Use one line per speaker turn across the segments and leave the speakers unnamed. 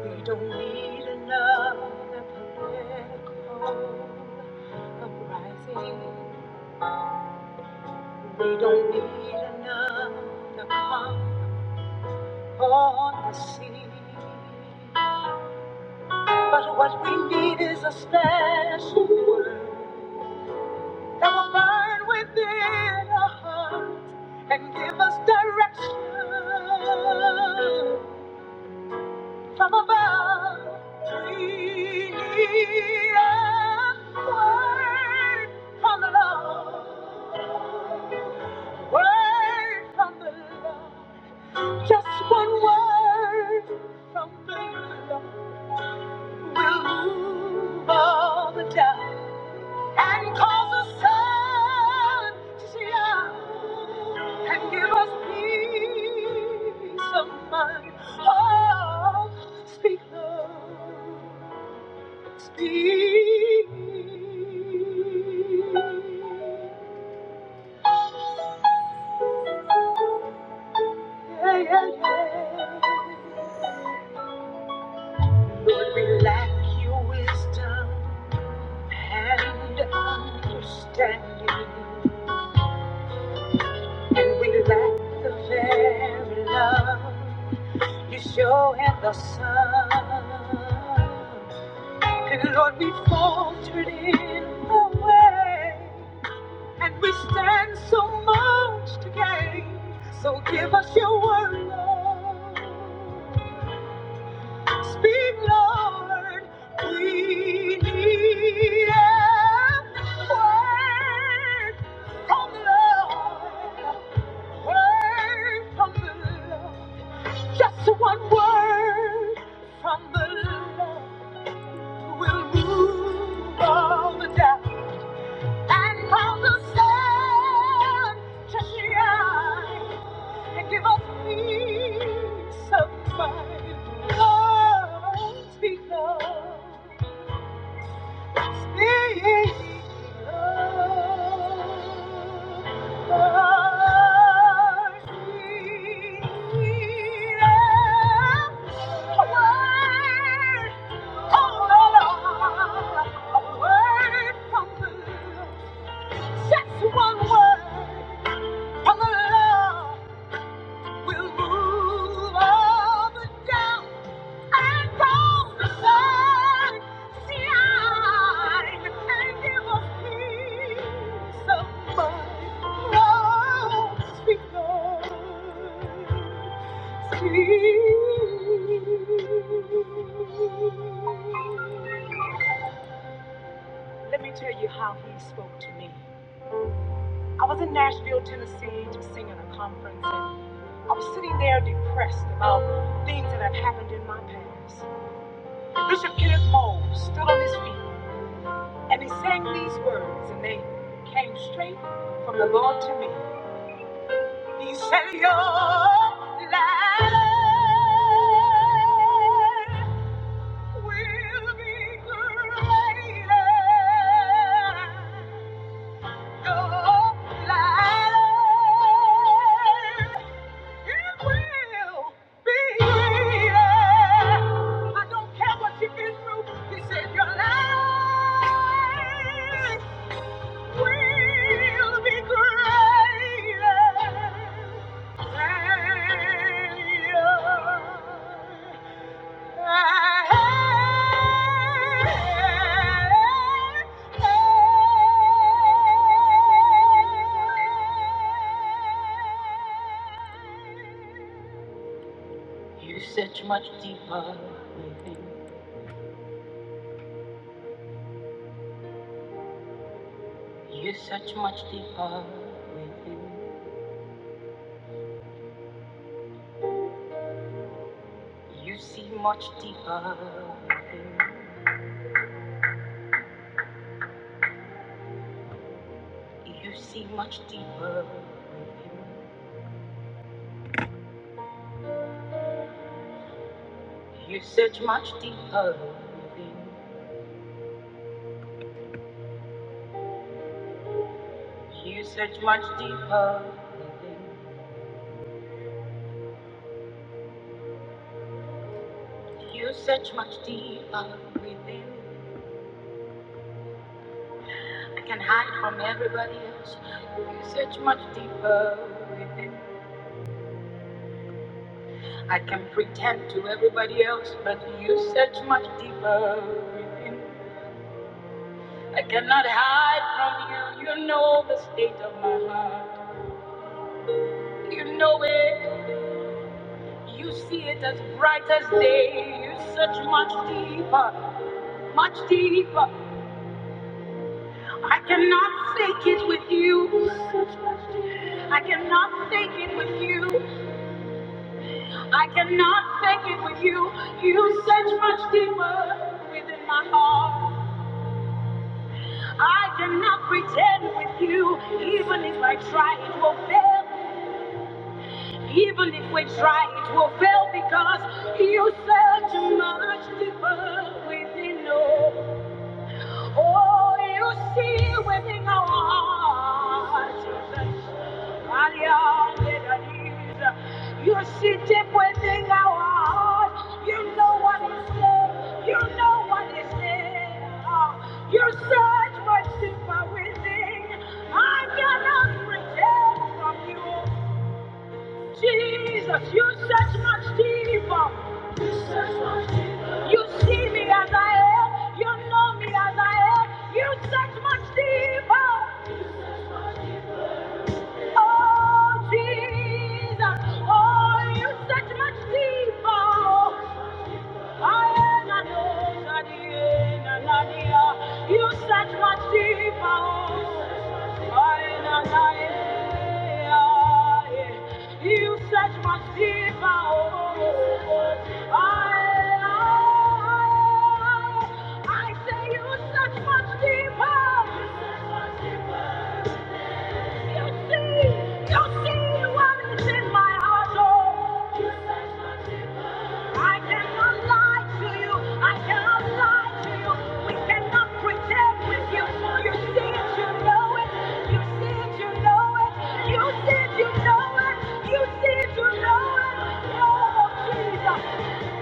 We don't need another political uprising. We don't need another calm on the sea. But what we need is a special word that will burn within our hearts and give us direction. from above. Three word from the Lord. Word from the Lord. Just one word from the Lord will move all the doubt and cause the sun to shine and give us peace of mind. Oh, speak, Lord, speak. Yeah, yeah, yeah. Lord, we lack your wisdom and understanding, and we lack the very love. You show in the sun. And Lord, we faltered in the way. And we stand so much to gain. So give us your word, Lord. Speak, Lord. We need a word from the Lord. Word from the Lord. Just one word from the Lord will move all the doubt and cause the sun to shine and give us peace of mind. Lord, speak love. Will move up and down. Let me tell you how he spoke to me. I was in Nashville, Tennessee, just singing a conference, and I was sitting there depressed about things that had happened in my past. Bishop Kenneth Mole stood on his feet, and he sang these words, and they came straight from the Lord to me. He said, Your life will be greater. Your life It will be yeah. I don't care what you've been through. He said your life will be greater. You're such much deeper within. You're such much deeper within. You see much deeper within. You see much deeper within. You're such much deeper within. You're such much deeper within. You search much deeper within. I can hide from everybody else. You search much deeper within. I can pretend to everybody else, but you search much deeper within. I cannot hide from you. You know the state of my heart. You know it. You see it as bright as day. You search much deeper, much deeper. I cannot fake it with you. I cannot fake it with you. I cannot fake it with you. You search much deeper within my heart. I cannot pretend with you. Even if I try, it will fail. Even if we try, it will fail because you search much deeper within us. Oh, you see within our hearts, Jesus. You see deep within our hearts. You know what is there. You know what is there. You search what's deeper within. I cannot pretend from you. Jesus, you search much deeper. You search much deeper. You see me as I am. You know me as I am. You search much deeper. Oh, Jesus. Oh, you search much deeper. You search much deeper. oh. Aye, na, na, eh, ah, eh. You search much deeper. oh. Aye, ah, eh. I say you search much deeper. You see, you see what is in my heart. oh. I cannot lie to you. I cannot lie to you. We cannot pretend with you. You see it, you know it. You see it, you know it. You see it, you know it. You see it, you know it. Oh, Jesus.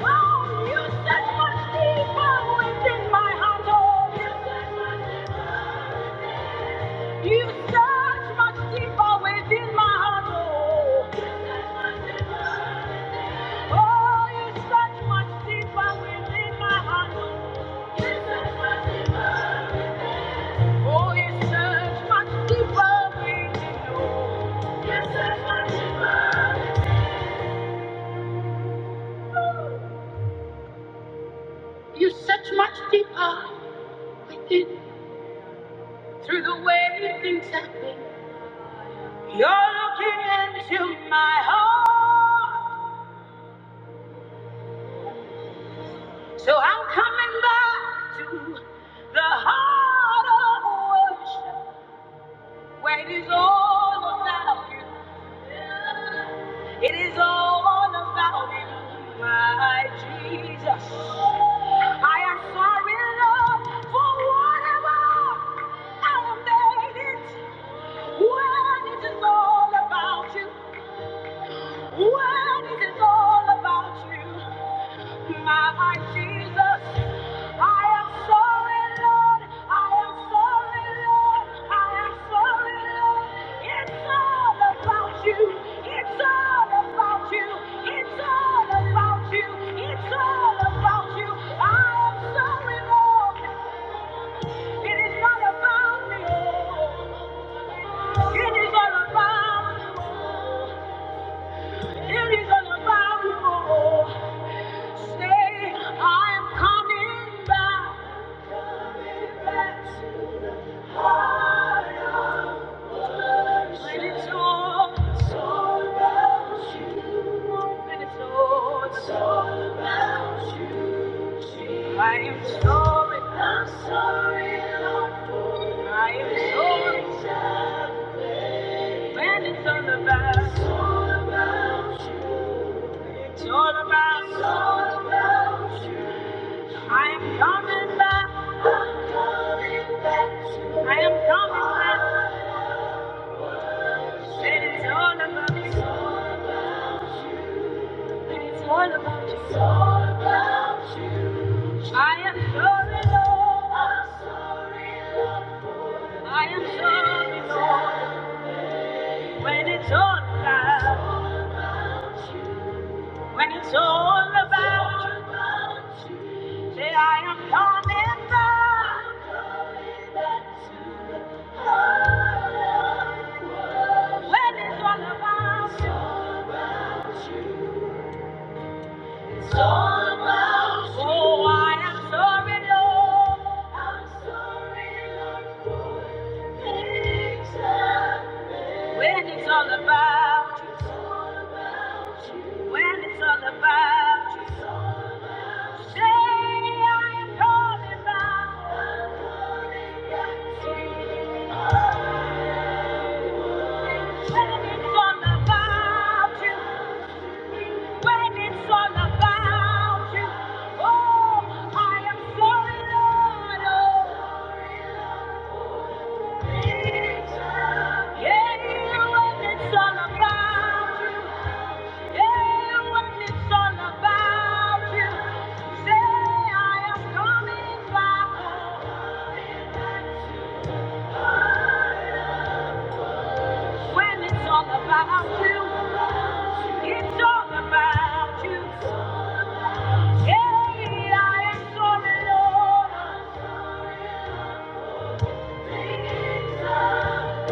Oh, you search much deeper within my heart. Oh, you search much deeper within my heart. oh. Oh, you search much deeper within my heart. You search much deeper. Oh, you search much deeper within You search much deeper. within through the way things happen. You're looking into my heart. So I'm coming back to the heart of worship. Where it is all about you. It is all about you, my Jesus. I am sorry, Lord, for whatever I have made it. When it is all about you. When it is all about you. My life, Jesus, I am sorry, Lord. I am sorry, Lord. I am sorry, Lord. It's all about you. It's all about you. It's all about you. It's all about you. I am sorry, Lord. It is not about me. It is all about you. It is all about you. Say, I am coming back. I am sorry, I'm sorry, I am sorry, when it's all about, it's all about you. It's all about, it's all about you. I am coming back, I am coming back. When it's all about, you, when it's all about you. I am sorry, Lord. I am sorry, Lord. When it's all about, when it's all about you, say I am coming back. When it's all about you, it's all about you. Oh, I am sorry, Lord. I'm sorry, Lord. When it's all about you. When it's all about you, say I'm calling back. When it's all about you, when it's all about you, oh, I am sorry, Lord. Oh, yeah, when it's all about you. Yeah, what it's all about you. Say I am coming back When it's all about you, it's all about you. Hey, I am sorry, Lord. When it's all about,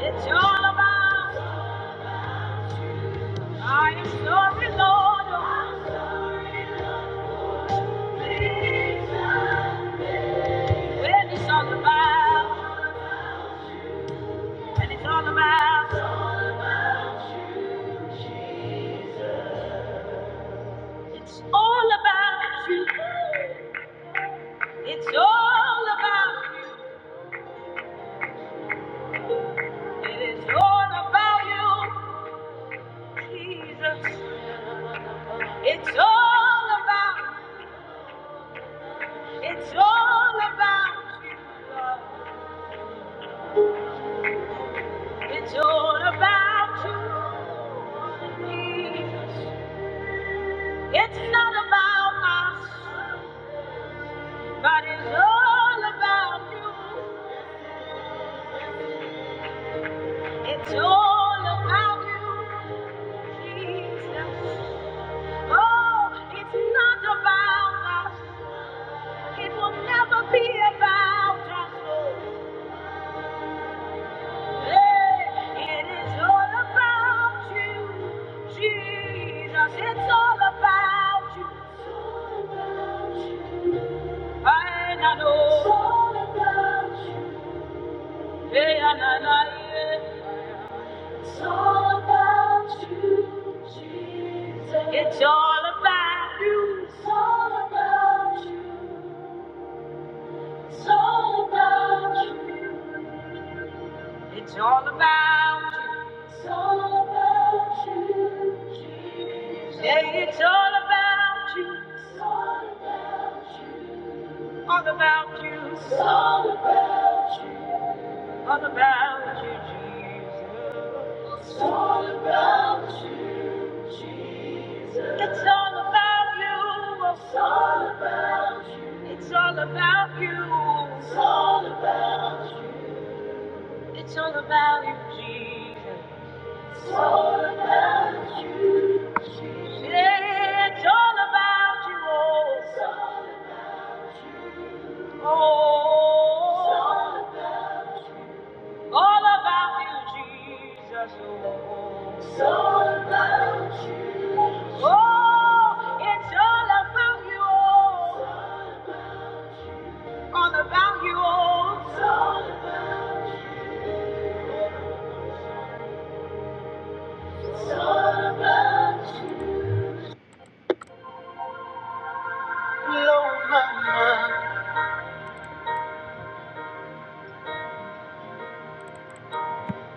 it's all about. I am sorry, Lord. I'm sorry. When it's all about, when it's all about, it's all about you. It's all about you. It is all about you, Jesus. It's all about. It's all about you. Lord. It's all about you, Jesus. It's not about us, but it's all about you. It's all about you, Jesus. Oh, it's not about us. It will never be about us, Lord. Hey, it is all about you, Jesus. It's all about you. I na, no. It's all about you. Hey, na, na, na, yeah. It's all about you, Jesus. It's all about you. It's all about you. It's all about you. It's all about you. It's all about you, Jesus. Say it's all about you. It's all about you. All about you. It's all about you. All about you, Jesus. It's all about you, Jesus. It's all about you. It's all about you. It's all about you. It's all about you. It's all about you, Jesus. It's all about you, Jesus. Yeah, it's all about you, oh. It's all about you. Oh. It's all about you. All about you, Jesus, oh. It's all about you. Oh, it's all about you, oh. All about you, oh. It's all, it's all about you. Blow my mind.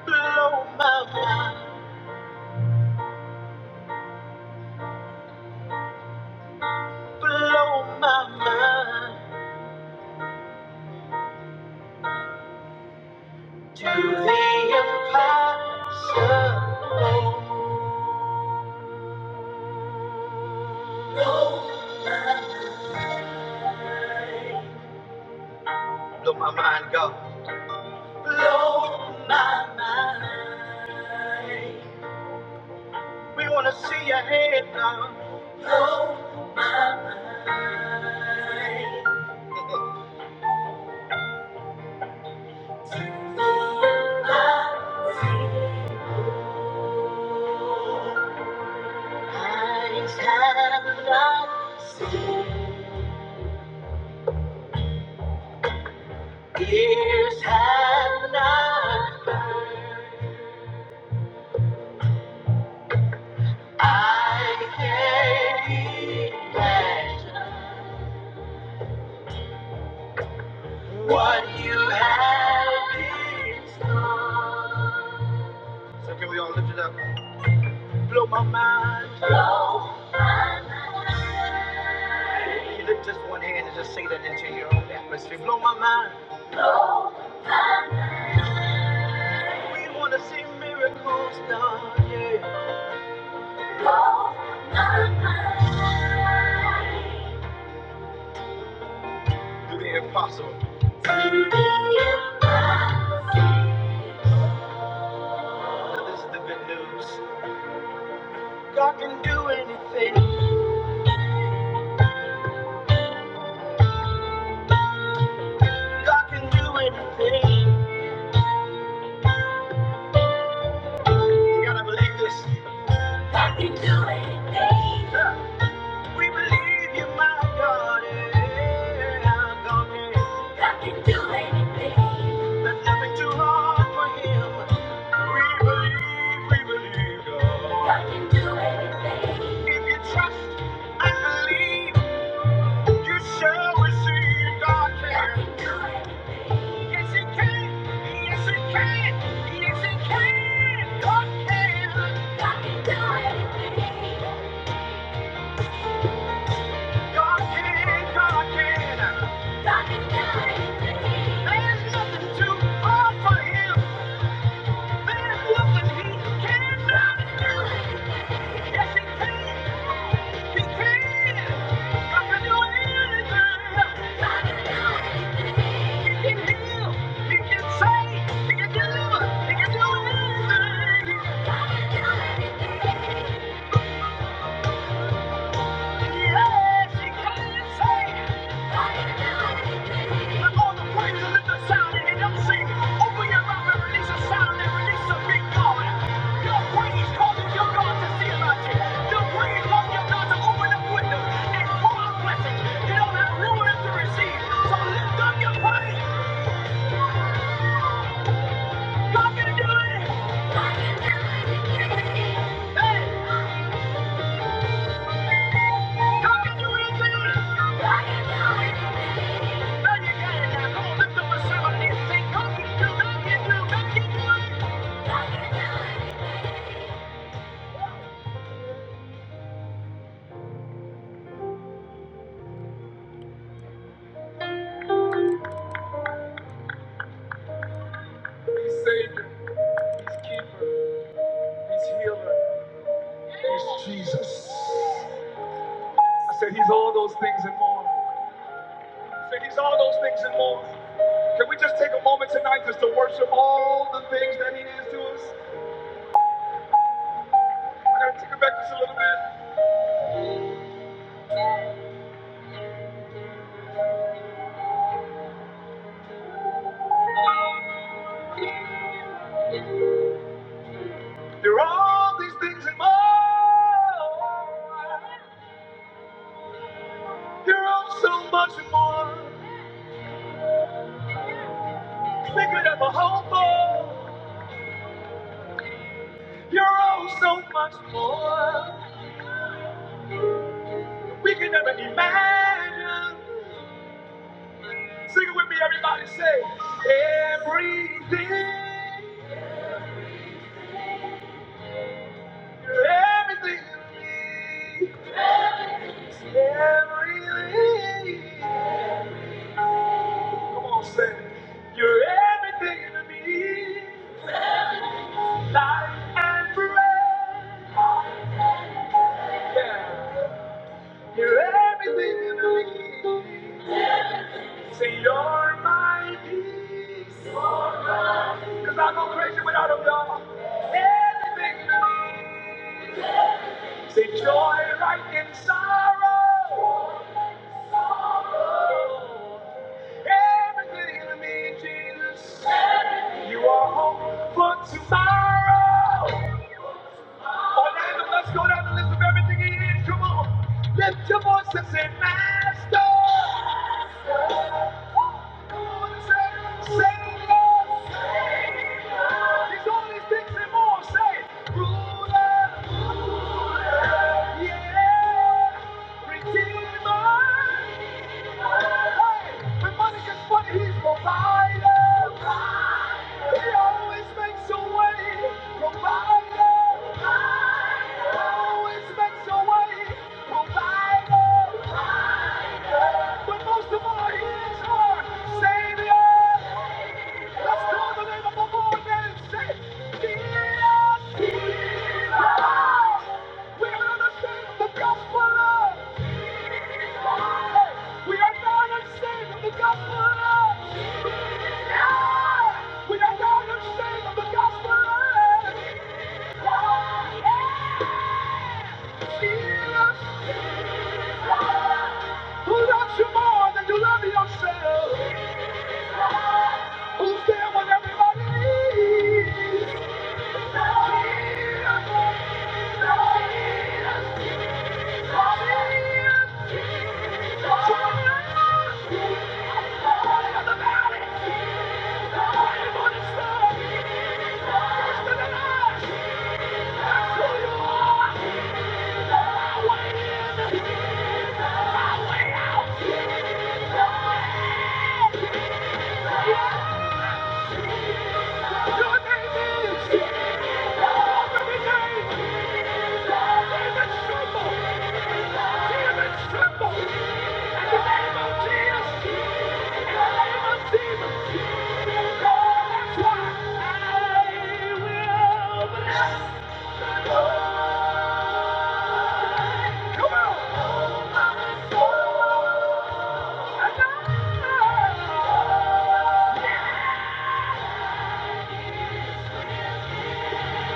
blow my mind, blow my mind to the impossible. Blow my mind, God. Blow my mind. We wanna see your hand, God. Blow my mind. Eyes have not, seen, ears have not, but I can hear. What you have is done. So can we all lift it up? Blow my mind. Blow. Can you lift just one hand and just say that into your own atmosphere? Blow my mind. We want to see miracles done. Yeah. Blow my mind. Do the impossible. Do the impossible. This is the good news. God can do anything. God can do anything. You gotta believe this. I can do anything. We believe you, my God. Yeah, God, yeah. I can do anything. There's nothing too hard for Him. We believe, we believe, God. I can do anything. If you trust and believe, you shall receive, God can. I can do anything. Yes, He can. Yes, He can. Yes, He can. God can. I can do anything. God can, God can. God can do anything. There's nothing too hard for him. There's nothing he cannot do. Yes, he can. He can. God can do anything. God can do anything. He can heal. He can save. He can deliver. He can do anything. Yes, he can. lift, up a sound and God, God can do, God don't do up can Hey! He's Savior, He's Keeper, He's Healer, He's Jesus. I said He's all those things and more. I said He's all those things and more. Can we just take a moment tonight just to worship all the things that He is to us? I gotta take it back just a little bit. You're all these things and more. You're all so much more. Bigger than the whole world. You're all so much more. We can never imagine. Sing it with me, everybody. Say, everything, everything, to me, everything. Come on, say, you're everything to me, life and breath. Yeah, you're everything to me. Say, you're my peace. Cause I go crazy without them, y'all. Everything to me. Say joy right in sorrow. Every good enemy, Jesus, you are hope for tomorrow. All right, let's go down the list of everything he is. Come on. Lift your voice and say, Master. Come on and say, Savior. He's all these things and more. Say, Ruler. Yeah. Redeemer. Hey, when money gets funny, he's provider. He always makes a way. Provider. We are not ashamed of the gospel. We are not ashamed of the gospel. Lord. We are not ashamed of the gospel. Who loves you more than you love yourself? Who's there when everybody needs? Thank you. are. Jesus. Come on!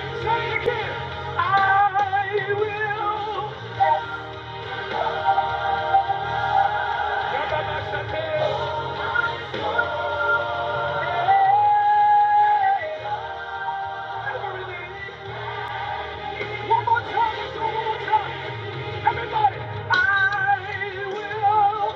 Say it again! I will! Yabba-ba-sa-te. One more time, one more time. Everybody! I will!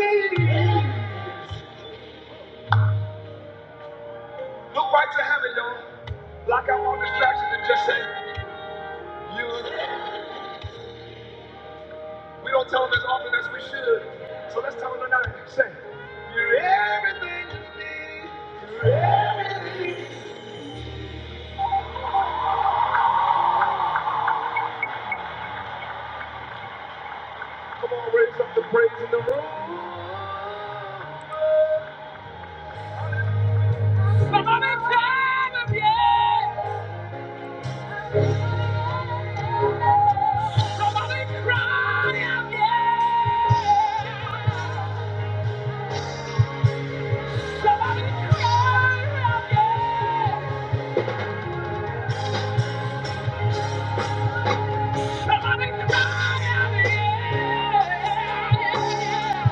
Everything to me. Look right to heaven, y'all. Block out all distractions and just say, You. We don't tell them as often as we should. So let's tell them tonight. Say, You're everything you need. You're everything. Come on, raise up the praise in the room. Somebody shout out, yeah. Somebody cry out, yeah. Somebody cry out, yeah. Somebody cry out, yeah.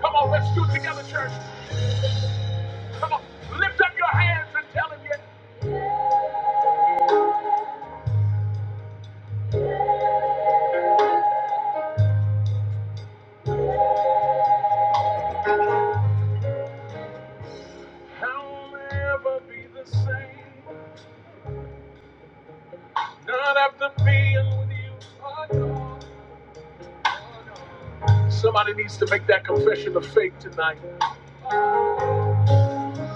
Come on, let's do it together, church. Come on, lift up your hands and tell him yet. I'll never be the same. Not after being with you, my God. Somebody needs to make that confession of faith tonight.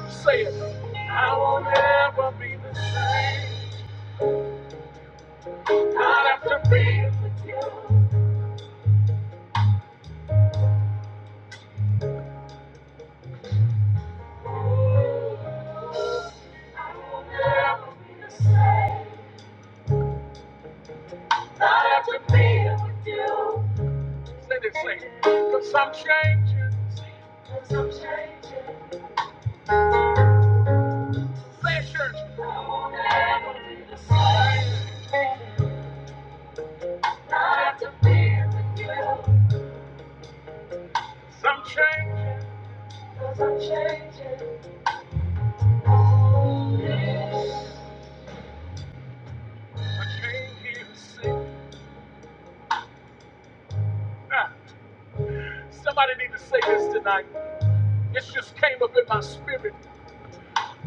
Say it. I will never be the same. Not after being, not after being. Say this, say it. Cause I'm changing. Say it, church. Not after being with you. Because I'm changing. because 'Cause I'm changing. I came here to sing. Ah, Somebody need to say this tonight. It just came up in my spirit.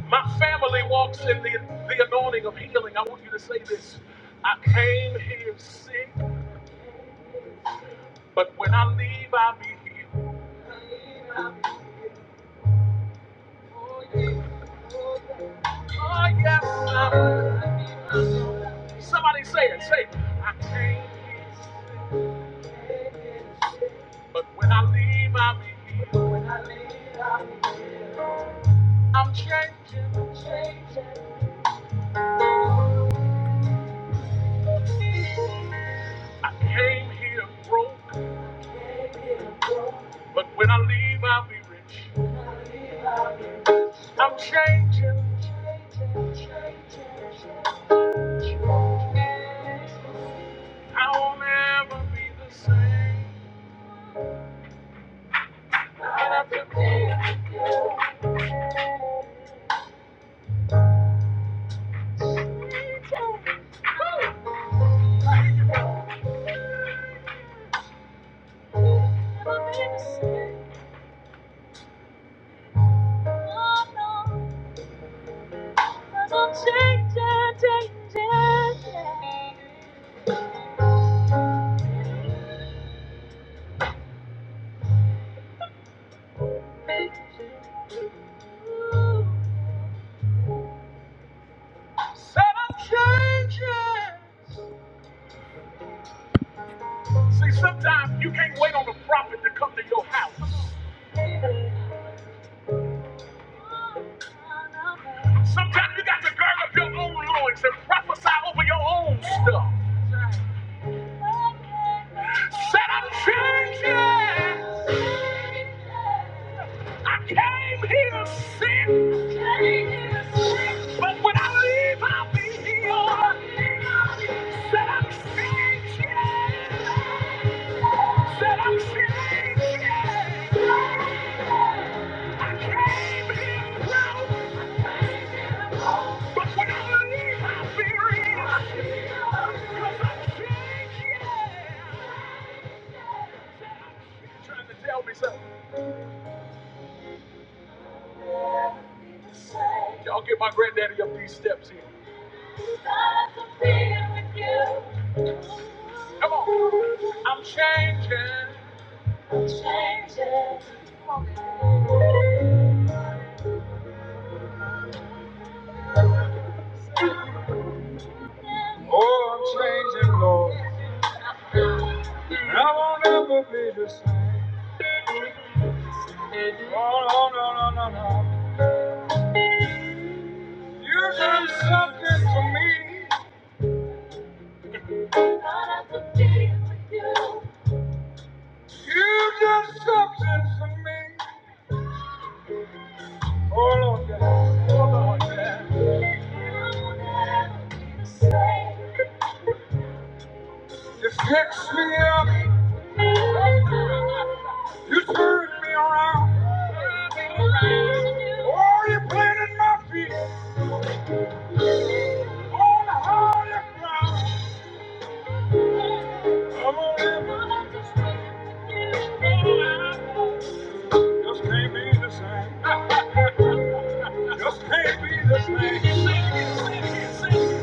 My family walks in the, the anointing of healing. I want you to say this. I came here sick, but when I leave, I'll be healed. Oh, yeah. Oh, yes. I'm- Somebody say it. Say it. I- But when I leave, I'll be healed. I'm changed. I came here broke, but when I leave, I'll be rich. I'm changing. I won't ever be the same. And I think- See, sometimes you can't wait on the prophet to come to your house. Sometimes you got to gird up your own loins and prophesy over your own stuff. Said I'm changing. I came here sick, but when I leave, I'll be healed. Said I'm changing. Said I'm saved, yeah. I came here low. But when I leave, I'll be real. 'Cause I'm changed, yeah. Trying to tell me something. Y'all get my granddaddy up these steps here. Come on. I'm changing. And I won't ever be the same. Oh, no, no, no, no, no. You did something for me. You just something for me. Hold on, yeah. Hold on, yeah. You fixed me up. You turned me around. Oh, you planted my feet on the ground. I'm a rebel. Just can't be the same. Just can't be the same.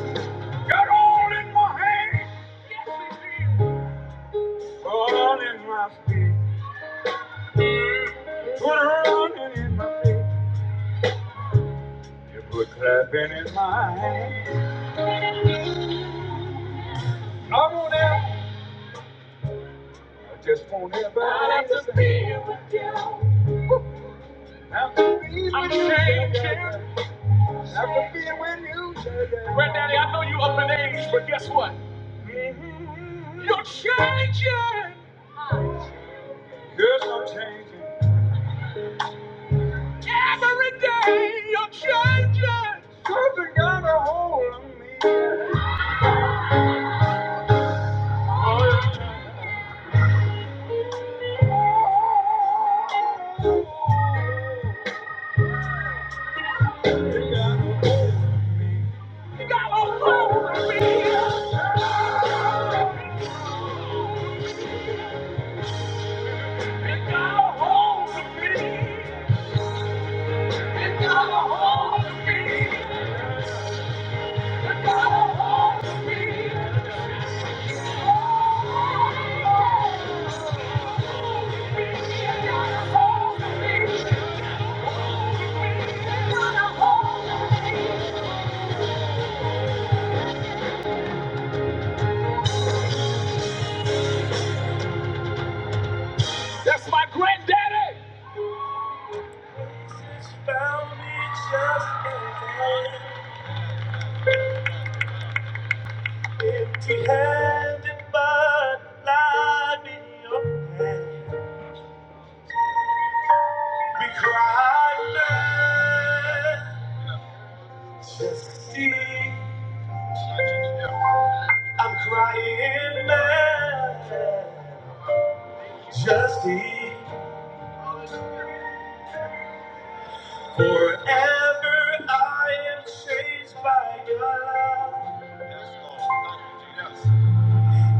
Got all in my hands. All in my feet. Put her on in my head. Just won't ever have to be. Have to I'm changing. Have to be with you, Granddaddy, I know you up in age, but guess what? You're child. That's my granddaddy.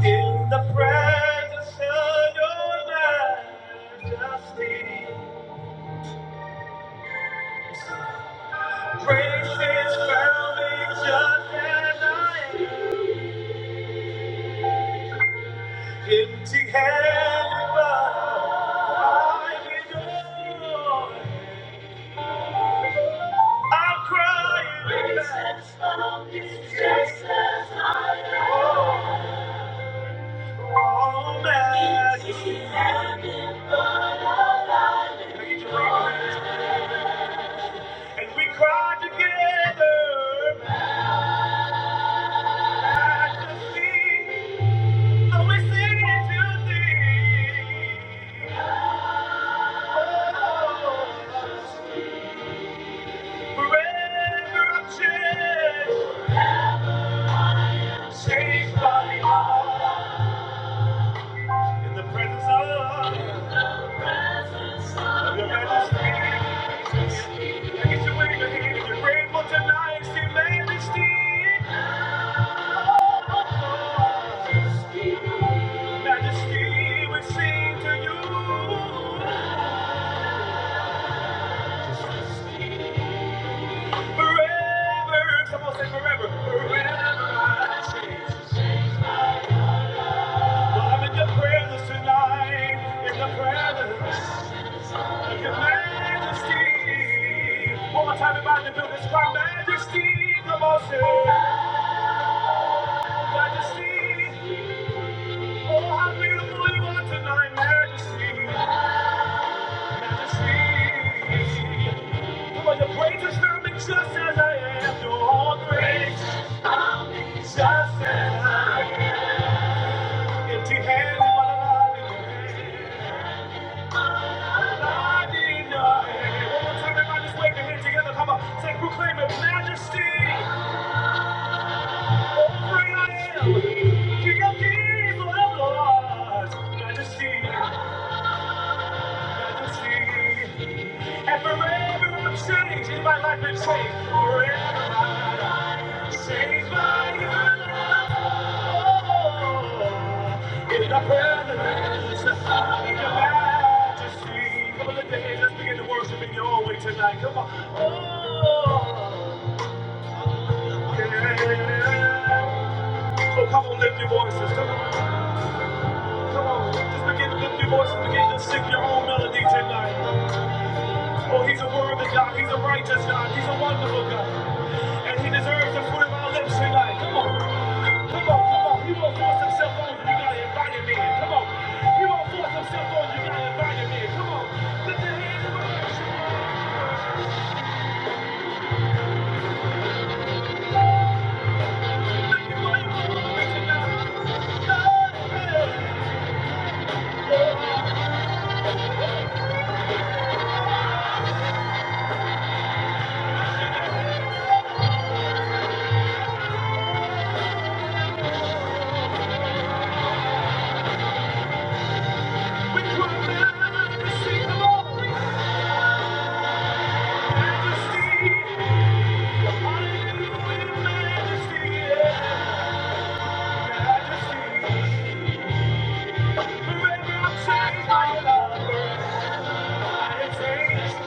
In the presence of me, praise his foundation and I am. empty handed, but I am yours. I'm crying. all that is And we cry together, majesty, and we sing it to thee. Oh, forever I'm changed, changed by love in the presence of your majesty. Now get your wave in the hand if you're grateful tonight, sing majesty. Majesty, we sing to you forever. Come on, say forever. Forever I sing. I'm in your presence tonight. In the presence of your majesty. One more time, everybody, to do this. Majesty, majesty. Oh, how beautiful you are tonight, majesty. Majesty. You are the greatest, just as I am. You're all great, just as I am. Empty hands, what a lovely One more time, everybody just wave your hands together. Come on, say, proclaim majesty. Oh, great I am. King of Majesty, majesty. And forever I'm changed. Anybody like been saved Forever I'm changed by your love. In the presence of your majesty. Come on, let the hands just begin to worship in your own way tonight. Come on. Oh, yeah. So come on, lift your voices. Come on. Come on. Just begin to lift your voices. Begin to sing your own melody tonight. Oh, he's a worthy God. He's a righteous God. He's a wonderful God. And he deserves the fruit of our lips tonight. Come on. Come on, come on. He won't force himself on you. You gotta invite him in. Come on. He won't force himself on you. You gotta invite him in. Come on. Lift your hands and worship. Thank you for your glory tonight. Lord, we cry out to see. Come on. We live majesty, yeah. Majesty. Forever I'm changed by your love. I am changed.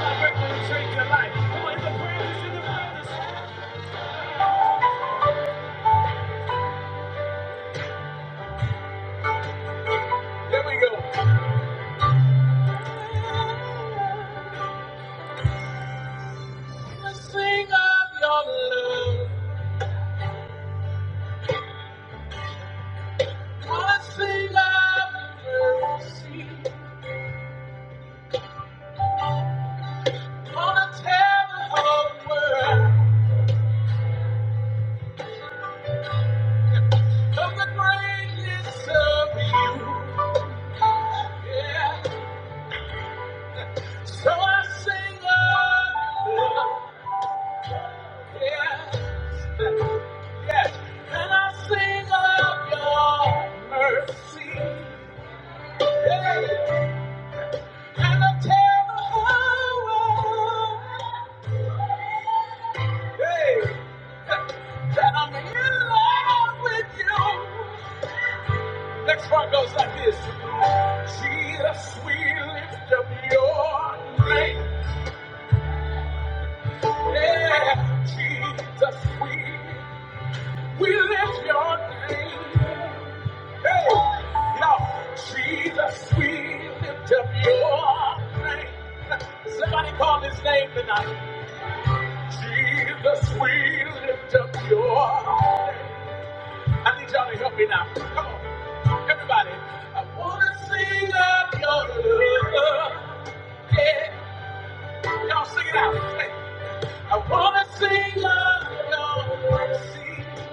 Change we go. Yeah. So Yeah. Yes. Yeah. And a terrible Hey, that I'm in love with you. Next part goes like this. Jesus, we lift up your name. Yeah, Jesus, we we lift your name. Hey, now, Jesus, we lift up your name. Somebody call his name tonight. Jesus, we lift up your name. I need y'all to help me now. Come on, everybody. I want to sing up your love. Yeah. Y'all sing it out. Hey. I want to sing up your mercy.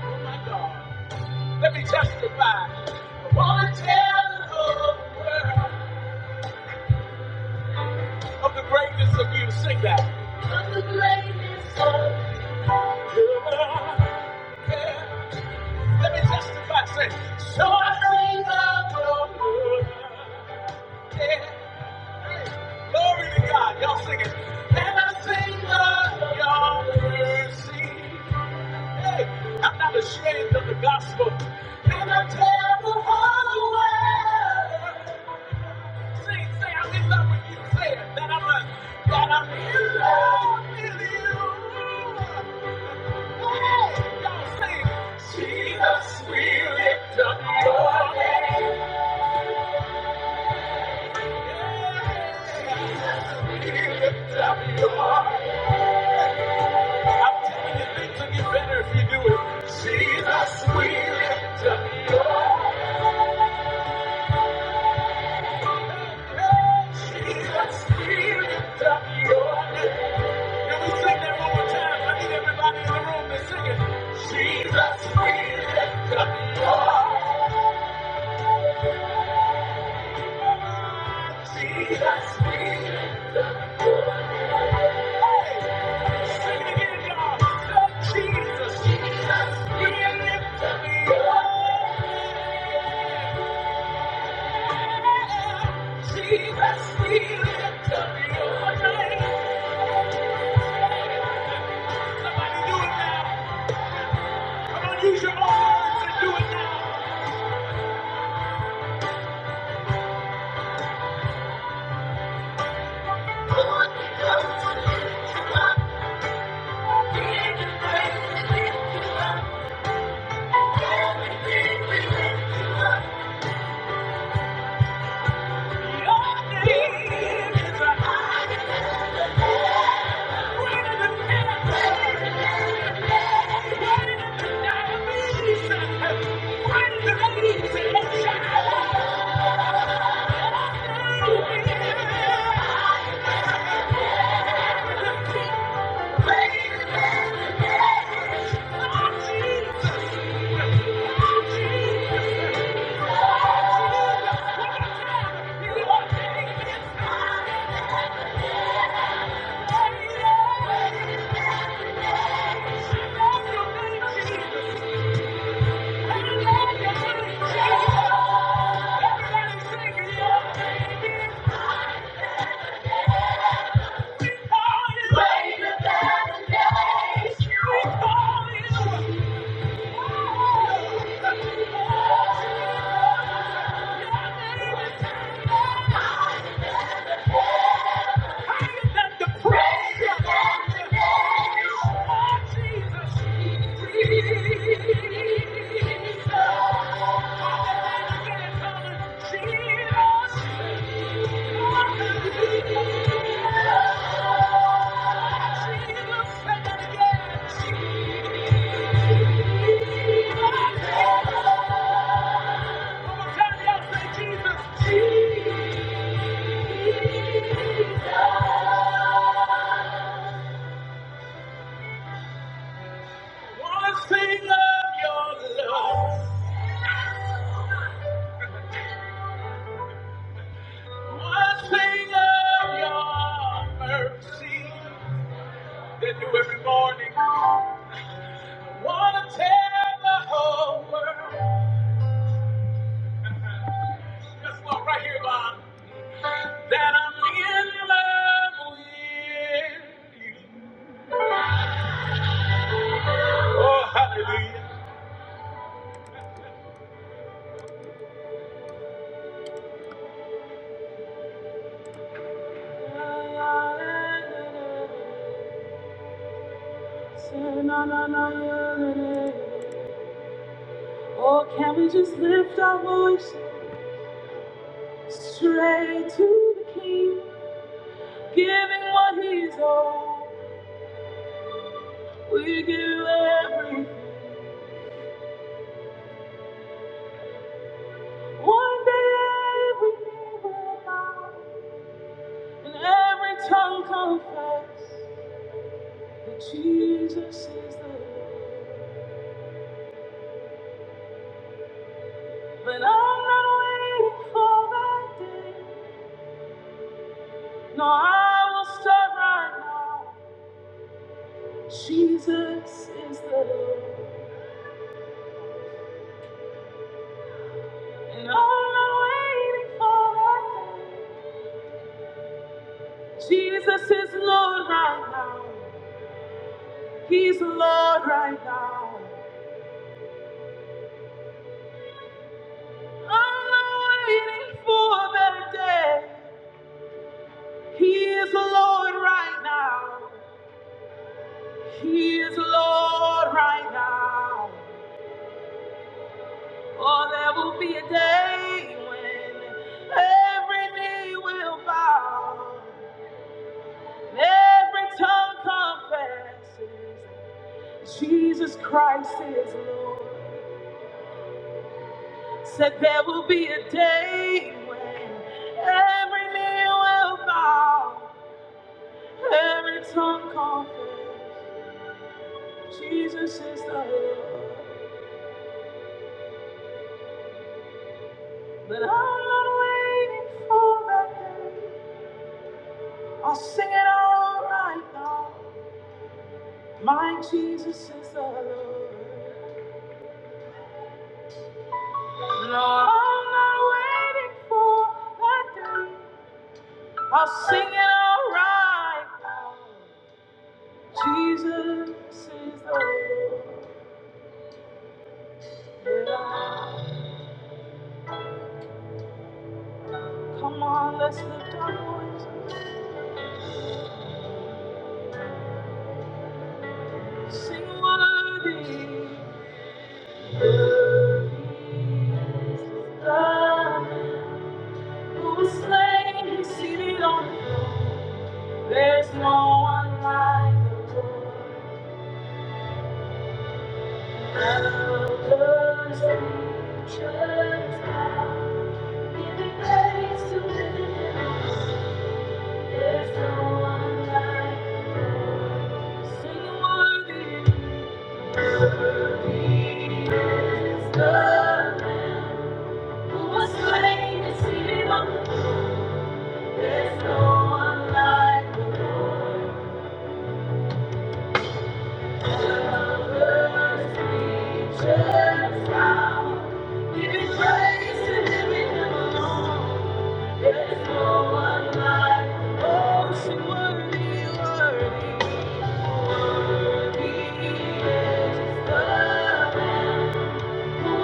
Oh, my God. Let me testify. I want to tell the whole world of the greatness of you. Sing that. Yeah. Yeah. Let me testify, say, so of your love. Yeah. Hey, Glory to God. Y'all sing it. And I sing of your mercy. Hey, I'm not ashamed of the gospel. And I tell the whole world. Sing, say, I'm in love with you. Say it, that I'm, a, that I'm in love with you. Jesus, we lift up your name. We lift up your name. I'm telling you, things will get better if you do it. Jesus, we lift up your name. Jesus, we lift up your name. Can we sing that one more time? I need everybody in the room to sing it. Jesus, we lift Jesus, we lift Jesus, Thank Jesus. Thank you. That the praise of our Jesus Jesus. Every morning, I wanna tell the whole world. This one right here, Bob. That I'm in love with you. Oh, hallelujah. yeah, yeah, yeah. Oh, can we just lift our voice straight to the King, giving what He's all. We give you every one day, every knee will bow, and every tongue confess that Jesus is the Lord. But I'm not waiting for that day. No, I will start right now. Jesus is the Lord. And I'm not waiting for that day. Jesus is Lord right now. He's Lord right now. I'm not waiting for that day. He is Lord right now. He is Lord right now. Oh, there will be a day when every knee will bow, and every tongue confesses Jesus Christ is Lord. Said there will be a day when every knee will bow, every tongue confess Jesus is the Lord. But I'm not waiting for that day. I'll sing it all right now. My Jesus is the Lord. No, I'm not waiting for that day. I'll sing it all right now. Jesus is the Lord. Yeah. Come on, let's lift our voice. Sing worthy. Worthy is the Lamb who was slain and seated on the throne. There's no one like the Lord. Worthy, worthy, worthy is the Lamb. Thank you.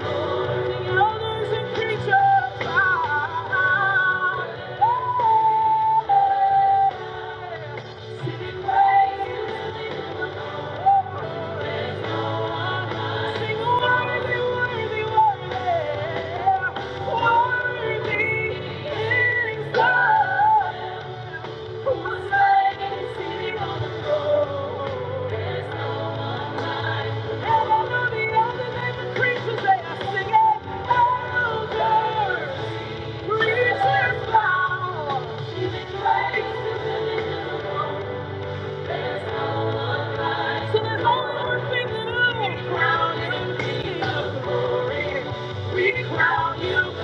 Creatures, they are singing, older. Jesus, crown you.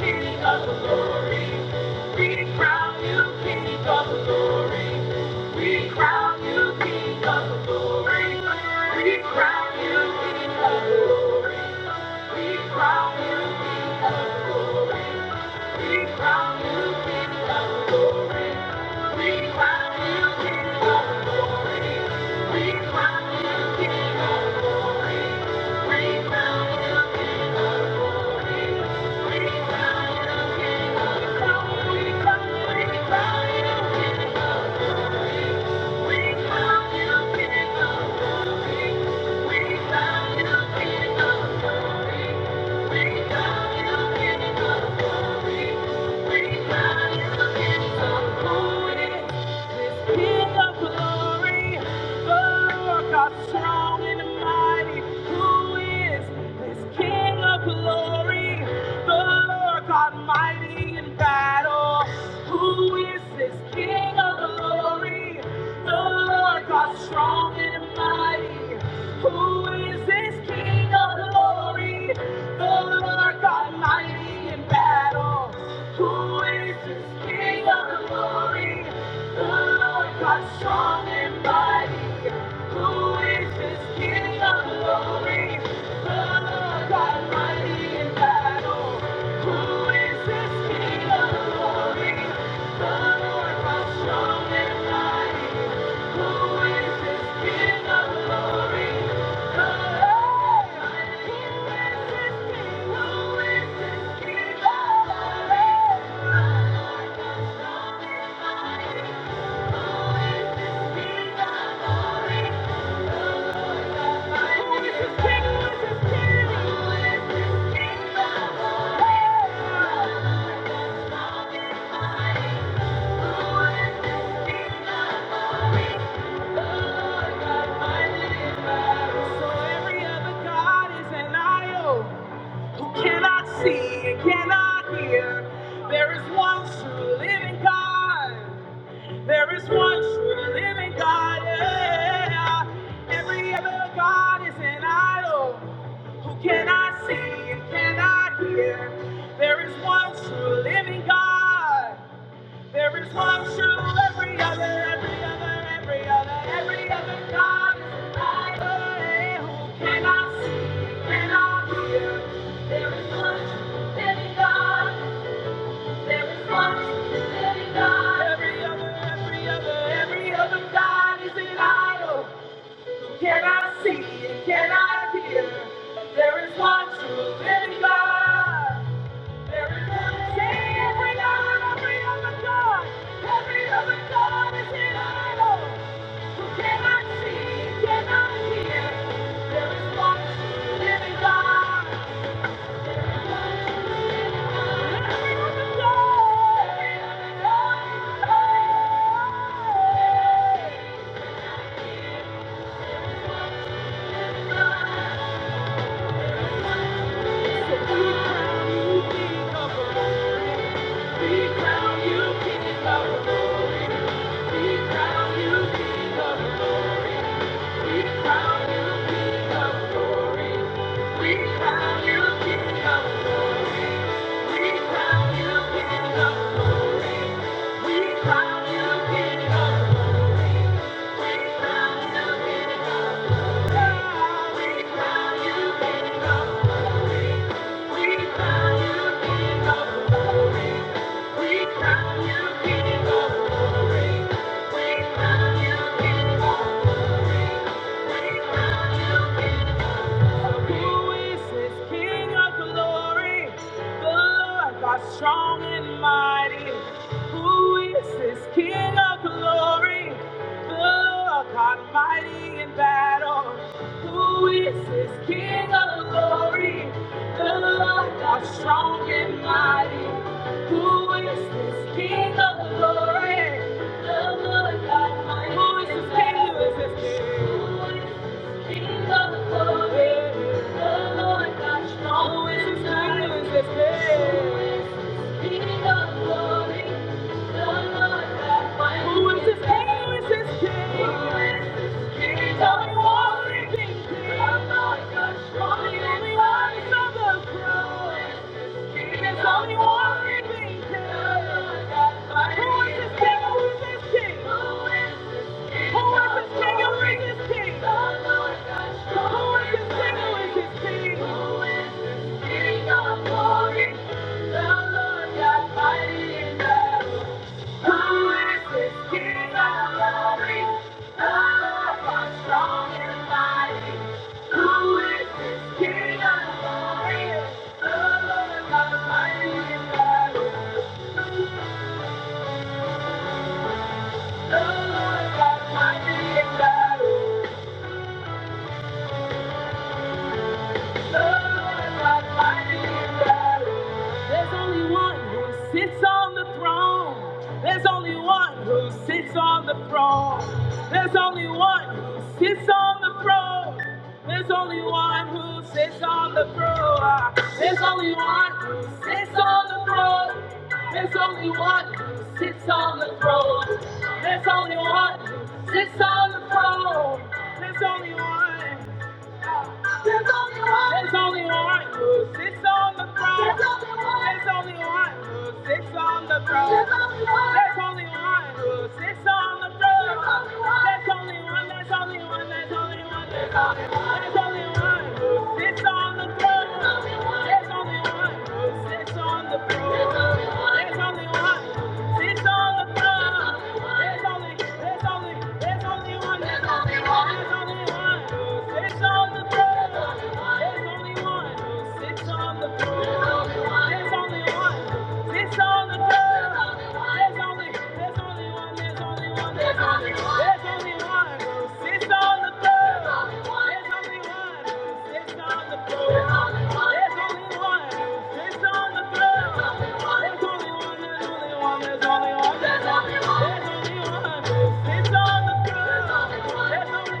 King of Glory. We found you. King King King of of of Glory. Glory. Glory. We We found found You, You, Strong and mighty, who is this King of glory? The Lord God mighty in battle. Who is this King of glory? Lord God, strong and mighty, who is this King of glory? The Lord God, mighty in battle, who is this King of glory? The Lord God, strong and mighty. Cannot see and cannot hear. There is one true living God. There is one true living God. yeah. Every other God is an idol who cannot see and cannot hear. There is one true living God. There is one true every other, every other, every other, every other God is an idol yeah, who cannot see and cannot hear. There is one true living God. Every promise, every God, every other, every other, every other God is idol. Can I see? Can I hear? There is one true living God. There is one every God, every other God, every other God. We crown you King of glory. We crown you King of glory. We crown you King of glory. We crown you King of glory. We crown you King of glory. We crown you King of glory. We crown you King of glory. We crown you King of glory. you King of glory. Who is this King of glory? The Lord God strong and mighty. Who is this King of glory? The Lord God mighty in battle. Who is this King of Who's this King of glory? The Lord God mighty. Who is this King? Who is this King? of Tell me, Thank you. King of glory, the Lord strong and mighty. Lord God Thank you. There's only one who sits on the throne. There's only one who sits on the throne. There's only one who sits on the throne. There's only one who sits on the throne. There's only one who sits on the throne. There's only one who sits on the throne. There's only one who sits on the throne. There's only one. There's only one. There's only one who sits on the throne. There's only one. There's only one who sits on the throne. There's only one. There's only one who sits on the throne. There's only one. There's only one. There's only one. There's only one. There's only one who sits on the throne. There's only one who sits on the throne. There's only one who sits on the throne. There's only, there's only, there's only one. There's only one. There's only one. who it's on the There's only one who sits on the throne. There's only one. There's only there's only one. There's only one. There's only there's only one who sits on the throne. There's only one who sits on the throne. There's only one who sits There's only one. There's only one. There's only one. There's only one who sits on the throne.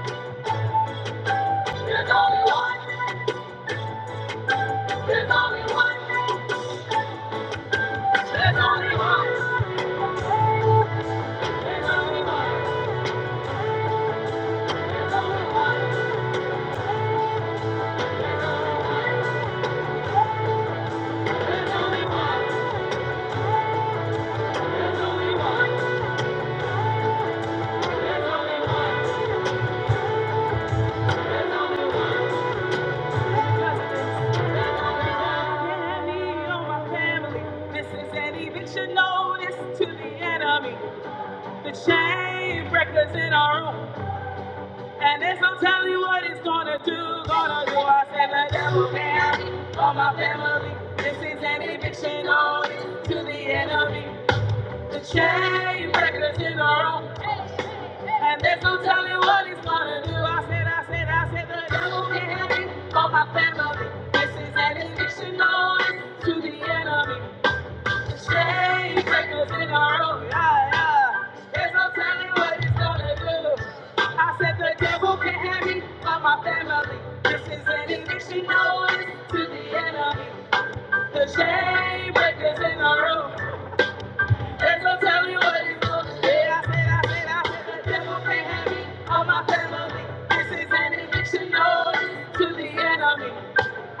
There's only This is an eviction notice to the enemy, the chain breakers in our room. And there's no telling what it's gonna do, gonna do. I said the devil can't have my family. This is an eviction notice to the enemy, the chain breakers in our room. And there's no telling what he's gonna do. I said, I said, I said, the devil can't have me or my family. This is an eviction notice to the enemy. Shame breakers in our own. Yeah, yeah. There's no telling what he's gonna do. I said, the devil can't have me or my family. This is an eviction notice to the enemy. The shame breakers in our room. Ain't no telling what he's going Yeah, I said, I said, I said, the devil can't have me or my family. This is an eviction notice to the enemy.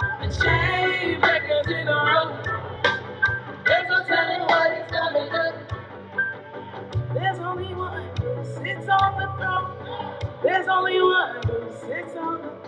The chain breakers in a row. There's no telling what he's going There's only one who sits on the throne. There's only one who sits on the throne.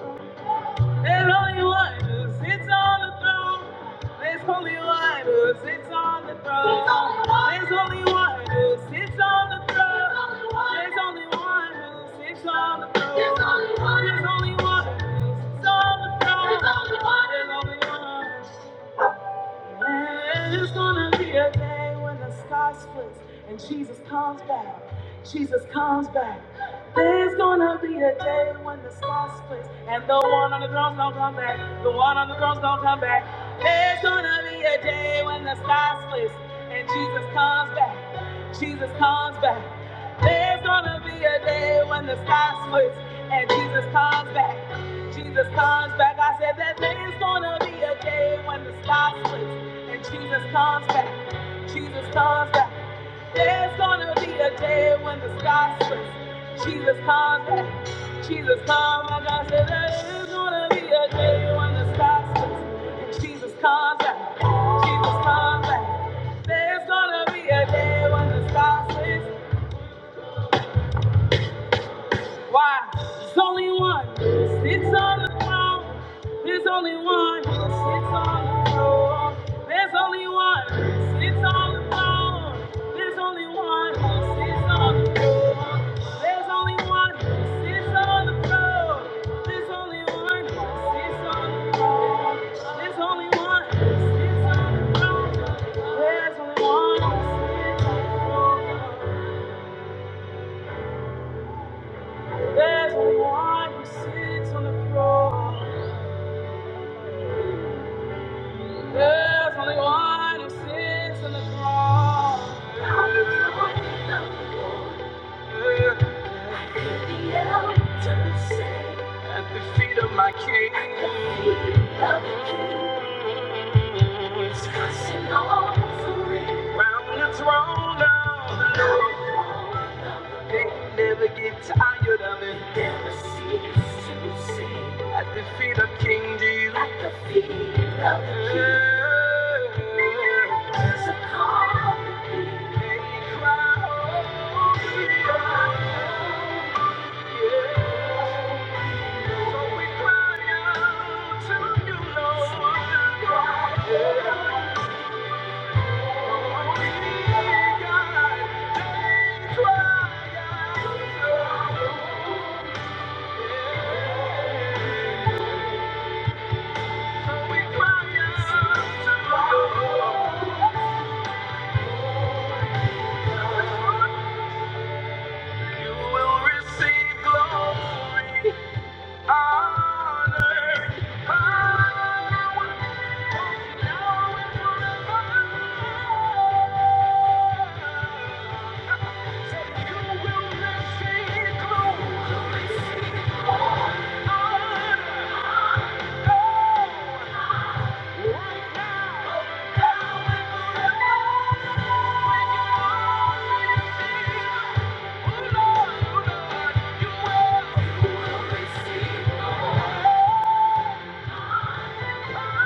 And Holy One who sits on the throne. There's Holy One who sits on the throne. There's Holy One who sits on the throne. There's only one who sits on the throne. There's only one who sits on the throne. There's only one. There's only one. There's gonna be a day when the sky splits and Jesus comes back. Jesus comes back. There's gonna be a day when the sky splits and the one on the throne's gonna come back. The one on the throne's gonna come back. There's gonna be a day when the sky splits and Jesus comes back. Jesus comes back. There's gonna be a day when the sky splits and Jesus comes back. Jesus comes back. I said that there's gonna be a day when the sky splits. And Jesus comes back. Jesus comes back. There's gonna be a day when the sky splits. Jesus comes back. Jesus comes back. I said there's gonna be a day when the sky splits. And Jesus comes back. Jesus comes back. There's gonna be a day when the sky splits. Why? There's only one that sits on the throne. There's only one that sits on the throne. There's only one that sits on the throne. There's only one that sits on the throne. There's only one that sits on the throne. There's only one that sits on the throne. There's only one that sits on the throne. There's only one that sits on the throne. There's no one who sits on the throne. There's only one who sits on the throne. There's at the feet of my king. At the feet of the king. Discussing offering. Round the throne of the Lord. They never get tired of it. Never cease to sing. At the feet of King Jesus. At the feet of the King. There's a calling. You will receive glory. Honor, power, Thank you. Yeah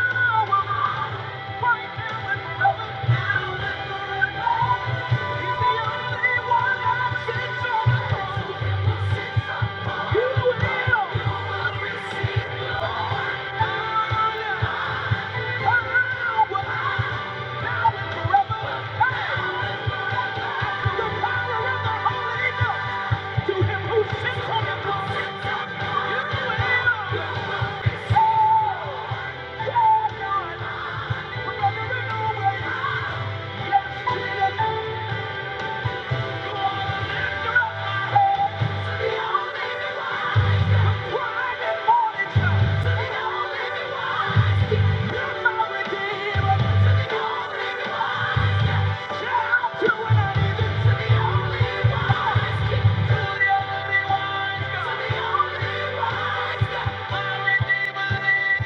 us, Yeah. Yeah.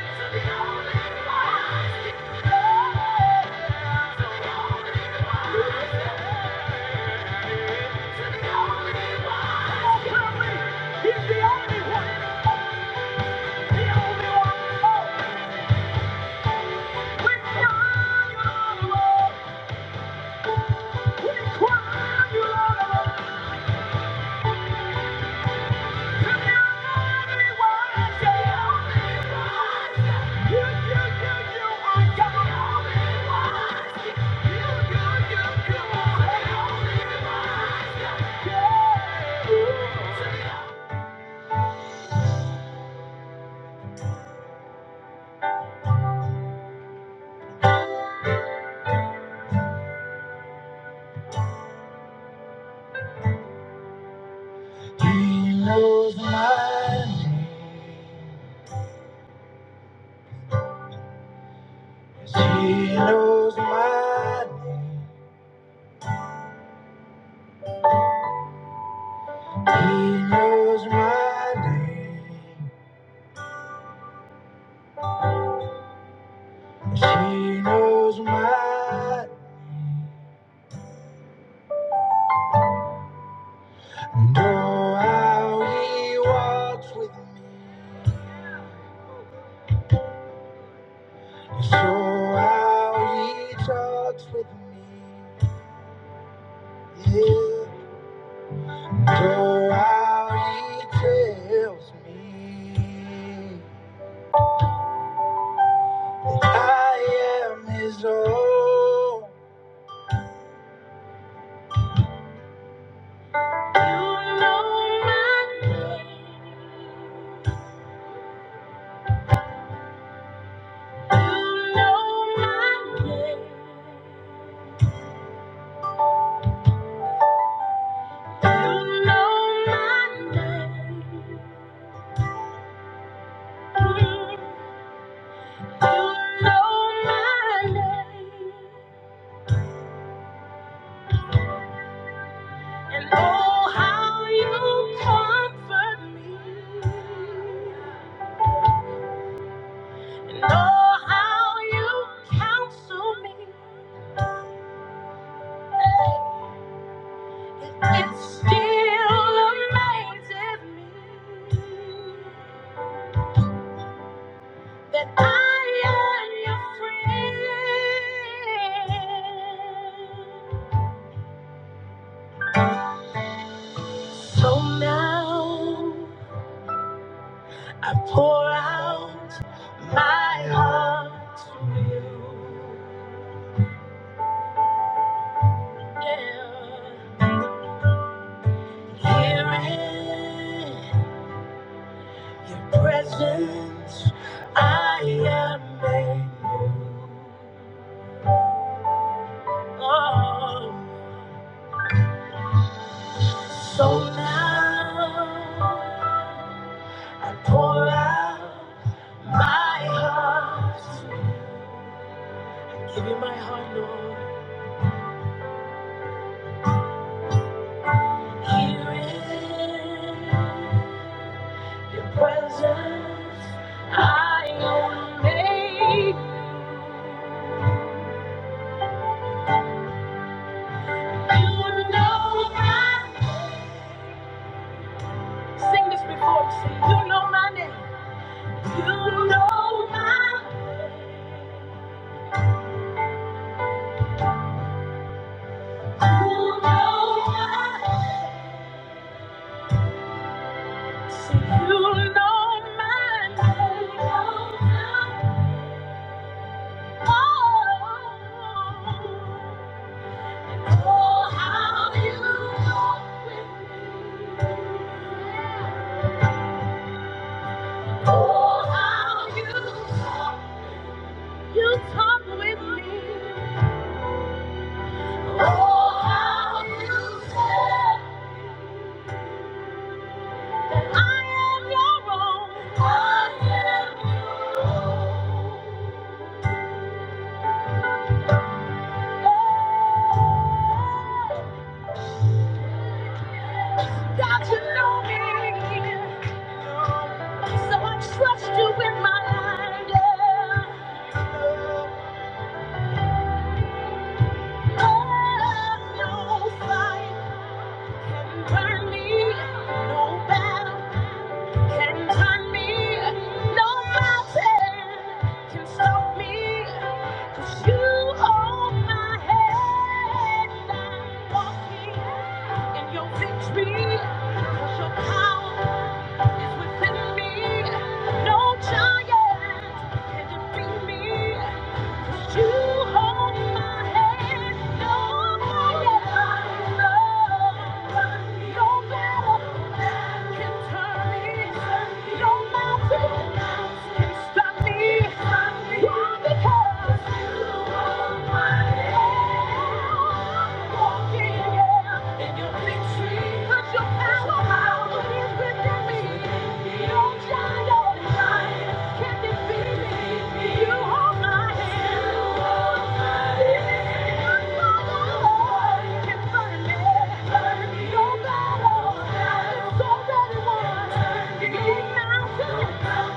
We Thank you. Walks with me, so how he talks with me, yeah. So how he tells me I am his own. You You And And oh oh how how comfort me. me. counsel me. Hey, It it still amazes me. that I am your friend. So now I pour out my heart to you. Yeah. Here in your presence, I am made new. Oh. So now I pour out. My heart, give you my heart, Lord. Here in your presence, see You my name. Oh, oh, how you walk with me. Oh, how you talk. with me. oh, how you say. I am your own. God, you know me, so I trust you with my life. Yeah. You have me. No mountain can stop me. 'Cause you hold my head. I'm walking in your victory. 'Cause your power is within me. No giant can defeat me. You hold my hand, no fire, no battle, no mountain, stop me, why? Because you're my help, Thank you. now to Thank you.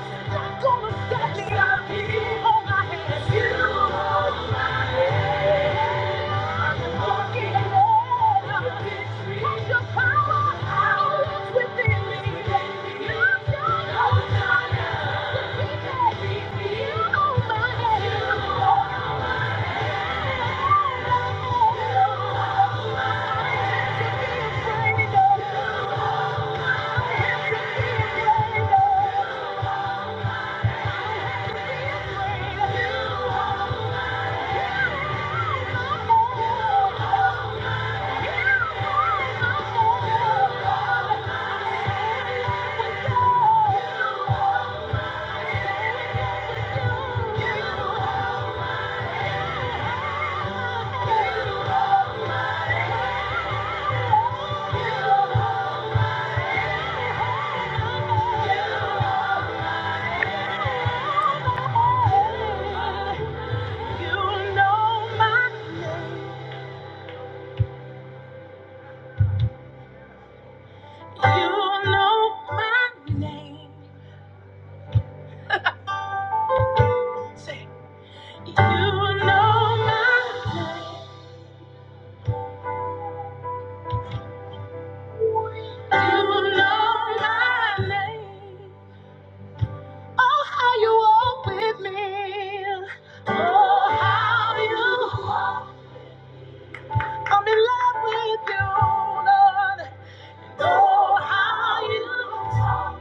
You know my, you know my name. you know my name. You know my name. Oh, how you walk with me. Oh, how you walk. I'm in love with you, Lord. Oh, how you talk.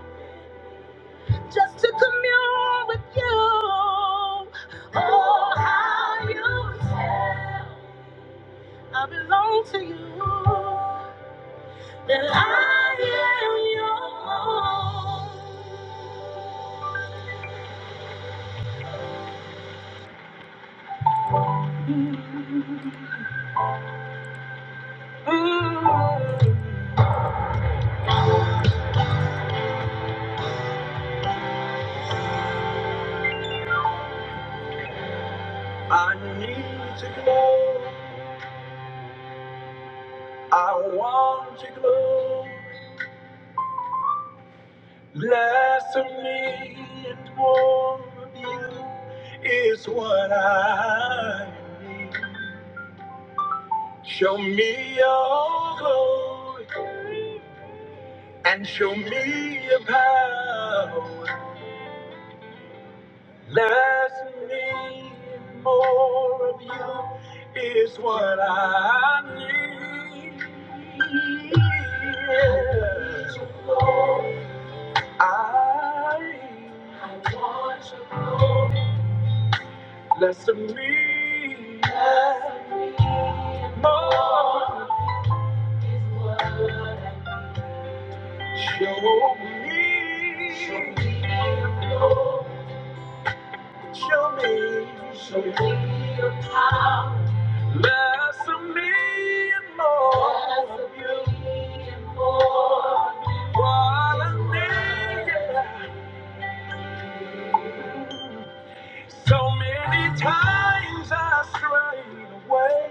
Just to commune with you. Oh, how you tell. I belong to you. That I am your own. I need your glory. I want your glory. Less of me and more of you is what I need. Show me your glory and show me your power. Less of me and more of you is what I need. I want you less of me, more. Show me, show me, show me. the power. Less of me and more of you. What I need. So many times I strayed away,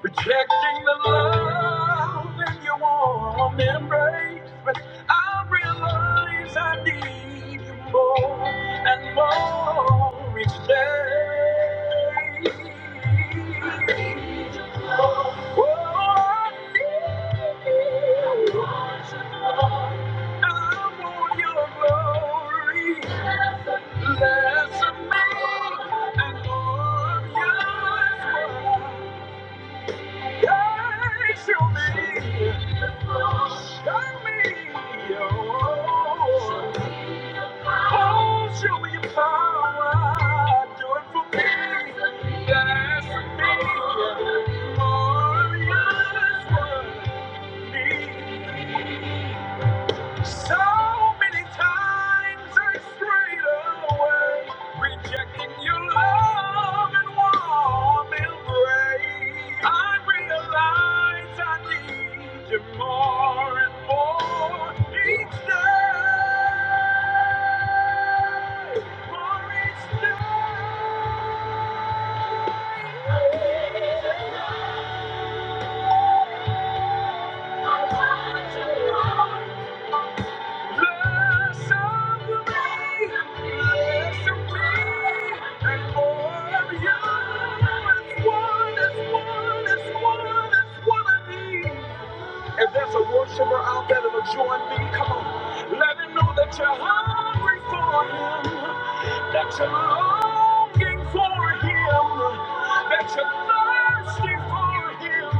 rejecting the love in your warm embrace. But I realize I need you more and more each day. I need you more. Oh, I need you. I want your glory. Thank you. So many times I strayed away, rejecting your love and warm embrace. I realize I need you more and more each day. More each day. If there's a worshiper out there that'll join me, come on. Let him know that you're hungry for him, that you love looking for him, that you're thirsty for him.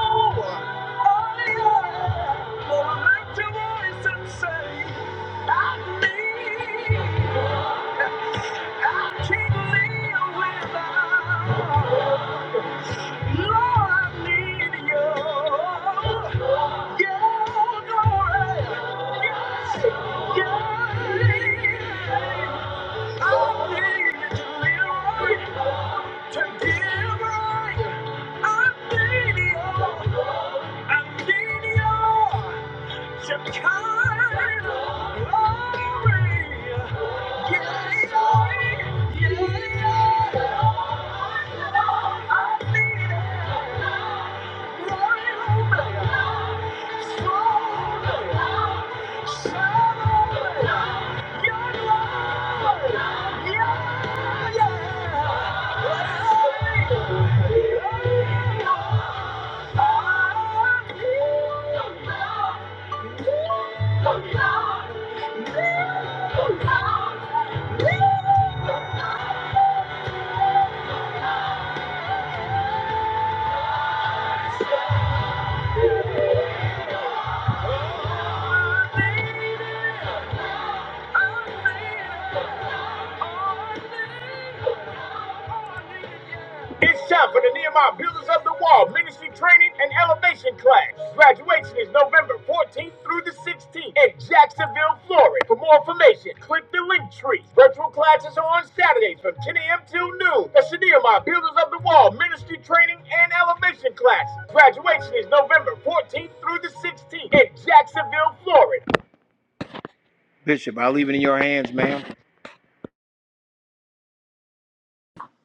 Oh, I oh yeah. to lift your voice and say, I need, I can't live without. Lord, I need you. Yeah, glory. Yeah, yeah. I need you, Lord. Yeah. yeah, yeah. Yeah.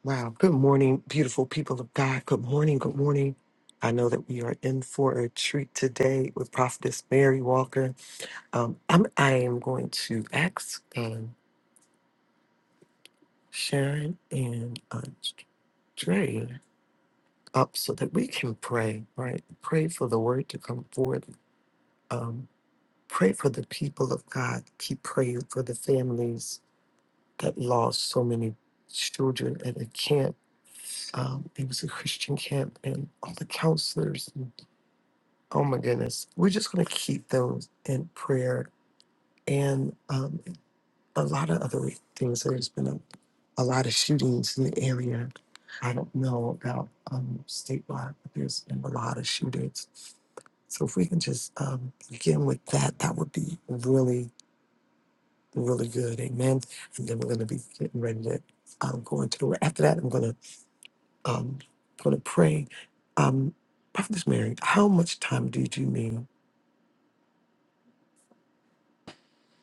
Wow. Good morning, beautiful people of God. Good morning. Good morning. I know that we are in for a treat today with Prophetess Mary Walker. Um, I'm, I am going to ask um, Sharon and uh, Dre up so that we can pray, right? Pray for the word to come forth. Um, pray for the people of God. Keep praying for the families that lost so many children at a camp. Um, it was a Christian camp, and all the counselors Oh my goodness. We're just going to keep those in prayer and um, a lot of other things. There's been a, a lot of shootings in the area. I don't know about um, statewide, but there's been a lot of shootings. So if we can just um, begin with that, that would be really, really good. Amen. And then we're going to be getting ready to um, go into the word. After that, I'm going to um, going to pray. Um, Prophetess Mary, how much time do you need?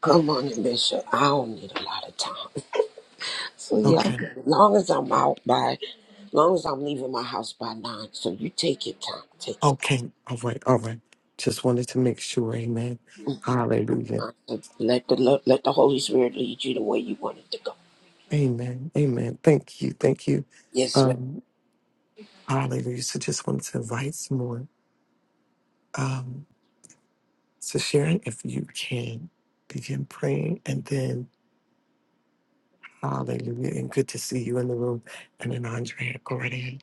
Good morning, Bishop. I don't need a lot of time. So yeah,
Okay.
as long as I'm out by, as long as I'm leaving my house by nine. So you take your time. Take your
Okay, all right, all right. Just wanted to make sure. Amen. Hallelujah.
time. So let the lo- let the Holy Spirit lead you the way you want it to go.
Amen. Amen. Thank you. Thank you.
Yes, ma'am.
Um, hallelujah. So just wanted to invite some more. Um, so Sharon, if you can begin praying and then hallelujah. And good to see you in the room. And then Andrea, go right in.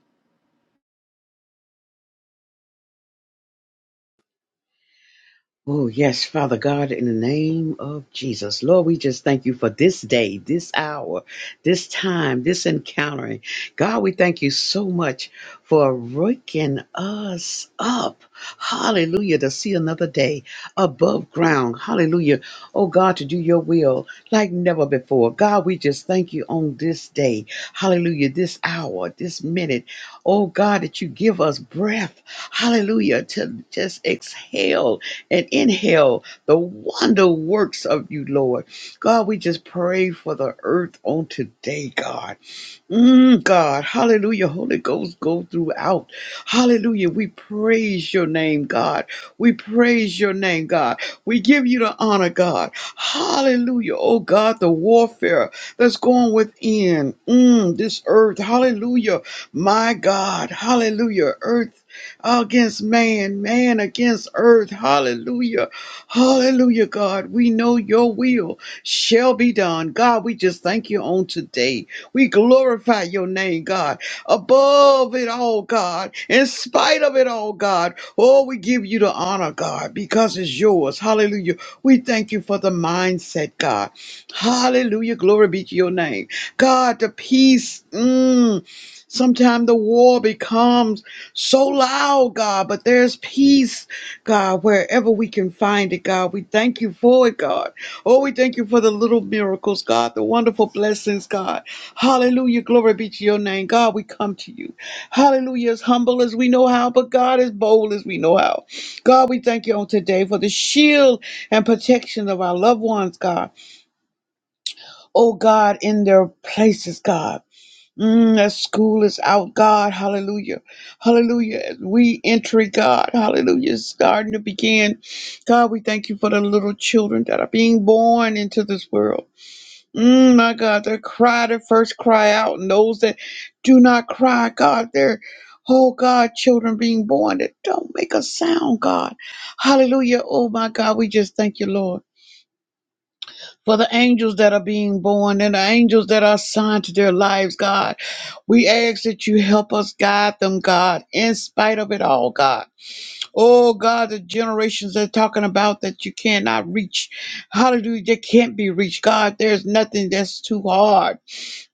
Oh, yes, Father God, in the name of Jesus. Lord, we just thank you for this day, this hour, this time, this encountering. God, we thank you so much for waking us up. Hallelujah, to see another day above ground. Hallelujah. Oh, God, to do your will like never before. God, we just thank you on this day. Hallelujah, this hour, this minute. Oh, God, that you give us breath. Hallelujah, to just exhale and inhale the wonder works of you, Lord. God, we just pray for the earth on today, God. Mm, God, hallelujah. Holy Ghost, go throughout. Hallelujah. We praise your name, God. We praise your name, God. We give you the honor, God. Hallelujah. Oh, God, the warfare that's going within mm, this earth. Hallelujah. My God. Hallelujah. Earth against man, man against earth. Hallelujah. Hallelujah, God. We know your will shall be done. God, we just thank you on today. We glorify your name, God. Above it all, God. In spite of it all, God. Oh, we give you the honor, God, because it's yours. Hallelujah. We thank you for the mindset, God. Hallelujah. Glory be to your name. God, the peace. Mm, Sometimes the war becomes so loud, God, but there's peace, God, wherever we can find it, God. We thank you for it, God. Oh, we thank you for the little miracles, God, the wonderful blessings, God. Hallelujah. Glory be to your name. God, we come to you. Hallelujah. As humble as we know how, but God, as bold as we know how. God, we thank you on today for the shield and protection of our loved ones, God. Oh, God, in their places, God. Mm, as school is out, God, hallelujah, hallelujah. As we enter, God, hallelujah, is starting to begin. God, we thank you for the little children that are being born into this world. Mm, my God, they cry their first cry out, and those that do not cry, God, they're, oh God, children being born that don't make a sound, God. Hallelujah. Oh my God, we just thank you, Lord. For the angels that are being born and the angels that are assigned to their lives, God. We ask that you help us guide them, God, in spite of it all, God. Oh God, the generations they're talking about that you cannot reach. Hallelujah, they can't be reached. God, there's nothing that's too hard.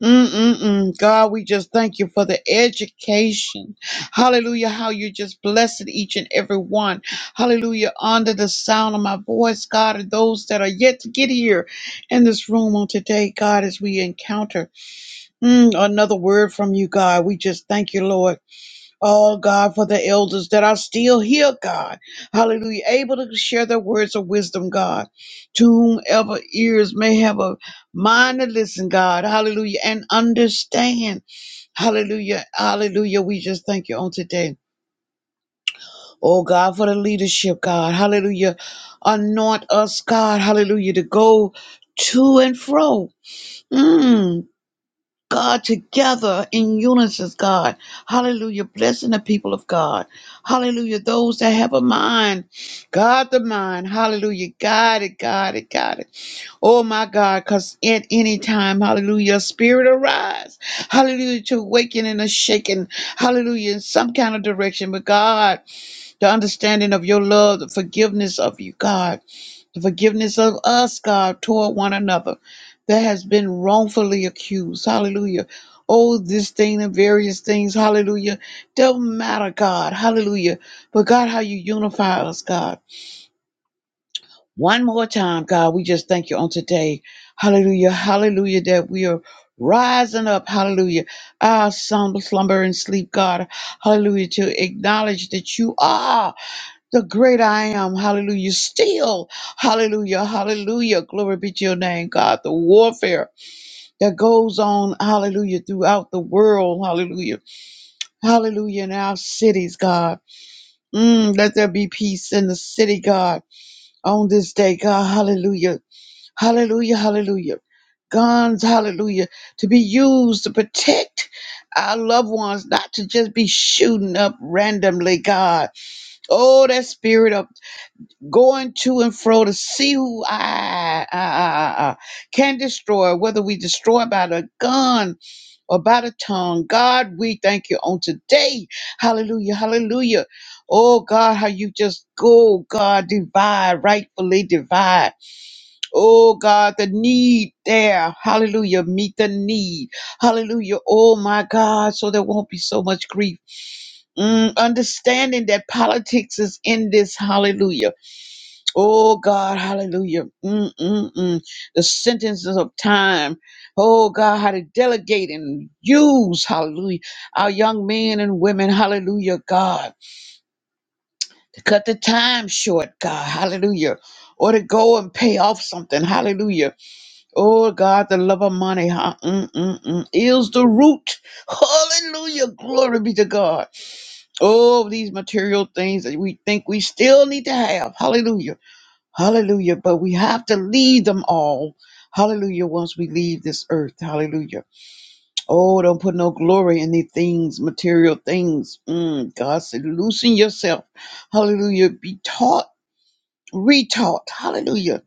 Mm-mm-mm. God, we just thank you for the education. Hallelujah. How you just blessed each and every one. Hallelujah. Under the sound of my voice, God, and those that are yet to get here in this room on today, God, as we encounter mm, another word from you, God, we just thank you, Lord. Oh God, for the elders that are still here, God. Hallelujah. Able to share their words of wisdom, God. To whomever ears may have a mind to listen, God. Hallelujah. And understand. Hallelujah. Hallelujah. We just thank you on today. Oh God, for the leadership, God. Hallelujah. Anoint us, God. Hallelujah. To go to and fro. Mm. God, together in unison, God. Hallelujah. Blessing the people of God. Hallelujah. Those that have a mind. God, the mind. Hallelujah. God it, God it, God it. Oh, my God. Because at any time, hallelujah, spirit arise. Hallelujah. To awaken and a shaking. Hallelujah. In some kind of direction. But God, the understanding of your love, the forgiveness of you, God the forgiveness of us, God, toward one another that has been wrongfully accused. Hallelujah. Oh, this thing and various things. Hallelujah. Don't matter, God. Hallelujah. But God, how you unify us, God. One more time, God, we just thank you on today. Hallelujah. Hallelujah. That we are rising up. Hallelujah. Our slumber, slumber and sleep, God. Hallelujah. To acknowledge that you are the great I am, hallelujah, still, hallelujah, hallelujah, glory be to your name, God, the warfare that goes on, hallelujah, throughout the world, hallelujah, hallelujah, in our cities, God. Mm, let there be peace in the city, God, on this day, God, hallelujah, hallelujah, hallelujah. Guns, hallelujah, to be used to protect our loved ones, not to just be shooting up randomly, God. Oh, that spirit of going to and fro to see who I, I, I- I- can destroy, whether we destroy by the gun or by the tongue. God, we thank you on today. Hallelujah, hallelujah. Oh God, how you just go, God, divide, rightfully divide. Oh God, the need there. Hallelujah. Meet the need. Hallelujah. Oh my God. So there won't be so much grief. Mm, understanding that politics is in this. Hallelujah. Oh God, hallelujah. Mm, mm, mm. The sentences of time. Oh God, how to delegate and use, hallelujah, our young men and women, hallelujah, God, to cut the time short, God, hallelujah, or to go and pay off something, hallelujah. Oh God, the love of money, huh? mm, mm, mm, is the root, hallelujah, glory be to God. Oh, these material things that we think we still need to have, hallelujah. Hallelujah. But we have to leave them all. Hallelujah. Once we leave this earth. Hallelujah. Oh, don't put no glory in these things, material things. Mm, God said, loosen yourself. Hallelujah. Be taught, retaught. Hallelujah.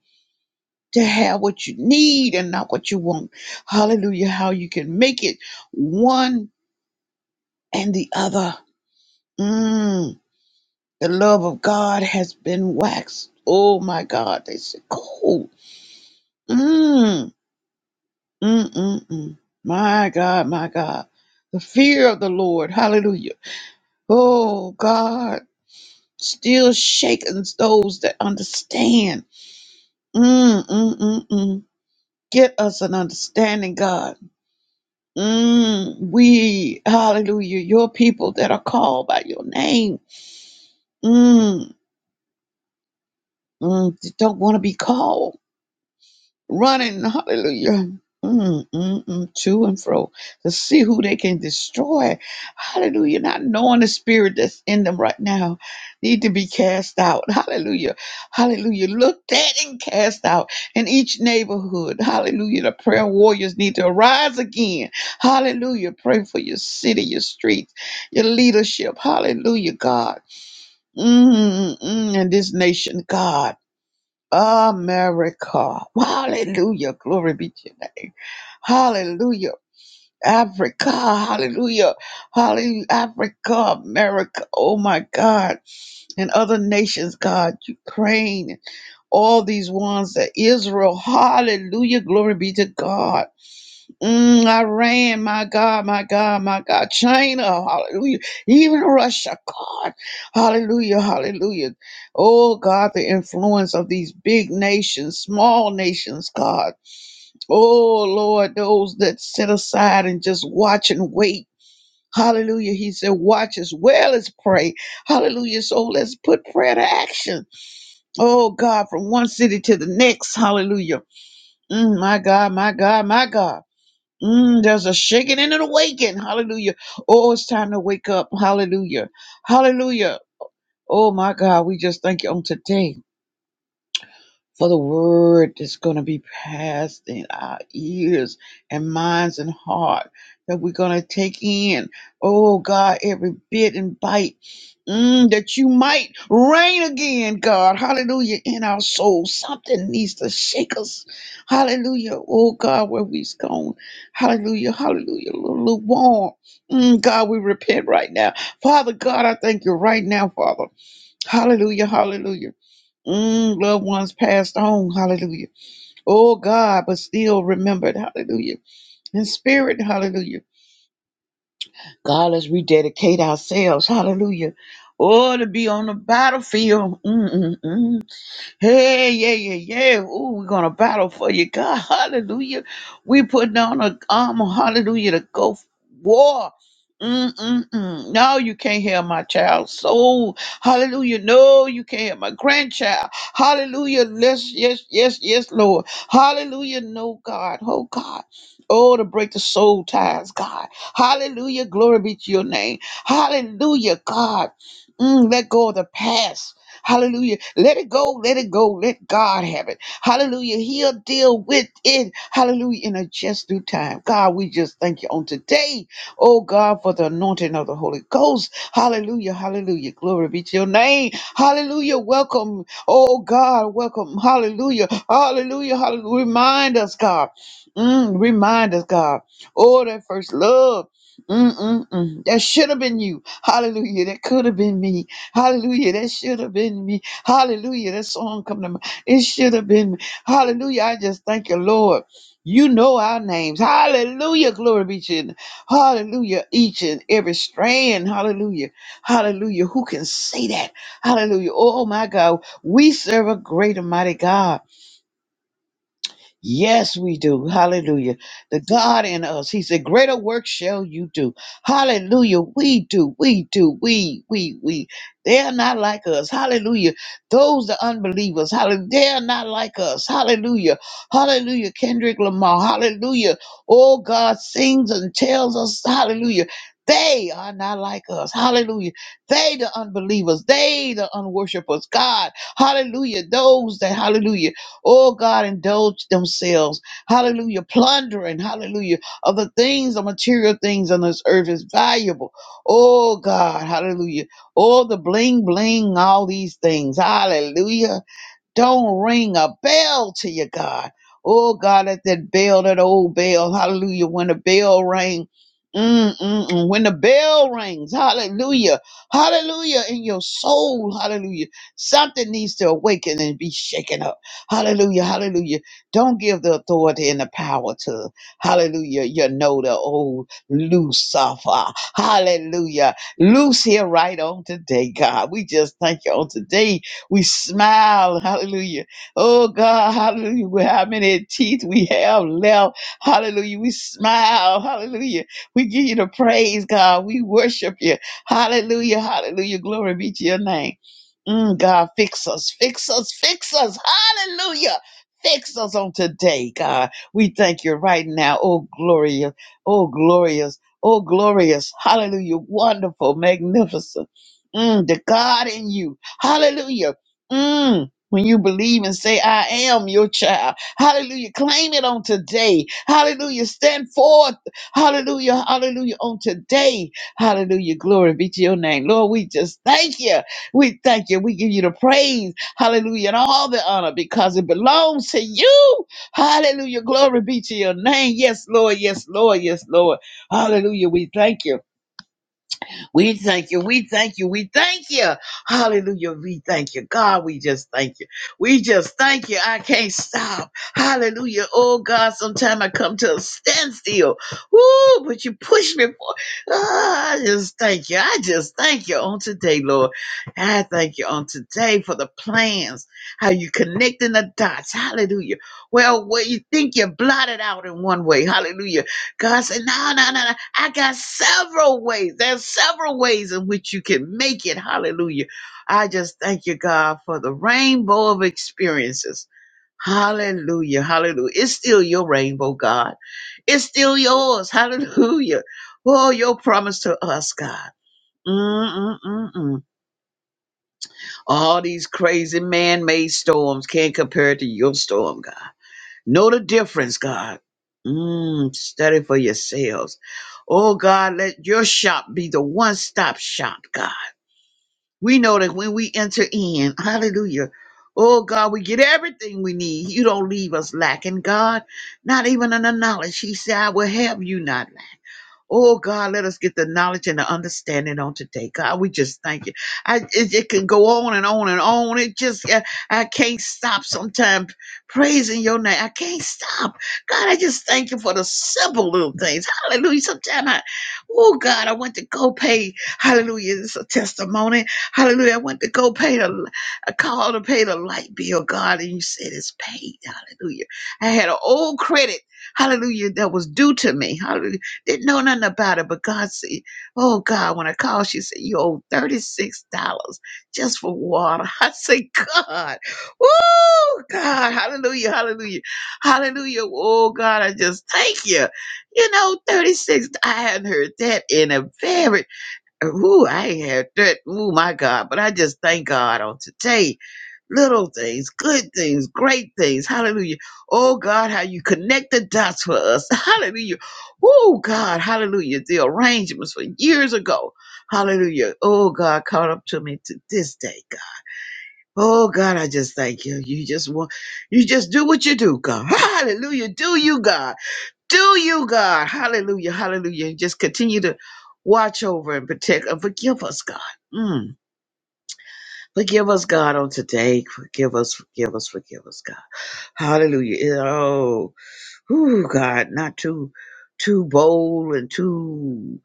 To have what you need and not what you want. Hallelujah. How you can make it one and the other. Mm, the love of God has been waxed. Oh my God. They said, cold. Mm. Mm-mm-mm. My God, my God. The fear of the Lord. Hallelujah. Oh, God still shakens those that understand. Mm-mm-mm-mm. Get us an understanding, God. Mm, we, hallelujah, your people that are called by your name. Mm, mm, that don't want to be called. running, hallelujah, mm, mm, mm, to and fro to see who they can destroy. Hallelujah, not knowing the spirit that's in them right now need to be cast out. Hallelujah, hallelujah, looked at and cast out in each neighborhood. Hallelujah, the prayer warriors need to arise again. Hallelujah, pray for your city, your streets, your leadership. Hallelujah, God. Mm, mm, mm, and this nation, God. America. Hallelujah. Glory be to your name. Hallelujah. Africa. Hallelujah. Hallelujah. Africa, America. Oh my God. And other nations, God, Ukraine, all these ones that Israel. Hallelujah. Glory be to God. Mm, Iran, my God, my God, my God. China, hallelujah. Even Russia, God, hallelujah, hallelujah. Oh, God, the influence of these big nations, small nations, God. Oh, Lord, those that sit aside and just watch and wait. Hallelujah. He said, watch as well as pray. Hallelujah. So let's put prayer to action. Oh, God, from one city to the next. Hallelujah. Mm, my God, my God, my God. Mm, there's a shaking and an awakening. Hallelujah. Oh, it's time to wake up. Hallelujah. Hallelujah. Oh, my God. We just thank you on today for the word that's going to be passed in our ears and minds and heart that we're going to take in. Oh, God, every bit and bite. Mm, that you might reign again, God. Hallelujah. In our souls. Something needs to shake us. Hallelujah. Oh, God, where we've gone. Hallelujah. Hallelujah. Lukewarm. Mm, God, we repent right now. Father God, I thank you right now, Father. Hallelujah. Hallelujah. Mm, loved ones passed on. Hallelujah. Oh, God, but still remembered. Hallelujah. In spirit. Hallelujah. God, let's rededicate ourselves. Hallelujah. Oh, to be on the battlefield. Mm-mm-mm. Hey, yeah, yeah, yeah. Ooh, we're gonna battle for you, God. Hallelujah. We putting on a armor, hallelujah, to go f- war. Mm-mm-mm. No, you can't hear my child's soul. Hallelujah. No, you can't hear my grandchild. Hallelujah. Yes, yes, yes, yes, Lord. Hallelujah. No, God. Oh, God. Oh, to break the soul ties, God. Hallelujah. Glory be to your name. Hallelujah, God. Mm, let go of the past. Hallelujah. Let it go. Let it go. Let God have it. Hallelujah. He'll deal with it. Hallelujah. In a just due time. God, we just thank you on today. Oh God, for the anointing of the Holy Ghost. Hallelujah. Hallelujah. Glory be to your name. Hallelujah. Welcome. Oh God, welcome. Hallelujah. Hallelujah. Hallelujah. Remind us, God. Mm, remind us, God. Oh, that first love. Mm-mm-mm. That should have been you. Hallelujah. That could have been me. Hallelujah. That should have been me. Hallelujah. That song come to mind. It should have been me. Hallelujah. I just thank you, Lord. You know our names. Hallelujah. Glory be to you. Hallelujah. Each and every strand. Hallelujah. Hallelujah. Who can say that? Hallelujah. Oh my God. We serve a great and mighty God. Yes, we do. Hallelujah. The God in us. He said, Greater work shall you do. Hallelujah. We do, we do, we, we, we. They are not like us. Hallelujah. Those the unbelievers. Hallelujah. They are not like us. Hallelujah. Hallelujah. Kendrick Lamar. Hallelujah. Oh God sings and tells us, Hallelujah. They are not like us. Hallelujah. They the unbelievers. They the unworshipers. God. Hallelujah. Those that hallelujah. Oh God, indulge themselves. Hallelujah. Plundering, hallelujah, of the things, the material things on this earth is valuable. Oh God, hallelujah. All the bling bling, all these things. Hallelujah don't ring a bell to you, God. Oh, God, at that bell, that old bell, hallelujah, when the bell rang, mm, mm, mm, when the bell rings, hallelujah, hallelujah, in your soul, hallelujah, something needs to awaken and be shaken up, hallelujah, hallelujah. Don't give the authority and the power to, hallelujah, you know, the old Lucifer, hallelujah. Loose here right on today, God. We just thank you on today we smile. Hallelujah. Oh God, hallelujah. With how many teeth we have left. Hallelujah. We smile. Hallelujah. We give you the praise, God. We worship you. Hallelujah. Hallelujah. Glory be to your name. Mm, God, fix us, fix us, fix us. Hallelujah. Fix us on today, God. We thank you right now. Oh, glorious. Oh, glorious. Oh, glorious. Hallelujah. Wonderful, magnificent. Mm, the God in you. Hallelujah Mm. When you believe and say, I am your child. Hallelujah. Claim it on today. Hallelujah. Stand forth. Hallelujah. Hallelujah. On today. Hallelujah. Glory be to your name. Lord, we just thank you. We thank you. We give you the praise. Hallelujah. And all the honor because it belongs to you. Hallelujah. Glory be to your name. Yes, Lord. Yes, Lord. Yes, Lord. Hallelujah. We thank you. We thank you. We thank you. We thank you. Hallelujah. We thank you. God, we just thank you. We just thank you. I can't stop. Hallelujah. Oh God, sometimes I come to a standstill. Woo, but you push me for ah, I just thank you. I just thank you on today, Lord. I thank you on today for the plans, how you connecting the dots. Hallelujah. Well, what you think you blotted out in one way. Hallelujah God said, No, no, no, no. I got several ways. There's several ways in which you can make it. Hallelujah. I just thank you, God, for the rainbow of experiences. Hallelujah. Hallelujah. It's still your rainbow, God. It's still yours. Hallelujah. Oh, your promise to us, God. Mm-mm-mm-mm. All these crazy man made storms can't compare to your storm, God. Know the difference, God. Mm, study for yourselves. Oh God, let your shop be the one stop shop, God. We know that when we enter in, hallelujah. Oh God, we get everything we need. You don't leave us lacking, God. Not even in the knowledge. He said, I will have you not lack. Oh God, let us get the knowledge and the understanding on today. God, we just thank you. I, it, it can go on and on and on. It just, I, I can't stop sometimes praising your name. I can't stop. God, I just thank you for the simple little things. Hallelujah. Sometimes I, oh God, I went to go pay. Hallelujah. It's a testimony. Hallelujah. I went to go pay the, I called to pay the light bill, God, and you said it's paid. Hallelujah. I had an old credit. Hallelujah. That was due to me. Hallelujah didn't know nothing about it, but God said, Oh God, when I called, she said, You owe $36 just for water. I said, God, woo, God, hallelujah, hallelujah, hallelujah. Oh God, I just thank you. You know, 36 I hadn't heard that in a very, ooh, I ain't heard that. Oh my God, but I just thank God on today little things, good things, great things. Hallelujah. Oh God, how you connect the dots for us. Hallelujah. Oh God, hallelujah. The arrangements for years ago. Hallelujah. Oh God, caught up to me to this day, God. Oh God, I just thank you. You just want, you just do what you do, God. Hallelujah. Do you, God. Do you, God. Hallelujah. Hallelujah. And just continue to watch over and protect and forgive us, God. Mm. Forgive us, God, on today. Forgive us, forgive us, forgive us, God. Hallelujah. It- Oh, whew, God, not too too bold and too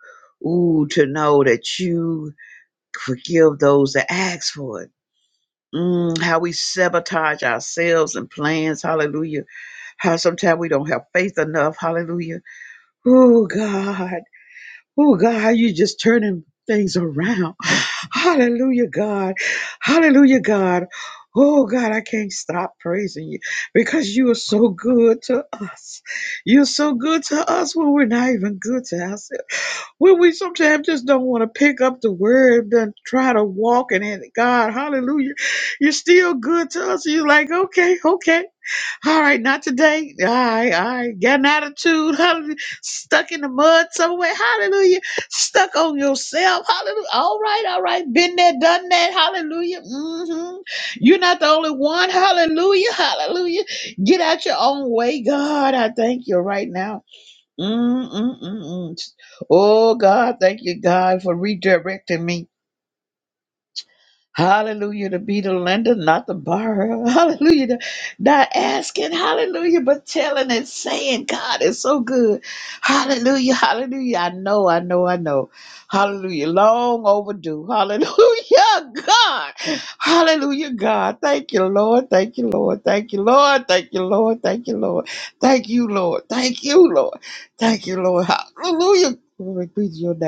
ooh to know that you forgive those that ask for it. Mm, how we sabotage ourselves and plans, hallelujah. How sometimes we don't have faith enough, hallelujah. Oh God. Oh God, how you just turning things around. Hallelujah, God. Hallelujah, God. Oh God, I can't stop praising you because you are so good to us. You're so good to us when we're not even good to ourselves. When we sometimes just don't want to pick up the word and try to walk in it. God, hallelujah. You're still good to us. You're like, okay, okay. All right, not today. All right, all right. Got an attitude. Hallelujah. Stuck in the mud somewhere. Hallelujah. Stuck on yourself. Hallelujah. All right, all right. Been there, done that. Hallelujah. hmm You're not the only one. Hallelujah. Hallelujah. Get out your own way. God, I thank you right now. Mm-mm-mm-mm. Oh, God, thank you, God, for redirecting me. Hallelujah, to be the lender, not the borrower. Hallelujah, to- not asking. Hallelujah, but telling and saying, God is so good. Hallelujah, hallelujah. I know, I know, I know. Hallelujah, long overdue. Hallelujah, God. Hallelujah, God. Thank you, Lord. Thank you, Lord. Thank you, Lord. Thank you, Lord. Thank you, Lord. Thank you, Lord. Thank you, Lord. Thank you, Lord. Hallelujah. Glory be to your name.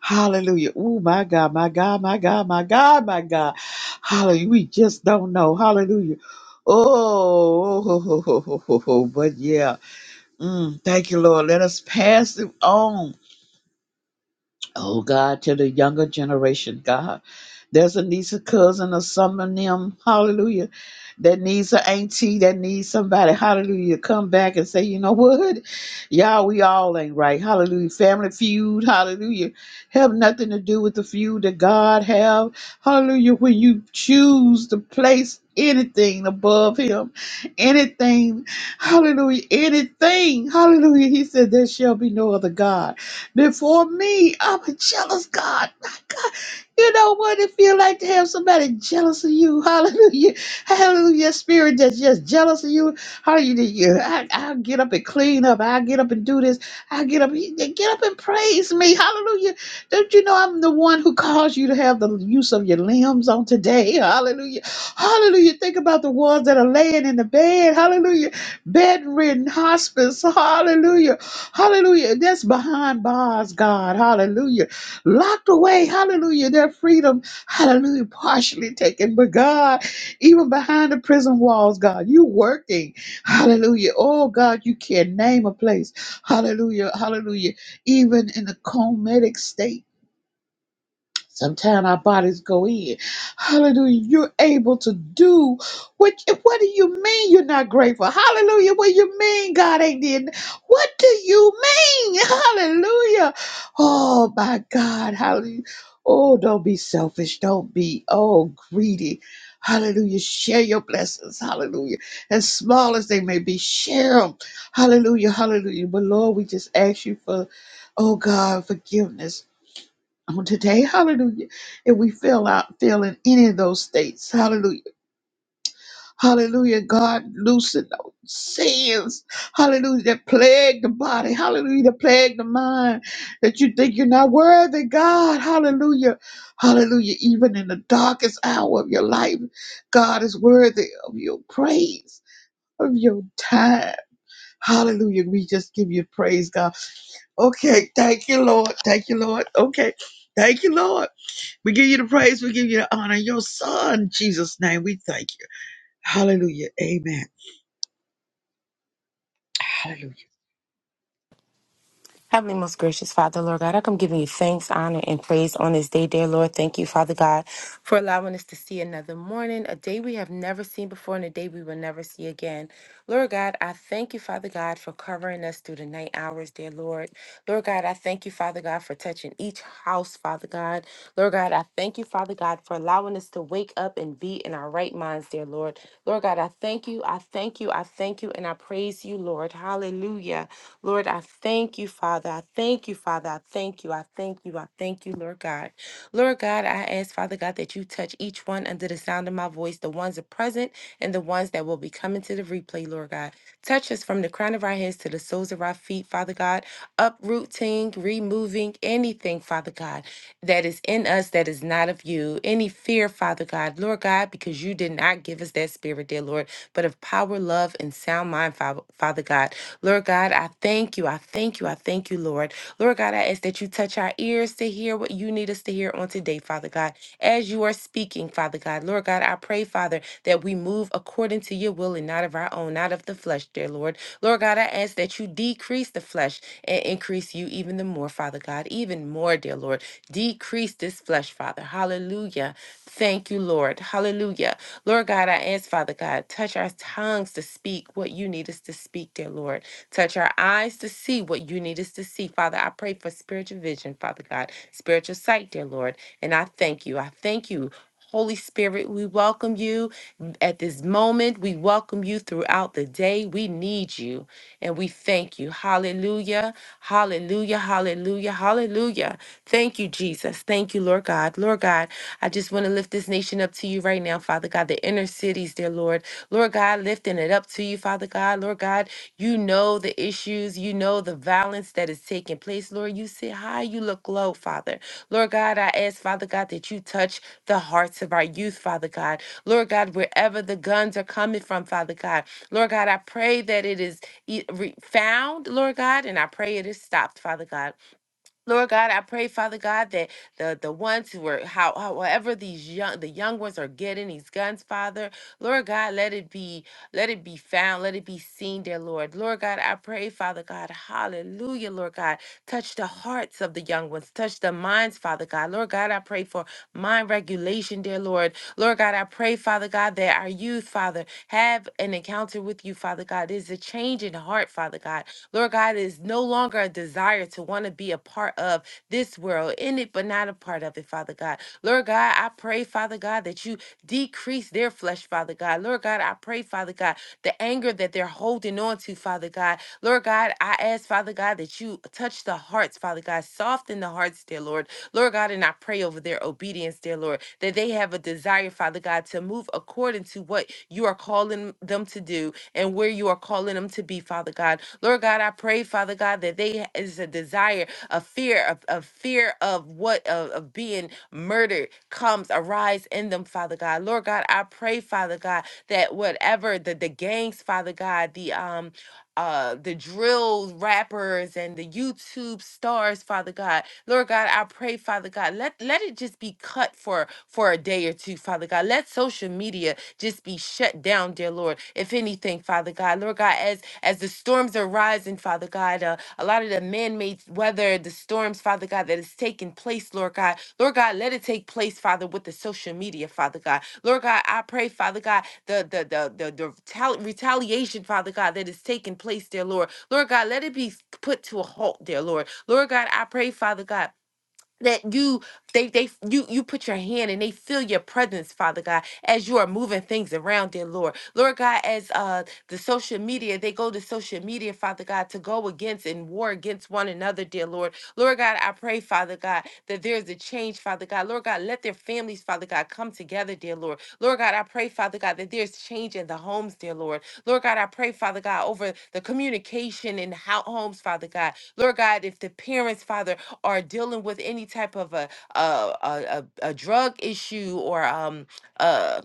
Hallelujah. Oh, my God, my God, my God, my God, my God. Hallelujah. We just don't know. Hallelujah. Oh, but yeah. Mm, thank you, Lord. Let us pass it on. Oh God, to the younger generation, God. There's a niece, a cousin, or someone them, hallelujah, that needs an auntie, that needs somebody, hallelujah, to come back and say, you know what? Y'all, we all ain't right. Hallelujah. Family feud, hallelujah. Have nothing to do with the feud that God have. Hallelujah. When you choose to place anything above him, anything, hallelujah, anything, hallelujah. He said, There shall be no other God before me. I'm a jealous God. My God. You know what it feel like to have somebody jealous of you. Hallelujah. Hallelujah. Spirit that's just jealous of you. Hallelujah. I, I'll get up and clean up. I'll get up and do this. I'll get up. Get up and praise me. Hallelujah. Don't you know I'm the one who caused you to have the use of your limbs on today? Hallelujah. Hallelujah. Think about the ones that are laying in the bed. Hallelujah bedridden, hospice, hallelujah, hallelujah. That's behind bars, God, hallelujah. Locked away, hallelujah, their freedom, hallelujah, partially taken. But God, even behind the prison walls, God, you working, hallelujah. Oh, God, you can't name a place, hallelujah, hallelujah. Even in a comatic state. Sometimes our bodies go in. Hallelujah. You're able to do what what do you mean you're not grateful? Hallelujah. What you mean God ain't did? What do you mean? Hallelujah. Oh my God. Hallelujah. Oh, don't be selfish. Don't be oh greedy. Hallelujah. Share your blessings. Hallelujah. As small as they may be, share them. Hallelujah. Hallelujah. But Lord, we just ask you for, oh God, forgiveness on today. Hallelujah. If we feel out, feel in any of those states, hallelujah. Hallelujah. God loosen those sins. Hallelujah. That plague the body. Hallelujah. That plague the mind. That you think you're not worthy. God. Hallelujah. Hallelujah. Even in the darkest hour of your life, God is worthy of your praise. Of your time. Hallelujah. We just give you praise, God. Okay. Thank you, Lord. Thank you, Lord. Okay. Thank you, Lord. We give you the praise. We give you the honor. Your son, Jesus' name, we thank you. Hallelujah. Amen. Hallelujah.
Heavenly, most gracious Father, Lord God, I come giving you thanks, honor, and praise on this day, dear Lord. Thank you, Father God, for allowing us to see another morning, a day we have never seen before, and a day we will never see again. Lord God, I thank you, Father God, for covering us through the night hours, dear Lord. Lord God, I thank you, Father God, for touching each house, Father God. Lord God, I thank you, Father God, for allowing us to wake up and be in our right minds, dear Lord. Lord God, I thank you, I thank you, I thank you, and I praise you, Lord. Hallelujah. Lord, I thank you, Father. I thank you, Father. I thank you. I thank you. I thank you, Lord God. Lord God, I ask, Father God, that you touch each one under the sound of my voice, the ones that are present and the ones that will be coming to the replay, Lord God. Touch us from the crown of our heads to the soles of our feet, Father God. Uprooting, removing anything, Father God that is in us that is not of you. Any fear, Father God, Lord God, because you did not give us that spirit, dear Lord, but of power, love, and sound mind, Fa- Father God. Lord God, I thank you. I thank you. I thank you, Lord. Lord God, I ask that you touch our ears to hear what you need us to hear on today, Father God. As you are speaking, Father God, Lord God, I pray, Father, that we move according to your will and not of our own, not of the flesh, dear Lord. Lord God, I ask that that you decrease the flesh and increase you even the more, Father God, even more, dear Lord. Decrease this flesh, Father. Hallelujah. Thank you, Lord. Hallelujah. Lord God, I ask, Father God, touch our tongues to speak what you need us to speak, dear Lord. Touch our eyes to see what you need us to see, Father. I pray for spiritual vision, Father God, spiritual sight, dear Lord. And I thank you. I thank you. Holy Spirit, we welcome you at this moment. We welcome you throughout the day. We need you. And we thank you. Hallelujah. Hallelujah. Hallelujah. Hallelujah. Thank you, Jesus. Thank you, Lord God. Lord God, I just want to lift this nation up to you right now, Father God, the inner cities, dear Lord. Lord God, lifting it up to you, Father God. Lord God, you know the issues. You know the violence that is taking place, Lord. You sit high, you look low, Father. Lord God, I ask, Father God, that you touch the hearts of our youth, Father God. Lord God, wherever the guns are coming from, Father God. Lord God, I pray that it is e- re- found, Lord God, and I pray it is stopped, Father God. Lord God, I pray, Father God, that the the ones who are how however these young the young ones are getting these guns, Father, Lord God, let it be let it be found, let it be seen, dear Lord. Lord God, I pray, Father God, hallelujah, Lord God, touch the hearts of the young ones, touch the minds, Father God. Lord God, I pray for mind regulation, dear Lord. Lord God, I pray, Father God, that our youth, Father, have an encounter with you, Father God. There's a change in heart, Father God. Lord God, it is no longer a desire to want to be a part of this world, in it, but not a part of it, Father God. Lord God, I pray, Father God, that you decrease their flesh, Father God. Lord God, I pray, Father God, the anger that they're holding on to, Father God. Lord God, I ask, Father God, that you touch the hearts, Father God, soften the hearts, dear Lord. Lord God, and I pray over their obedience, dear Lord, that they have a desire, Father God, to move according to what you are calling them to do and where you are calling them to be, Father God. Lord God, I pray, Father God, that they is a desire, a fear, of a fear of what of, of being murdered comes arise in them, Father God. Lord God, I pray, Father God, that whatever the the gangs, Father God, the um uh, the drill rappers and the YouTube stars, Father God. Lord God, I pray, Father God, let, let it just be cut for, for a day or two, Father God. Let social media just be shut down, dear Lord. If anything, Father God, Lord God, as as the storms are rising, Father God. God, uh, a lot of the man-made weather, the storms, Father God, that is taking place, Lord God. Lord God, let it take place, Father, with the social media, Father God. Lord God, I pray, Father God, the the the the, the retali- retaliation, Father God, that is taking place, dear Lord. Lord God, let it be put to a halt, dear Lord. Lord God, I pray, Father God that you they they you you put your hand and they feel your presence father god as you are moving things around dear lord lord god as uh the social media they go to social media father god to go against and war against one another dear lord lord god i pray father god that there's a change father god lord god let their families father god come together dear lord lord god i pray father god that there's change in the homes dear lord lord god i pray father god over the communication in how homes father god lord god if the parents father are dealing with any type of a a, a, a, a drug issue or um uh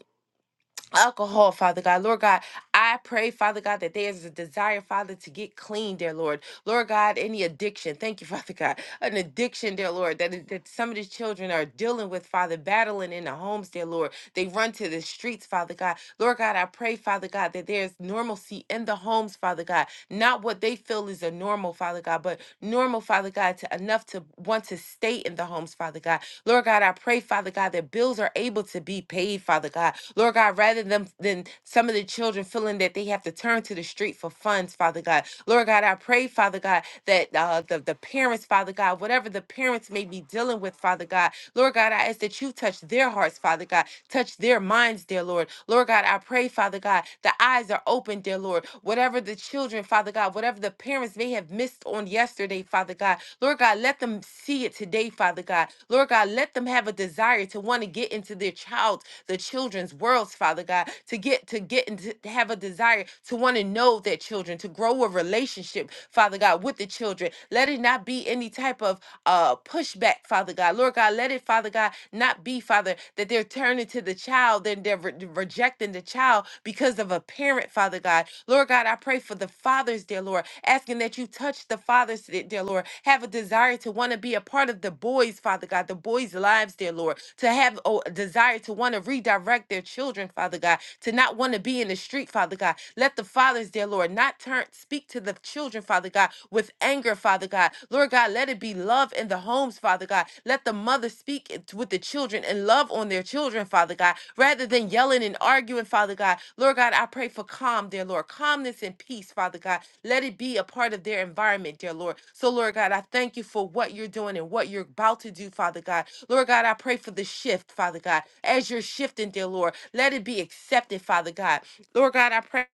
alcohol father god lord god i pray father god that there's a desire father to get clean dear lord Lord God, any addiction, thank you, Father God, an addiction, dear Lord, that, that some of the children are dealing with, Father, battling in the homes, dear Lord. They run to the streets, Father God. Lord God, I pray, Father God, that there's normalcy in the homes, Father God, not what they feel is a normal, Father God, but normal, Father God, to enough to want to stay in the homes, Father God. Lord God, I pray, Father God, that bills are able to be paid, Father God. Lord God, rather than, than some of the children feeling that they have to turn to the street for funds, Father God. Lord God, I pray, Father God, that uh, the, the parents, Father God, whatever the parents may be dealing with, Father God, Lord God, I ask that you touch their hearts, Father God, touch their minds, dear Lord. Lord God, I pray, Father God, the eyes are open, dear Lord. Whatever the children, Father God, whatever the parents may have missed on yesterday, Father God, Lord God, let them see it today, Father God. Lord God, let them have a desire to want to get into their child's, the children's worlds, Father God, to get to get into to have a desire to want to know that about their children, to grow a relationship, Father God, with the children. Let it not be any type of uh pushback, Father God. Lord God, let it, Father God, not be, Father, that they're turning to the child, then they're re- rejecting the child because of a parent, Father God. Lord God, I pray for the fathers, dear Lord, asking that you touch the fathers, de- dear Lord, have a desire to want to be a part of the boys, Father God, the boys' lives, dear Lord, to have oh, a desire to want to redirect their children, Father God, to not want to be in the street, Father God, let the fathers, dear Lord, not turn speak to the children, Father God, with anger, Father God. Lord God, let it be love in the homes, Father God. Let the mother speak it with the children and love on their children, Father God, rather than yelling and arguing, Father God. Lord God, I pray for calm, dear Lord, calmness and peace, Father God. Let it be a part of their environment, dear Lord. So, Lord God, I thank you for what you're doing and what you're about to do, Father God. Lord God, I pray for the shift, Father God. As you're shifting, dear Lord, let it be accepted, Father God. Lord God, I pray.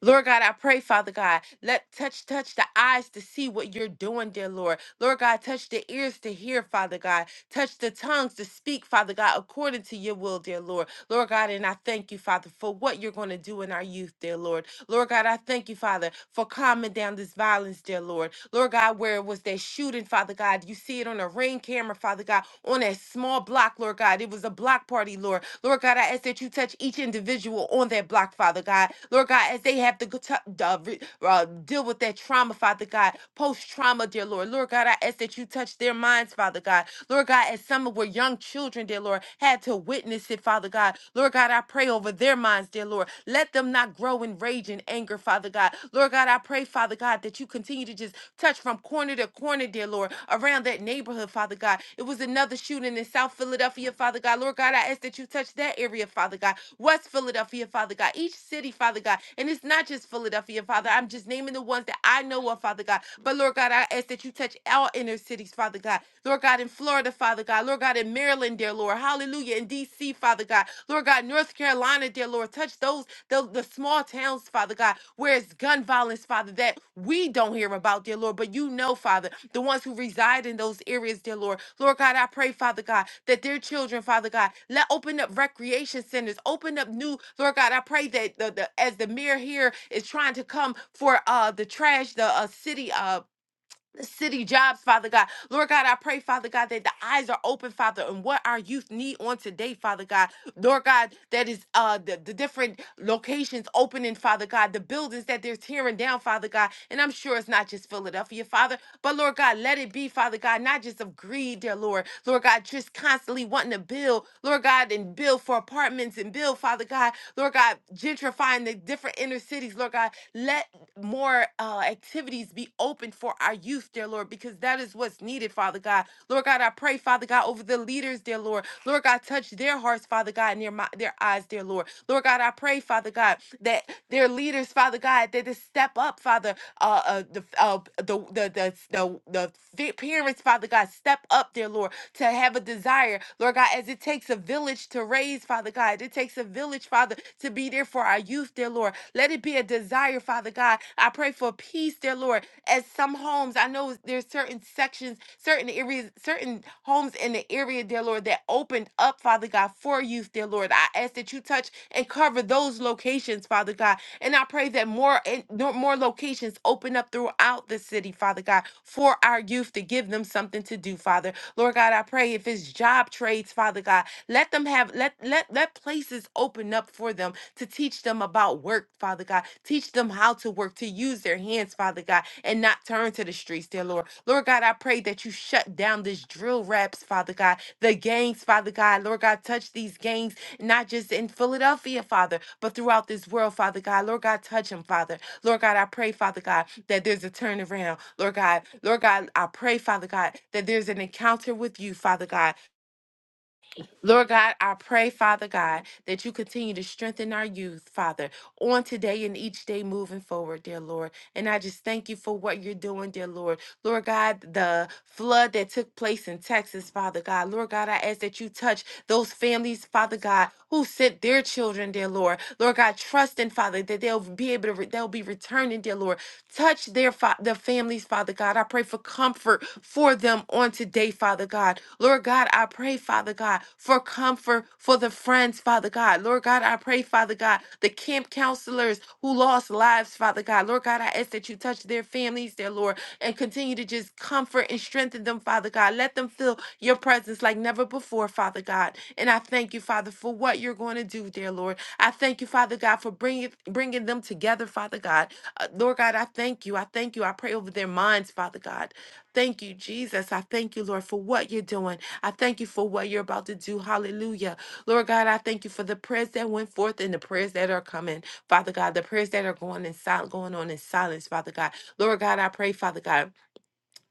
Lord God, I pray, Father God, let touch touch the eyes to see what you're doing, dear Lord. Lord God, touch the ears to hear, Father God. Touch the tongues to speak, Father God, according to your will, dear Lord. Lord God, and I thank you, Father, for what you're going to do in our youth, dear Lord. Lord God, I thank you, Father, for calming down this violence, dear Lord. Lord God, where it was that shooting, Father God. You see it on a ring camera, Father God, on that small block, Lord God. It was a block party, Lord. Lord God, I ask that you touch each individual on that block, Father God. Lord God, as they have to go t- uh, re- uh, deal with that trauma, Father God, post trauma, dear Lord. Lord God, I ask that you touch their minds, Father God. Lord God, as some of were young children, dear Lord, had to witness it, Father God. Lord God, I pray over their minds, dear Lord. Let let them not grow in rage and anger, Father God. Lord God, I pray, Father God, that you continue to just touch from corner to corner, dear Lord, around that neighborhood, Father God. It was another shooting in South Philadelphia, Father God. Lord God, I ask that you touch that area, Father God. West Philadelphia, Father God. Each city, Father God. And it's not just Philadelphia, Father. I'm just naming the ones that I know of, Father God. But Lord God, I ask that you touch our inner cities, Father God. Lord God, in Florida, Father God. Lord God, in Maryland. Maryland, dear Lord. Hallelujah. In D.C., Father God. Lord God, North Carolina, dear Lord. Touch those, the, the small towns, Father God, where it's gun violence, Father, that we don't hear about, dear Lord, but you know, Father, the ones who reside in those areas, dear Lord. Lord God, I pray, Father God, that their children, Father God, let open up recreation centers, open up new, Lord God, I pray that the, the as the mayor here is trying to come for uh the trash, the uh, city uh city jobs, Father God. Lord God, I pray, Father God, that the eyes are open, Father, and what our youth need on today, Father God. Lord God, that is uh the, the different locations opening, Father God, the buildings that they're tearing down, Father God. And I'm sure it's not just Philadelphia, Father, but Lord God, let it be, Father God, not just of greed, dear Lord. Lord God, just constantly wanting to build, Lord God, and build for apartments and build, Father God, Lord God, gentrifying the different inner cities, Lord God. Let more uh, activities be open for our youth, dear Lord, because that is what's needed, Father God. Lord God, I pray, Father God, over the leaders, dear Lord. Lord God, touch their hearts, Father God God, near my their eyes, dear Lord. Lord God, I pray, Father God, that their leaders, Father God, that they step up, Father, uh, uh the uh, the the the the, the fi- parents, Father God, step up, dear Lord, to have a desire, Lord God, as it takes a village to raise, Father God, it takes a village, Father, to be there for our youth, dear Lord. Let it be a desire, Father God. I pray for peace, dear Lord, as some homes, I know there's certain sections, certain areas, certain homes in the area, dear Lord, that opened up, Father God, for youth, dear dear Lord. I ask that you touch and cover those locations, Father God. And I pray that more and no- more locations open up throughout the city, Father God, for our youth to give them something to do, Father. Lord God, I pray if it's job trades, Father God, let them have let let let places open up for them to teach them about work, Father God. Teach them how to work, to use their hands, Father God, and not turn to the streets, dear Lord. Lord God, I pray that you shut down this drill raps, Father God, the gangs, Father God. Lord God, touch these gangs not just in Philadelphia, Father, but throughout this world, Father God. Lord God, touch him, Father. Lord God, I pray, Father God, that there's a turnaround. Lord God, Lord God, I pray, Father God, that there's an encounter with you, Father God. Lord God, I pray, Father God, that you continue to strengthen our youth, Father, on today and each day moving forward, dear Lord. And I just thank you for what you're doing, dear Lord. Lord God, the flood that took place in Texas, Father God. Lord God, I ask that you touch those families, Father God, who sent their children, dear Lord. Lord God, trusting, Father, that they'll be able to, re- they'll be returning, dear Lord. Touch their fa- the families, Father God. I pray for comfort for them on today, Father God. Lord God, I pray, Father God, for comfort for the friends, Father God. Lord God, I pray, Father God, the camp counselors who lost lives, Father God. Lord God, I ask that you touch their families, their Lord, and continue to just comfort and strengthen them, Father God. Let them feel your presence like never before, Father God. And I thank you, Father, for what you're going to do, dear Lord. I thank you, Father God, for bringing bringing them together, Father God. Uh, Lord God, I thank you. I thank you. I pray over their minds, Father God. Thank you, Jesus. I thank you, Lord, for what you're doing. I thank you for what you're about to do. Hallelujah. Lord God, I thank you for the prayers that went forth and the prayers that are coming. Father God, the prayers that are going in sil- going on in silence, Father God. Lord God, I pray, Father God,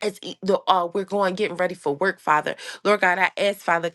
as e- the, uh, we're going getting ready for work, Father. Lord God, I ask, Father.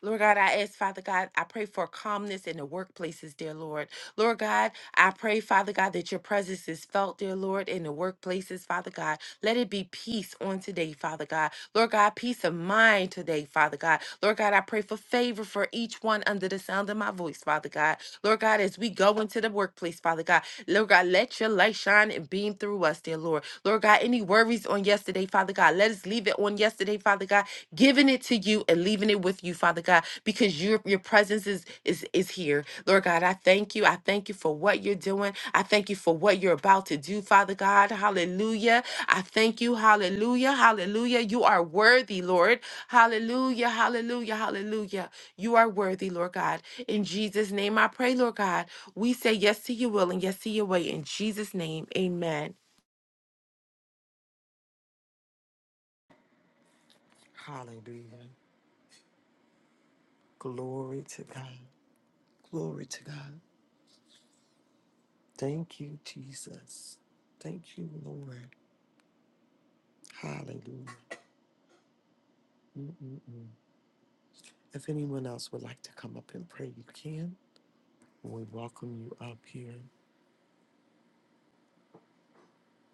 Lord God, I ask, Father God, I pray for calmness in the workplaces, dear Lord. Lord God, I pray, Father God, that your presence is felt, dear Lord, in the workplaces, Father God. Let it be peace on today, Father God. Lord God, peace of mind today, Father God. Lord God, I pray for favor for each one under the sound of my voice, Father God. Lord God, as we go into the workplace, Father God, Lord God, let your light shine and beam through us, dear Lord. Lord God, any worries on yesterday, Father God, let us leave it on yesterday, Father God, giving it to you and leaving it with you, Father God, because your your presence is is is here. Lord God, I thank you. I thank you for what you're doing. I thank you for what you're about to do, Father God. Hallelujah. I thank you. Hallelujah. Hallelujah. You are worthy, Lord. Hallelujah. Hallelujah. Hallelujah. You are worthy, Lord God. In Jesus' name I pray, Lord God. We say yes to your will and yes to your way. In Jesus' name. Amen.
Hallelujah. Glory to God. Glory to God. Thank you, Jesus. Thank you, Lord. Hallelujah. Mm-mm-mm. If anyone else would like to come up and pray, you can. We welcome you up here.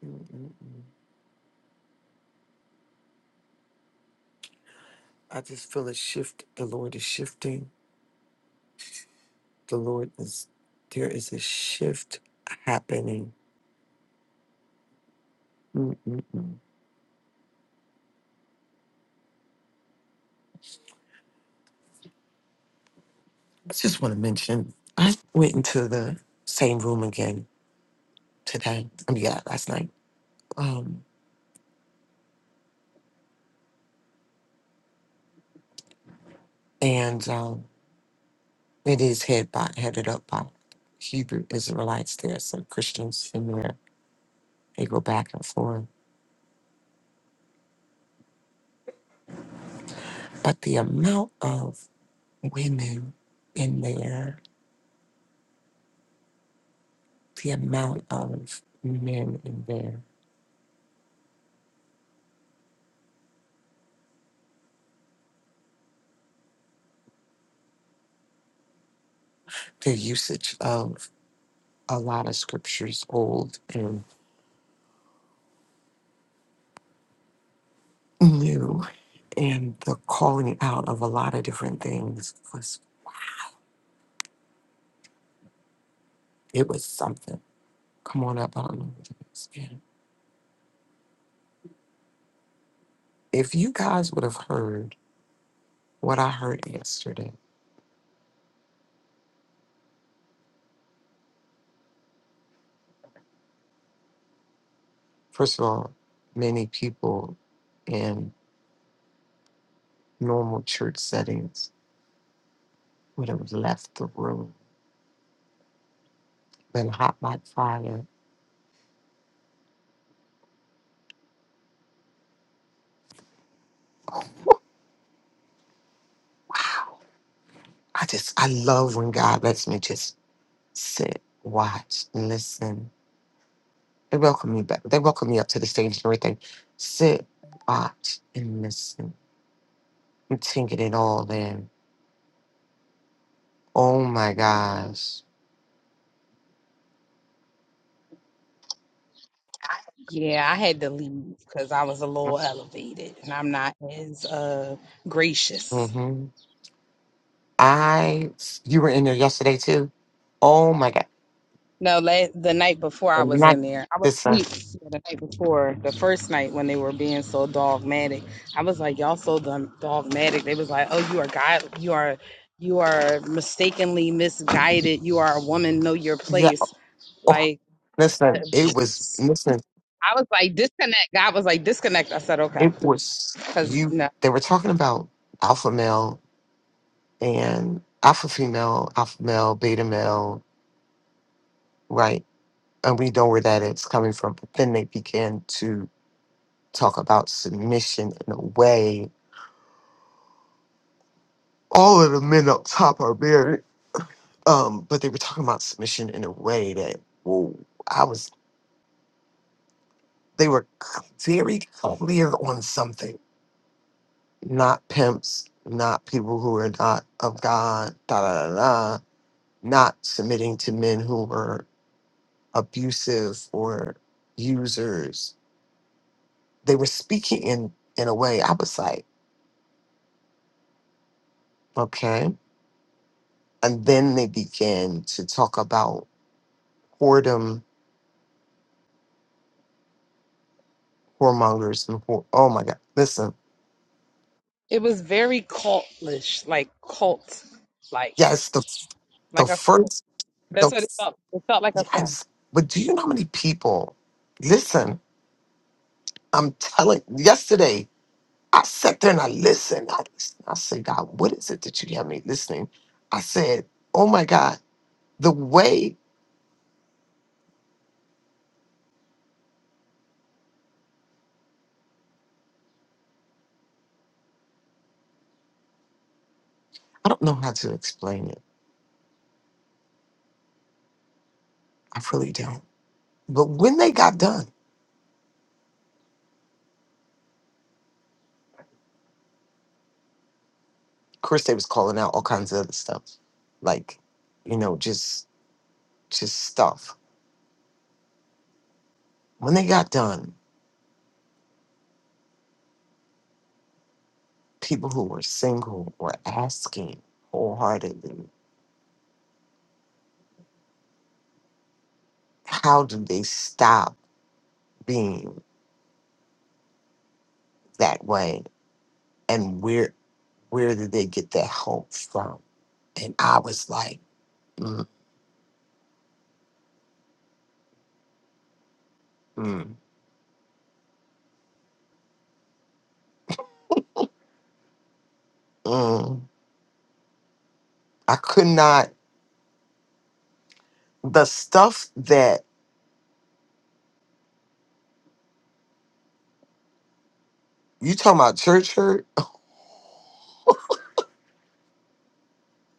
Mm-mm-mm. I just feel a shift. The Lord is shifting. The Lord is, there is a shift happening. Mm-mm-mm. I just want to mention, I went into the same room again today. I mean, yeah, last night. Um, and um, it is head by, headed up by Hebrew Israelites. There are some Christians in there. They go back and forth. But the amount of women in there, the amount of men in there, the usage of a lot of scriptures, old and new, and the calling out of a lot of different things was it was something. Come on up, I don't know what it is. Yeah. If you guys would have heard what I heard yesterday, first of all, many people in normal church settings would have left the room, been hot like fire. Wow. I just, I love when God lets me just sit, watch, and listen. They welcome me back. They welcome me up to the stage and everything. Sit, watch, and listen. I'm taking it all in. Oh my gosh.
Yeah, I had to leave because I was a little elevated and I'm not as uh gracious.
Mm-hmm. I, you were in there yesterday too. Oh my God.
No, la- the night before I
And
was
not,
in there, I was
listen.
asleep yeah, the night before, the first night when they were being so dogmatic. I was like, y'all so dun- dogmatic. They was like, oh, you are God, you are, you are mistakenly misguided. You are a woman, know your
Yeah.
place.
Oh,
Like, uh,
listen. It was, listen.
I was like, disconnect. God was like, disconnect. I said, okay.
It was,
cause
you, they were talking about alpha male and alpha female, alpha male, beta male, right? And we know where that is coming from. But then they begin to talk about submission in a way. All of the men up top are married, um, but they were talking about submission in a way that, whoa, I was, they were c- very clear on something. Not pimps, not people who are not of God, da da da da, not submitting to men who were abusive or users They were speaking in in a way I was like, okay. And then they began to talk about whoredom, whoremongers, and whore. Oh my God! Listen,
It was very cultish, like cult, like
yes, the the
like a cult.
first the
That's what it felt. It felt like a cult.
yes. But do you know how many people? Listen, I'm telling. Yesterday, I sat there and I listened. I, listened. I said, God, what is it that you have me listening? I said, Oh my God, the way I don't know how to explain it. I really don't. But when they got done. course they was calling out all kinds of other stuff like you know just just stuff when they got done people who were single were asking wholeheartedly how do they stop being that way and where where did they get that hope from and i was like mm, mm, mm. i could not the stuff that you talking about church hurt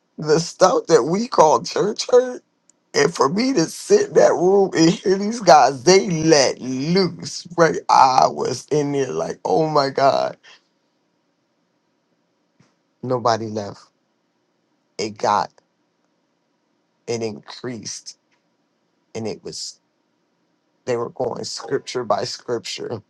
the stuff that we call church hurt And for me to sit in that room and hear these guys, they let loose. Right, I was in there like, oh my god, nobody left. It got it increased, and it was they were going scripture by scripture,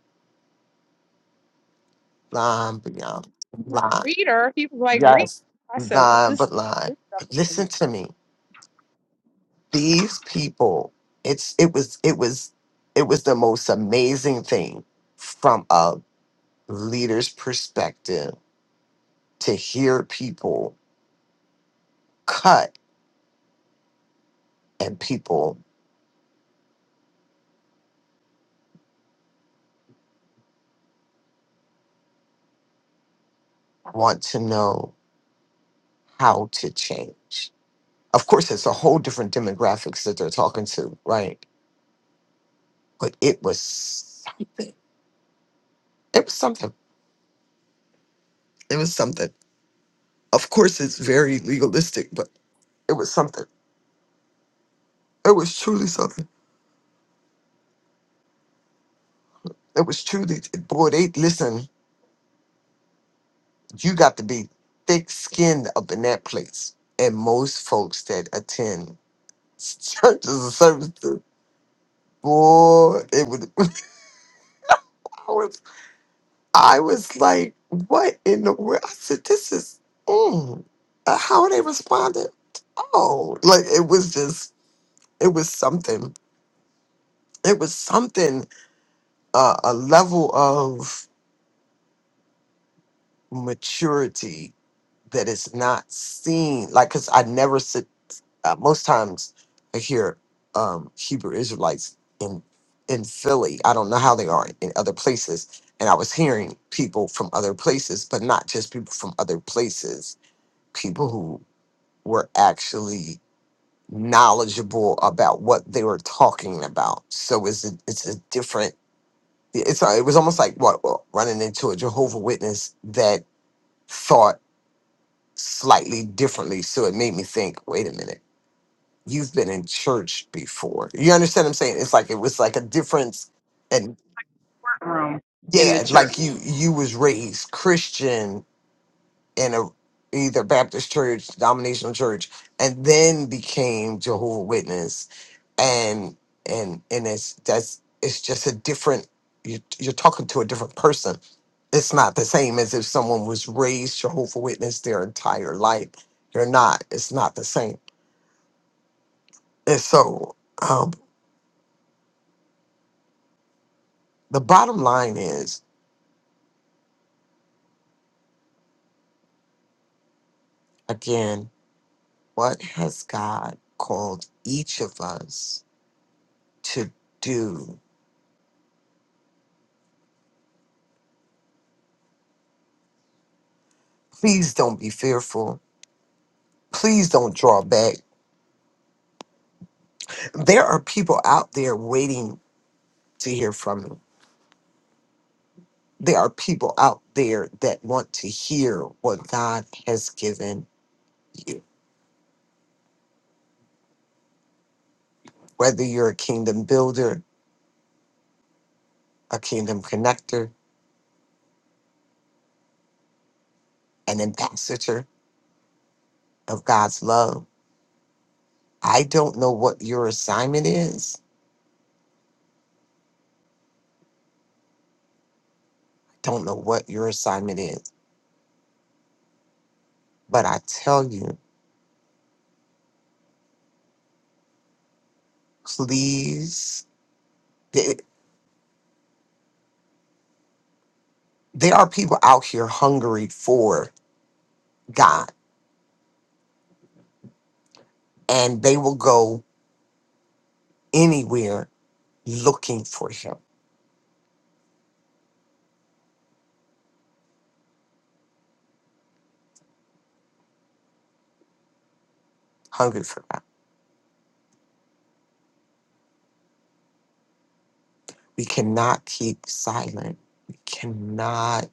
line beyond line,
Reader, he was like, read. I said,
line
this
but line.
this stuff
But
is from the
listen to me, these people. It's it was it was it was the most amazing thing from a leader's perspective to hear people cut and people want to know how to change. Of course, it's a whole different demographics that they're talking to, right? But it was something. It was something. It was something. Of course, it's very legalistic, but it was something. It was truly something. It was truly, boy, they, listen, you got to be thick skinned up in that place. And most folks that attend churches and services, boy, it would. I was like, what in the world? I said, this is, mm. Uh, how they responded. Oh, like it was just, it was something. It was something, uh, a level of maturity that is not seen. Like, cause I never sit, uh, most times I hear um, Hebrew Israelites in, in Philly. I don't know how they are in other places. And I was hearing people from other places, but not just people from other places people who were actually knowledgeable about what they were talking about. So it's a, it's a different. It's a, it was almost like what what, running into a Jehovah Witness that thought slightly differently. So it made me think. Wait a minute, you've been in church before. You understand what I'm saying? It's like it was like a difference, and
room in the
yeah,
church.
like you you was raised Christian in a either Baptist church, denominational church, and then became Jehovah Witness, and and and it's that's it's just a different. You're, you're talking to a different person. It's not the same as if someone was raised Jehovah Witness their entire life. They're not. It's not the same. And so, um, the bottom line is again, what has God called each of us to do? Please don't be fearful Please don't draw back. There are people out there waiting to hear from you. There are people out there that want to hear what God has given you. Whether you're a kingdom builder, a kingdom connector, an ambassador of God's love, I don't know what your assignment is. I don't know what your assignment is. But I tell you, please, there there are people out here hungry for God, and they will go anywhere looking for him, hungry for God. We cannot keep silent. We cannot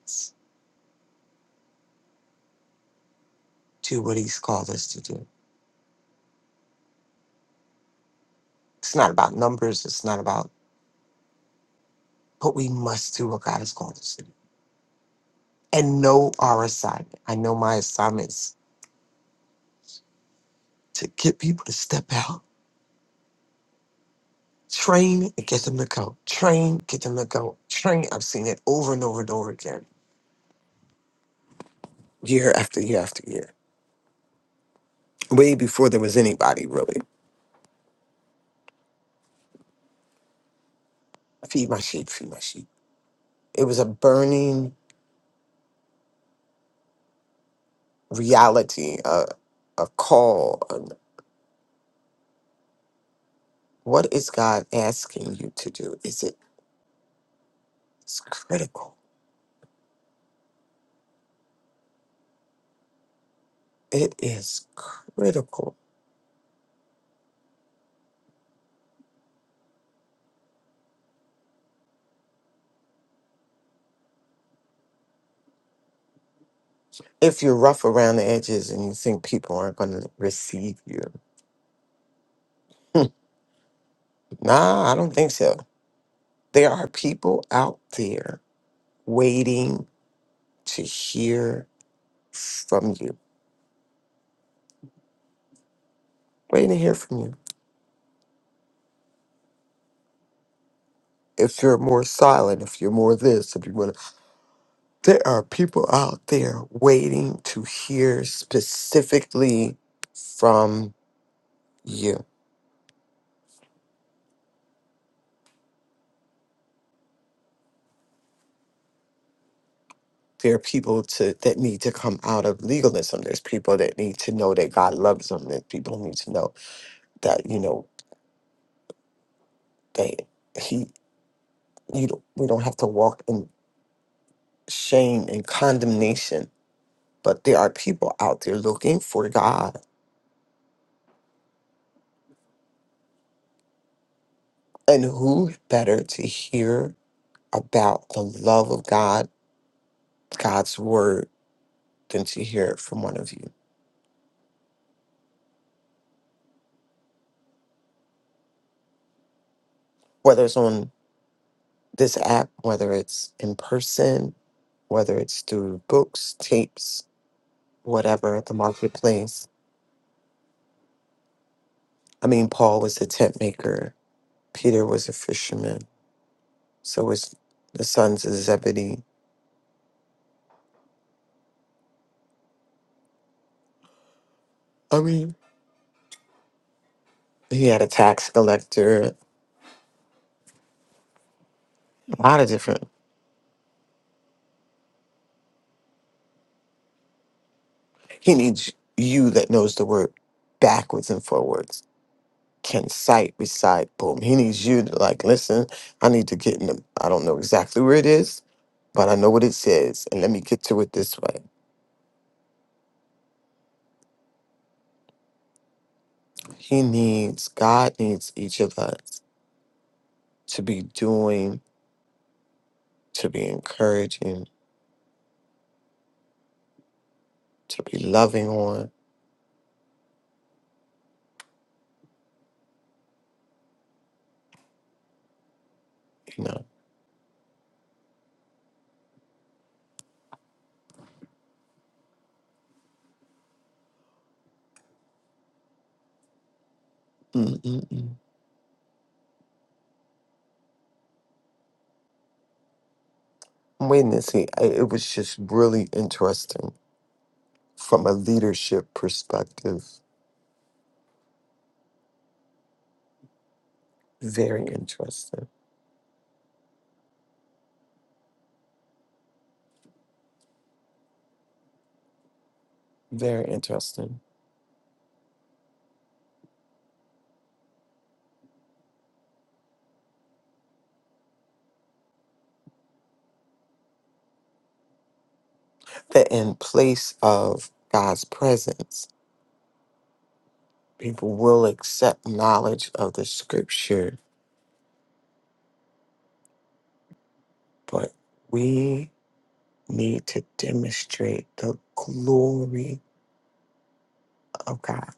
do what he's called us to do. It's not about numbers. It's not about, but we must do what God has called us to do and know our assignment. I know my assignment is to get people to step out, train and get them to go, train, get them to go, train. I've seen it over and over and over again, year after year after year, way before there was anybody really. Feed my sheep, feed my sheep. It was a burning reality, a, a call. an- What is God asking you to do? Is it it's critical? It is critical. If you're rough around the edges and you think people aren't going to receive you, nah, I don't think so. There are people out there waiting to hear from you, waiting to hear from you. If you're more silent, if you're more this, if you want to There are people out there waiting to hear specifically from you. There are people to that need to come out of legalism. There's people that need to know that God loves them. That people need to know that you know that He you don't, we don't have to walk in shame and condemnation. But there are people out there looking for God, and who better to hear about the love of God, God's word, than to hear it from one of you? whether it's on this app, whether it's in person, whether it's through books, tapes, whatever, the marketplace. I mean, Paul was a tent maker, Peter was a fisherman, so was the sons of Zebedee. I mean, he had a tax collector, a lot of different. He needs you that knows the word backwards and forwards can cite, recite, boom. He needs you to like listen. I need to get in. The, I don't know exactly where it is, but I know what it says, and let me get to it this way. He needs God needs each of us to be doing, to be encouraging, to be loving on. You know, Mm-mm-mm. I'm waiting to see. I, it was just really interesting from a leadership perspective. Very interesting. Very interesting that in place of God's presence. People will accept knowledge of the scripture, but we need to demonstrate the glory of God,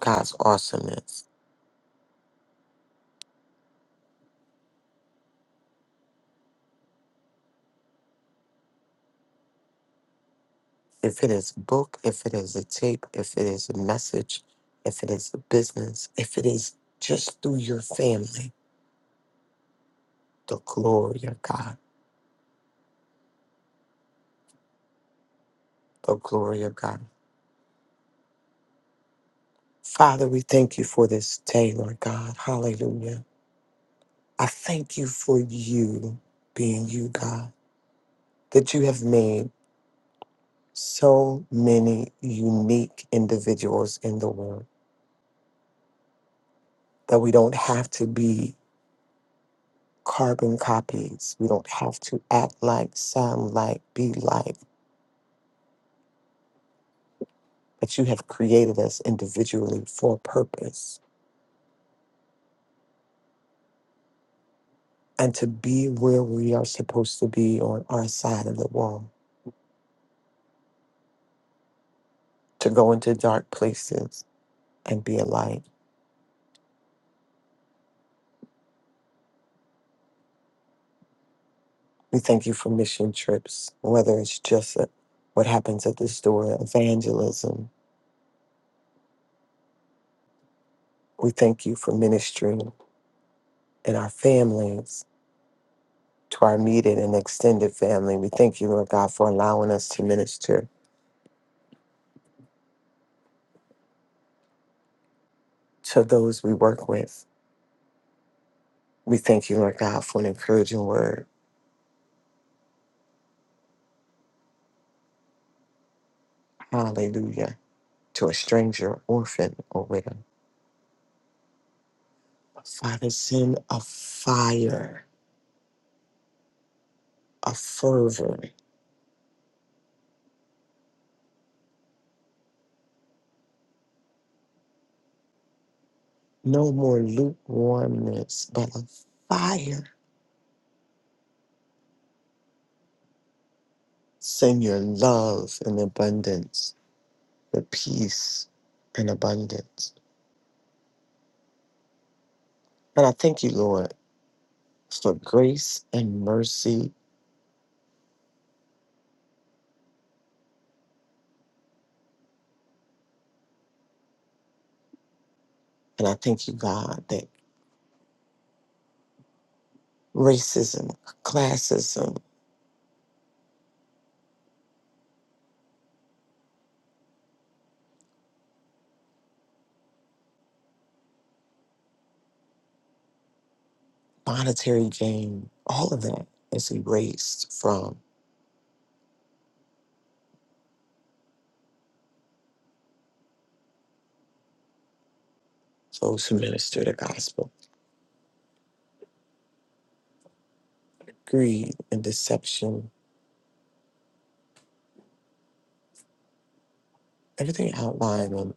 God's awesomeness. If it is a book, if it is a tape, if it is a message, if it is a business, if it is just through your family, the glory of God, the glory of God. Father, we thank you for this day, Lord God. Hallelujah. I thank you for you being you, God, that you have made. so many unique individuals in the world that we don't have to be carbon copies. We don't have to act like, sound like, be like, but you have created us individually for a purpose and to be where we are supposed to be on our side of the wall, to go into dark places and be a light. We thank you for mission trips, whether it's just a, what happens at the store, evangelism. We thank you for ministry and our families, to our immediate and extended family. We thank you, Lord God, for allowing us to minister to those we work with. We thank you, Lord God, for an encouraging word. Hallelujah. To a stranger, orphan, or widow. Father, send a fire, a fervor, no more lukewarmness, but a fire. Send your love and abundance, your peace and abundance. And I thank you, Lord. for grace and mercy. And I thank you, God, that racism, classism, monetary gain, all of that is erased from those who minister the gospel. Greed and deception, everything outlined in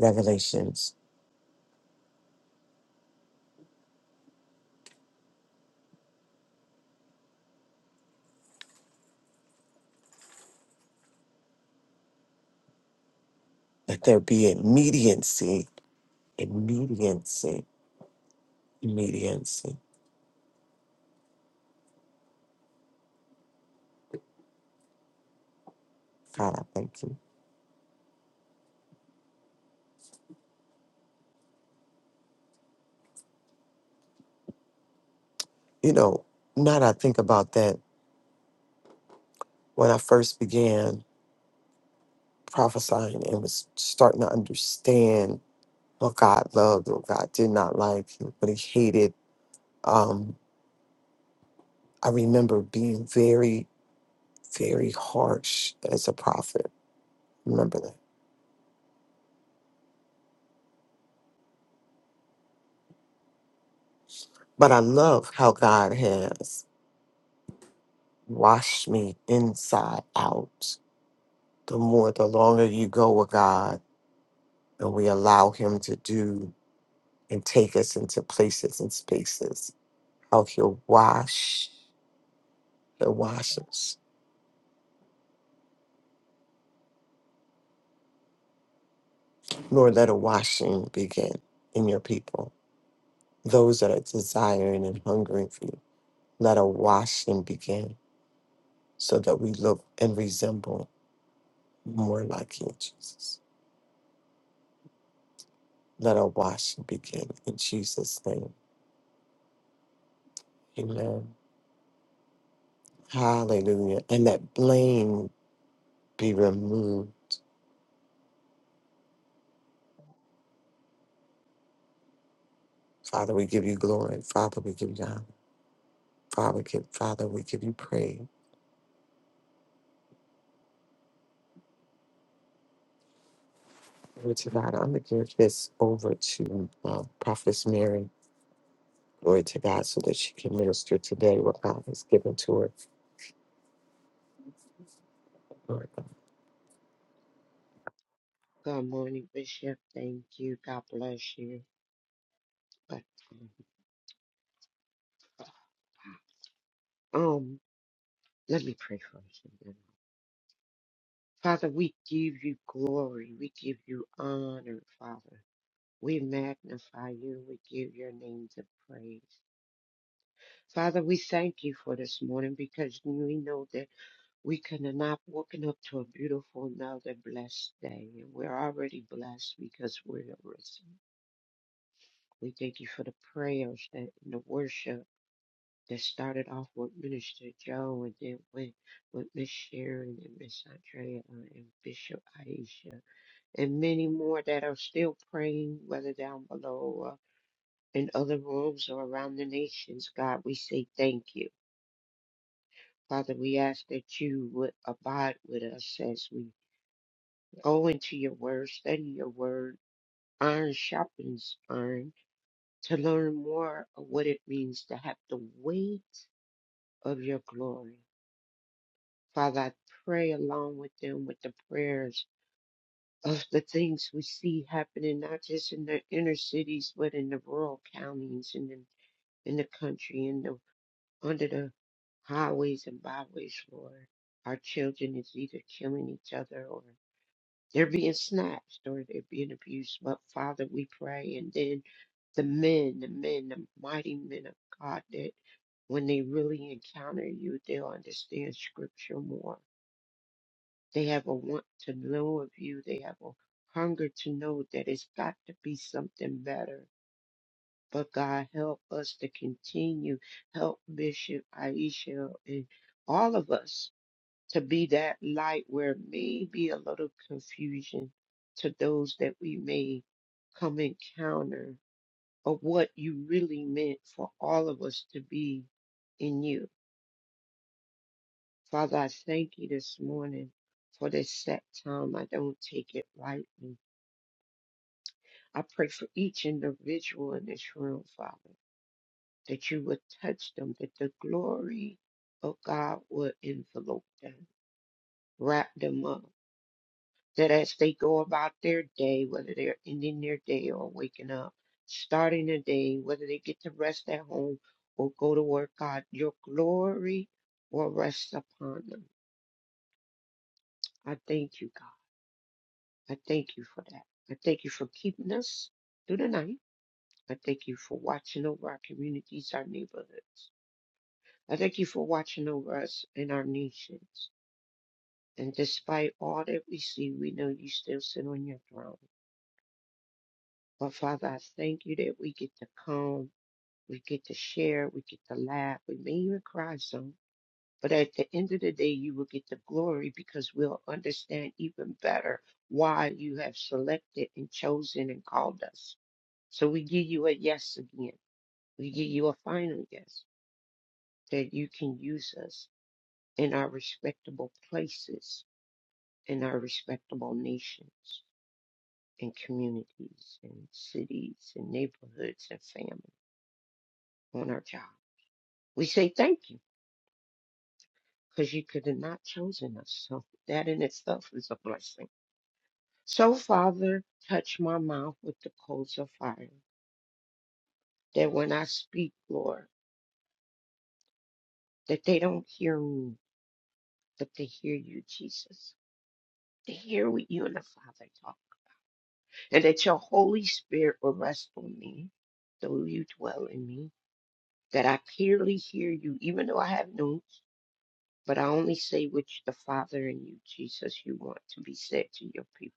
Revelations, that there be a mediancy, a mediancy, mediancy. God, I thank you. You know, now that I think about that, when I first began prophesying and was starting to understand what God loved, what God did not like, you, but He hated. Um, I remember being very, very harsh as a prophet. Remember that. But I love how God has washed me inside out. The more, the longer you go with God, and we allow Him to do and take us into places and spaces, how He'll wash, He'll wash us. Nor let a washing begin in your people those that are desiring and hungering for you. Let a washing begin so that we look and resemble more like you, Jesus. Let a washing begin in Jesus' name. Amen. Hallelujah. And that blame be removed. Father, we give you glory. Father, we give you honor. Father, give, Father, we give you praise. Glory to God. I'm going to give this over to uh, Prophetess Mary. Glory to God so that she can minister today what God has given to her.
Good morning, Bishop. Thank you. God bless you. But um, um, let me pray for you. Father, we give you glory. We give you honor, Father. We magnify you. We give your name the praise. Father, we thank you for this morning because we know that we could have not woken up to a beautiful, another blessed day. And we're already blessed because we're risen. We thank you for the prayers that, and the worship that started off with Minister Joe and then went with Miss Sharon and Miss Andrea uh, and Bishop Aisha and many more that are still praying, whether down below or in other rooms or around the nations. God, we say thank you. Father, we ask that you would abide with us as we go into your word, study your word, iron sharpens iron, to learn more of what it means to have the weight of your glory. Father, I pray along with them with the prayers of the things we see happening, not just in the inner cities, but in the rural counties and in, in the country and the, under the highways and byways, Lord. Our children is either killing each other or They're being snatched or they're being abused. But Father, we pray. And then the men, the men, the mighty men of God, that when they really encounter you, they'll understand scripture more. They have a want to know of you. They have a hunger to know that it's got to be something better. But God, help us to continue. Help Bishop Aisha and all of us to be that light where maybe a little confusion to those that we may come encounter of what you really meant for all of us to be in you. Father, I thank you this morning for this set time. I don't take it lightly. I pray for each individual in this room, Father, that you would touch them, that the glory of God would envelope them, wrap them up that as they go about their day, whether they're ending their day or waking up, starting a day, whether they get to rest at home or go to work, God, your glory will rest upon them. I thank you, God. I thank you for that. I thank you for keeping us through the night. I thank you for watching over our communities, our neighborhoods. I thank you for watching over us and our nations. And despite all that we see, we know you still sit on your throne. But Father, I thank you that we get to come, we get to share, we get to laugh, we may even cry some. But at the end of the day, you will get the glory because we'll understand even better why you have selected and chosen and called us. So we give you a yes again. We give you a final yes that you can use us in our respectable places, in our respectable nations and communities and cities and neighborhoods and families on our job. We say thank you because you could have not chosen us. So that in itself is a blessing. So, Father, touch my mouth with the coals of fire, that when I speak, Lord, that they don't hear me, but they hear you, Jesus. They hear what you and the Father talk, and that your Holy Spirit will rest on me, though you dwell in me, that I clearly hear you, even though I have notes, but I only say which the Father and you, Jesus, you want to be said to your people.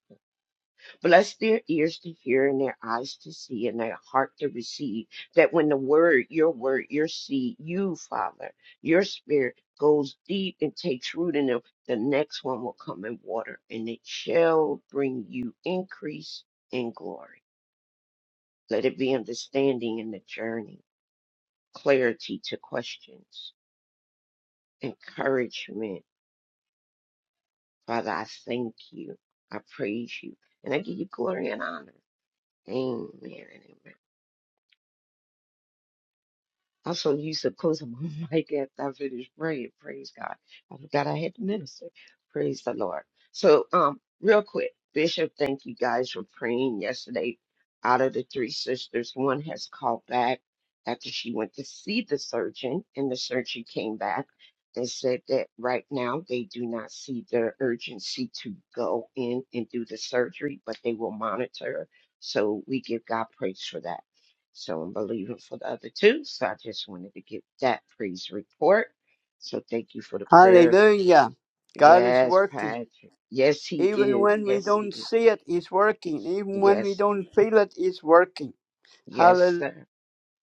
Bless their ears to hear and their eyes to see and their heart to receive. That when the word, your word, your seed, you, Father, your spirit goes deep and takes root in them, the next one will come in water and it shall bring you increase in glory. Let it be understanding in the journey, clarity to questions, encouragement. Father, I thank you. I praise you. And I give you glory and honor. Amen and amen. I'm so used to closing my mic after I finish praying. Praise God. I forgot I had to minister. Praise the Lord. So, um, real quick, Bishop, thank you guys for praying yesterday. Out of the three sisters, one has called back after she went to see the surgeon, and the surgeon came back and said that right now they do not see the urgency to go in and do the surgery, but they will monitor. So we give God praise for that. So I'm believing for the other two. So I just wanted to give that praise report. So thank you for the prayers.
Hallelujah. God is
Yes,
working.
Patrick. Yes, he
Even
is.
when we
Yes, he
don't
is.
see it, He's working. Even when we
Yes,
don't feel it, He's working.
yes,
Hallelujah!
sir.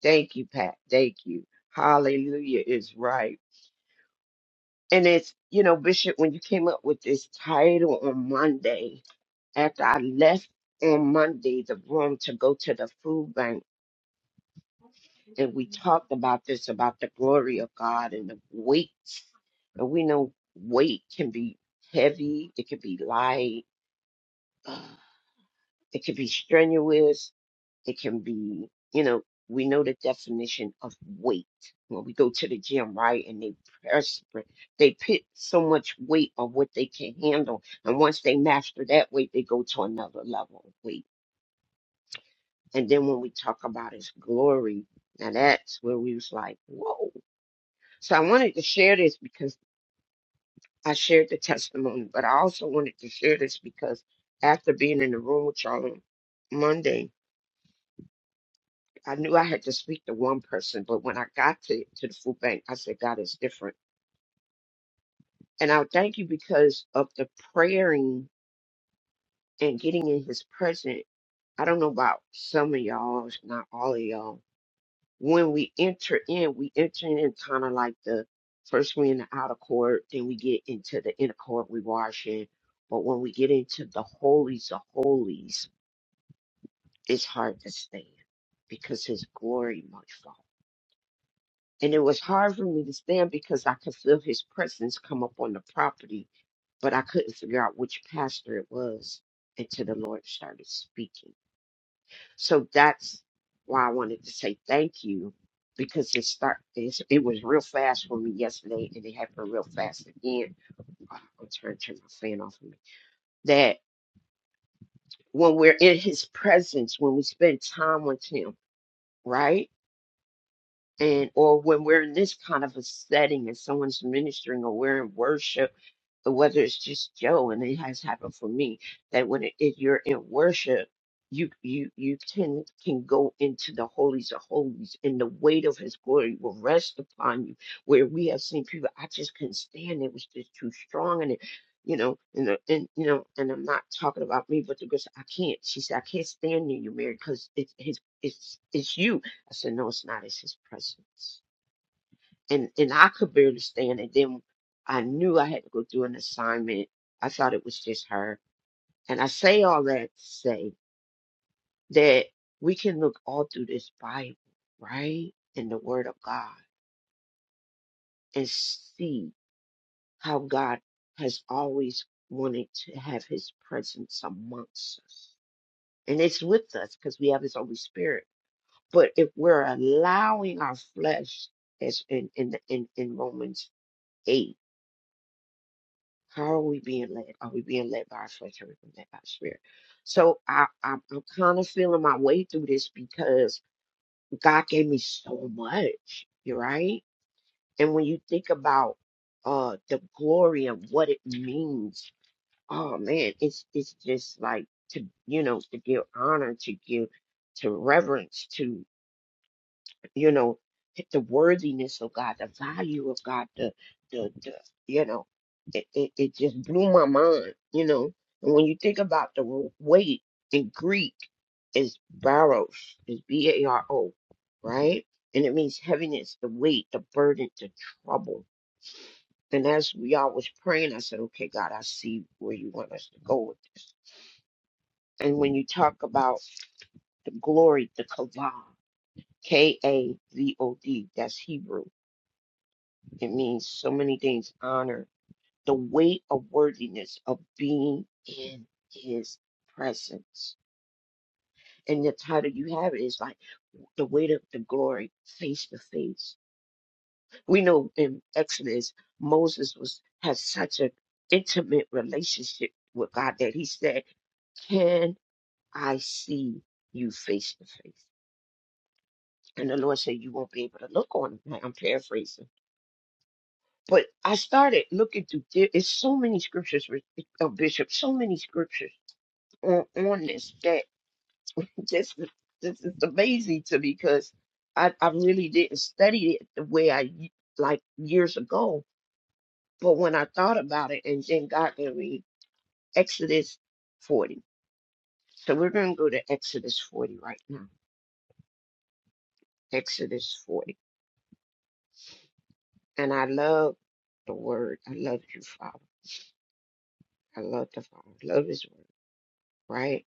Thank you, Pat. Thank you. Hallelujah is right. And it's, you know, Bishop, when you came up with this title on Monday, after I left on Monday the room to go to the food bank, and we talked about this about the glory of God and the weight. And we know weight can be heavy, it can be light, it can be strenuous, it can be, you know, we know the definition of weight. When we go to the gym, right, and they press, they put so much weight on what they can handle. And once they master that weight, they go to another level of weight. And then when we talk about his glory, now that's where we was like, whoa So I wanted to share this because I shared the testimony, but I also wanted to share this because after being in the room with y'all on Monday, I knew I had to speak to one person, but when I got to, to the food bank, I said, God is different. And I thank you because of the praying and getting in his presence. I don't know about some of y'all, if not all of y'all, when we enter in, we enter in kind of like the first we in the outer court, then we get into the inner court, we wash in. But when we get into the holies of holies, it's hard to stand because his glory might fall. And it was hard for me to stand because I could feel his presence come up on the property, but I couldn't figure out which pastor it was until the Lord started speaking. So that's why I wanted to say thank you because it start it's, it was real fast for me yesterday and it happened real fast again. Oh, I'm trying to turn my fan off of me. That when we're in his presence, when we spend time with him, right? and or when we're in this kind of a setting and someone's ministering or we're in worship or whether it's just joe and it has happened for me that when it, if you're in worship you you you can can go into the holies of holies and the weight of his glory will rest upon you where we have seen people i just couldn't stand it it was just too strong and it you know and, the, and you know and i'm not talking about me but the girl said i can't she said i can't stand near you mary because it's his it's it's you I said, no, it's not. It's his presence. And and I could barely stand it. Then I knew I had to go do an assignment. I thought it was just her. And I say all that to say that we can look all through this Bible, right? And the Word of God and see how God has always wanted to have his presence amongst us. And it's with us because we have his Holy Spirit. But if we're allowing our flesh as in in in, in Romans 8 How are we being led? Are we being led by our flesh? Are we being led by the spirit? So I, I'm, I'm kind of feeling my way through this because God gave me so much, you're right? And when you think about uh the glory of what it means, oh man, it's it's just like to you know to give honor, to give to reverence, to you know, the worthiness of God, the value of God, the the, the you know, it, it it just blew my mind, you know. And when you think about the w- weight in Greek is baros, is B A R O, right? And it means heaviness, the weight, the burden, the trouble. And as we all was praying, I said, Okay, God, I see where you want us to go with this. And when you talk about the glory, the kavod, K A V O D, that's Hebrew It means so many things. Honor, the weight of worthiness of being in his presence. And the title you have it is like the weight of the glory face to face. We know in Exodus, Moses was had such an intimate relationship with God that he said, Can I see you face to face? And the Lord said, You won't be able to look on him. I'm paraphrasing But I started looking through. There is so many scriptures, with- uh, Bishop. So many scriptures on, on this that this is- this is amazing to me because I I really didn't study it the way I y- like years ago. But when I thought about it, and then God gave me Exodus forty. So we're gonna go to Exodus forty right now. Exodus forty, and I love the word. I love you, Father. I love the Father. I love His word. Right.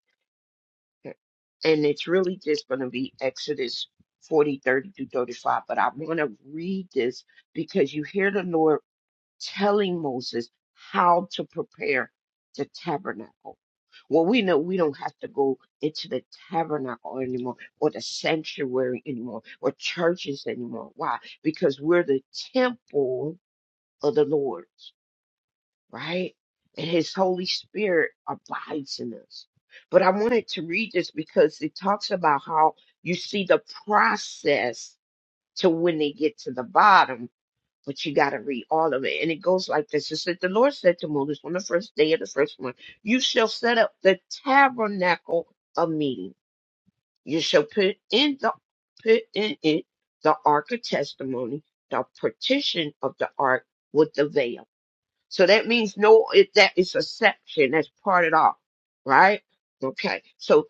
Okay. and it's really just going to be Exodus forty thirty 30 through 35. But I want to read this because you hear the Lord telling Moses how to prepare the tabernacle. Well, we know we don't have to go into the tabernacle anymore or the sanctuary anymore or churches anymore. Why? Because we're the temple of the Lord right? And his Holy Spirit abides in us. But I wanted to read this because it talks about how you see the process to when they get to the bottom, but you got to read all of it. And it goes like this It said, The Lord said to Moses on the first day of the first month, You shall set up the tabernacle of meeting. You shall put in the put in it the ark of testimony, the partition of the ark with the veil so that means no, it, that is a section. That's parted off, right? Okay. So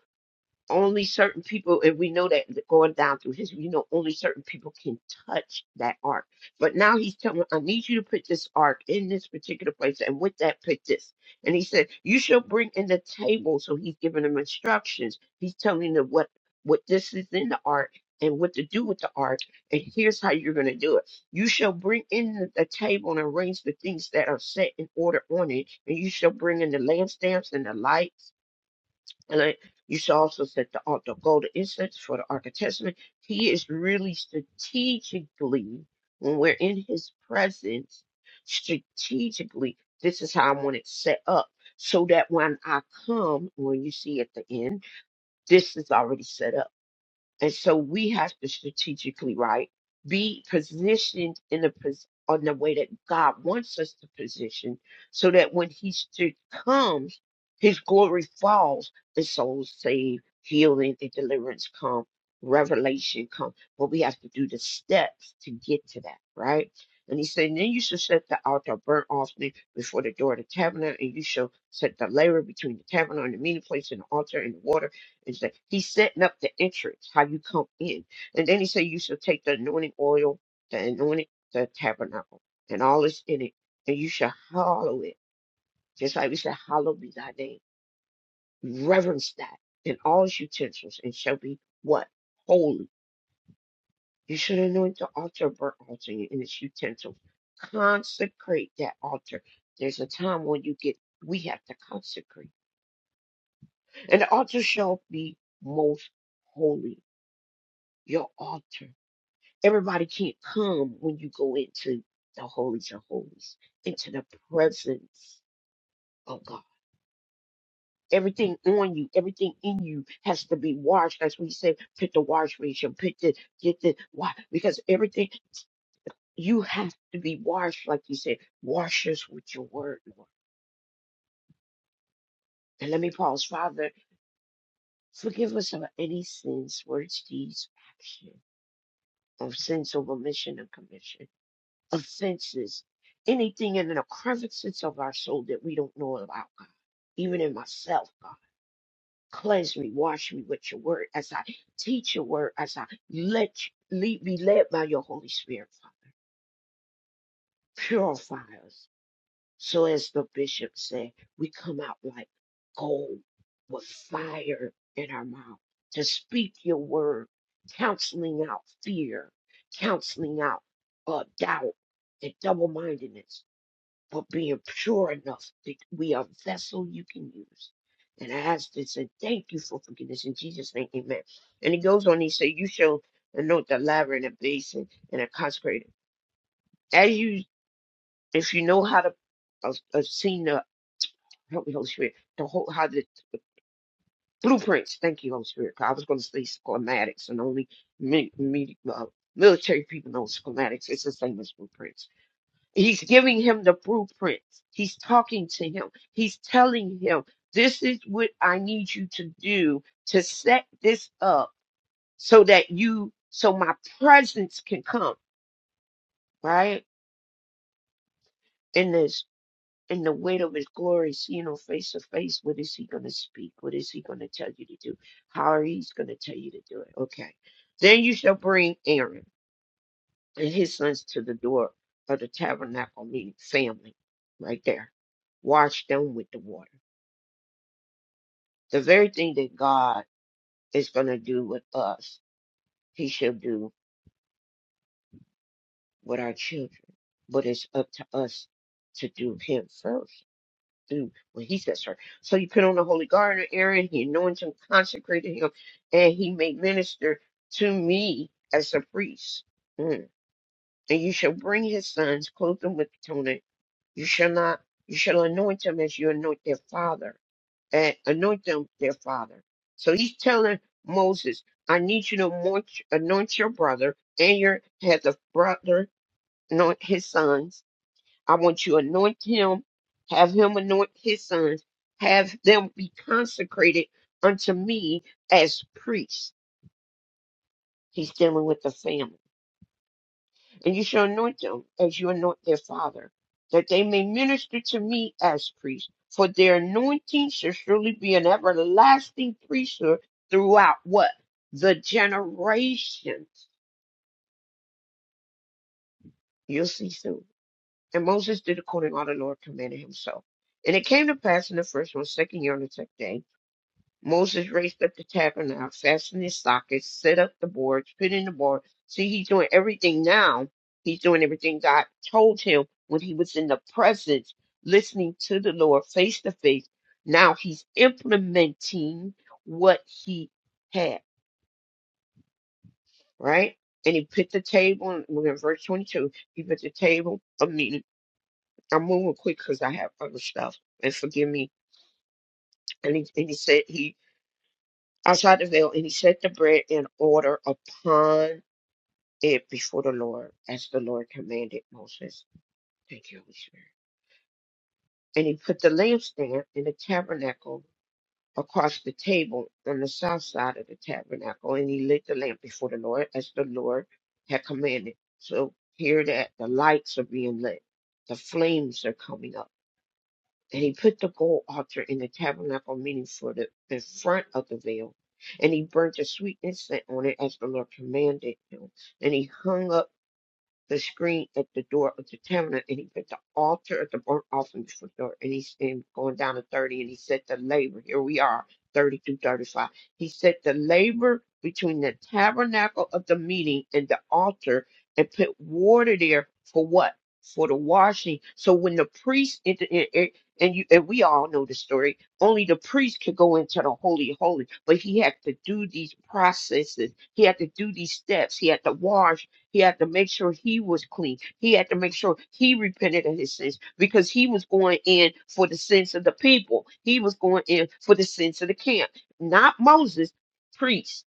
only certain people, and we know that going down through history, you know, only certain people can touch that ark. But now he's telling them, I need you to put this ark in this particular place, and with that, put this. And he said, You shall bring in the table. So he's giving them instructions. He's telling them what what this is in the ark and what to do with the ark, and here's how you're going to do it. You shall bring in the the table and arrange the things that are set in order on it, and you shall bring in the lampstands and the lights and I, you should also set the altar gold incense for the Ark of Testament. He is really strategically, when we're in his presence, strategically, this is how I want it set up. So that when I come, when you see at the end, this is already set up and so we have to strategically, right, be positioned in a pos- on the way that God wants us to position, so that when He st- comes, His glory falls, and souls saved, healing and deliverance come, revelation come. But we have to do the steps to get to that, right? And He said, then you shall set the altar of burnt offering before the door of the tabernacle, and you shall set the laver between the tabernacle and the meeting place and the altar and the water it's like he's setting up the entrance, how you come in. And then he said you shall take the anointing oil, the anointing the tabernacle, and all that's in it, and you shall hallow it. Just like we said, hallow be thy name. Reverence that in all its utensils, and shall be what? Holy. You should anoint the altar, burnt altar in its utensils. Consecrate that altar. There's a time when you get we have to consecrate. And the altar shall be most holy. Your altar. Everybody can't come when you go into the holies of holies, into the presence of God. Everything on you, everything in you has to be washed. That's what He said. put the wash ratio, put the get the why because everything you have to be washed, like He said, wash us with your word, Lord. And let me pause, Father, forgive us of any sins, words, deeds, action, of sins of omission and commission. offenses, anything in the crevices of our soul that we don't know about, God. Even in myself, God. Cleanse me, wash me with your word as I teach your word, as I let you, lead, be led by your Holy Spirit, Father. Purify us. So as the bishop said, we come out like gold with fire in our mouth to speak your word, counseling out fear, counseling out uh, doubt and double-mindedness but being pure enough that we are vessel you can use. And I ask this and thank you for forgiveness in Jesus' name, amen. And he goes on, he said, You shall anoint the laver and a basin and a consecrated. As you, if you know how to, I've, I've seen the help me, Holy Spirit, the whole, how the blueprints, thank you, Holy Spirit. I was going to say schematics and only me, me, uh, military people know schematics. It's the same as blueprints He's giving him the blueprints. He's talking to him. He's telling him, this is what I need you to do to set this up so that you, so my presence can come, right? In this, in the weight of his glory, seeing him face to face, what is he going to speak? What is he going to tell you to do? How are he's going to tell you to do it? Okay. Then you shall bring Aaron and his sons to the door of the tabernacle, meaning family, right there. Wash them with the water The very thing that God is going to do with us, He shall do with our children. But it's up to us to do Him first, do what He says first. So you put on the holy garment, Aaron, He anoints him, consecrated him, and He may minister to me as a priest. Mm. And you shall bring His sons, clothe them with atonement. You shall not, you shall anoint them as you anoint their father and anoint them their father. So he's telling Moses, I need you to anoint, anoint your brother and your have the brother anoint his sons. I want you to anoint him, have him anoint his sons, have them be consecrated unto me as priests. He's dealing with the family. And you shall anoint them as you anoint their father, that they may minister to me as priests. For their anointing shall surely be an everlasting priesthood throughout what? The generations. You'll see soon. And Moses did according to all the Lord commanded himself. And it came to pass in the first one, second year on the tenth day Moses raised up the tabernacle, fastened its sockets, set up the boards, put in the board. See, he's doing everything now. He's doing everything God told him when he was in the presence, listening to the Lord face to face. Now he's implementing what he had, right? And he put the table, and we're in verse 22. He put the table, I mean, I'm moving quick because I have other stuff, and forgive me. And he, and he said, he outside the veil, and he set the bread in order upon it before the Lord, as the Lord commanded Moses. Thank you, Holy Spirit. And he put the lampstand in the tabernacle across the table on the south side of the tabernacle, and he lit the lamp before the Lord, as the Lord had commanded. So here that the lights are being lit, the flames are coming up And he put the gold altar in the tabernacle meeting for the, the front of the veil. And he burnt the sweet incense on it as the Lord commanded him. And he hung up the screen at the door of the tabernacle, and he put the altar at the burnt offering before the door, and he's and going down to 30, and he said the labor, here we are, 30 through 35. He said the labor between the tabernacle of the meeting and the altar, and put water there for what? For the washing. So when the priest, entered in- it- and you, and we all know the story, only the priest could go into the holy holy, but he had to do these processes. He had to do these steps. He had to wash. He had to make sure he was clean. He had to make sure he repented of his sins because he was going in for the sins of the people. He was going in for the sins of the camp. Not Moses, priest.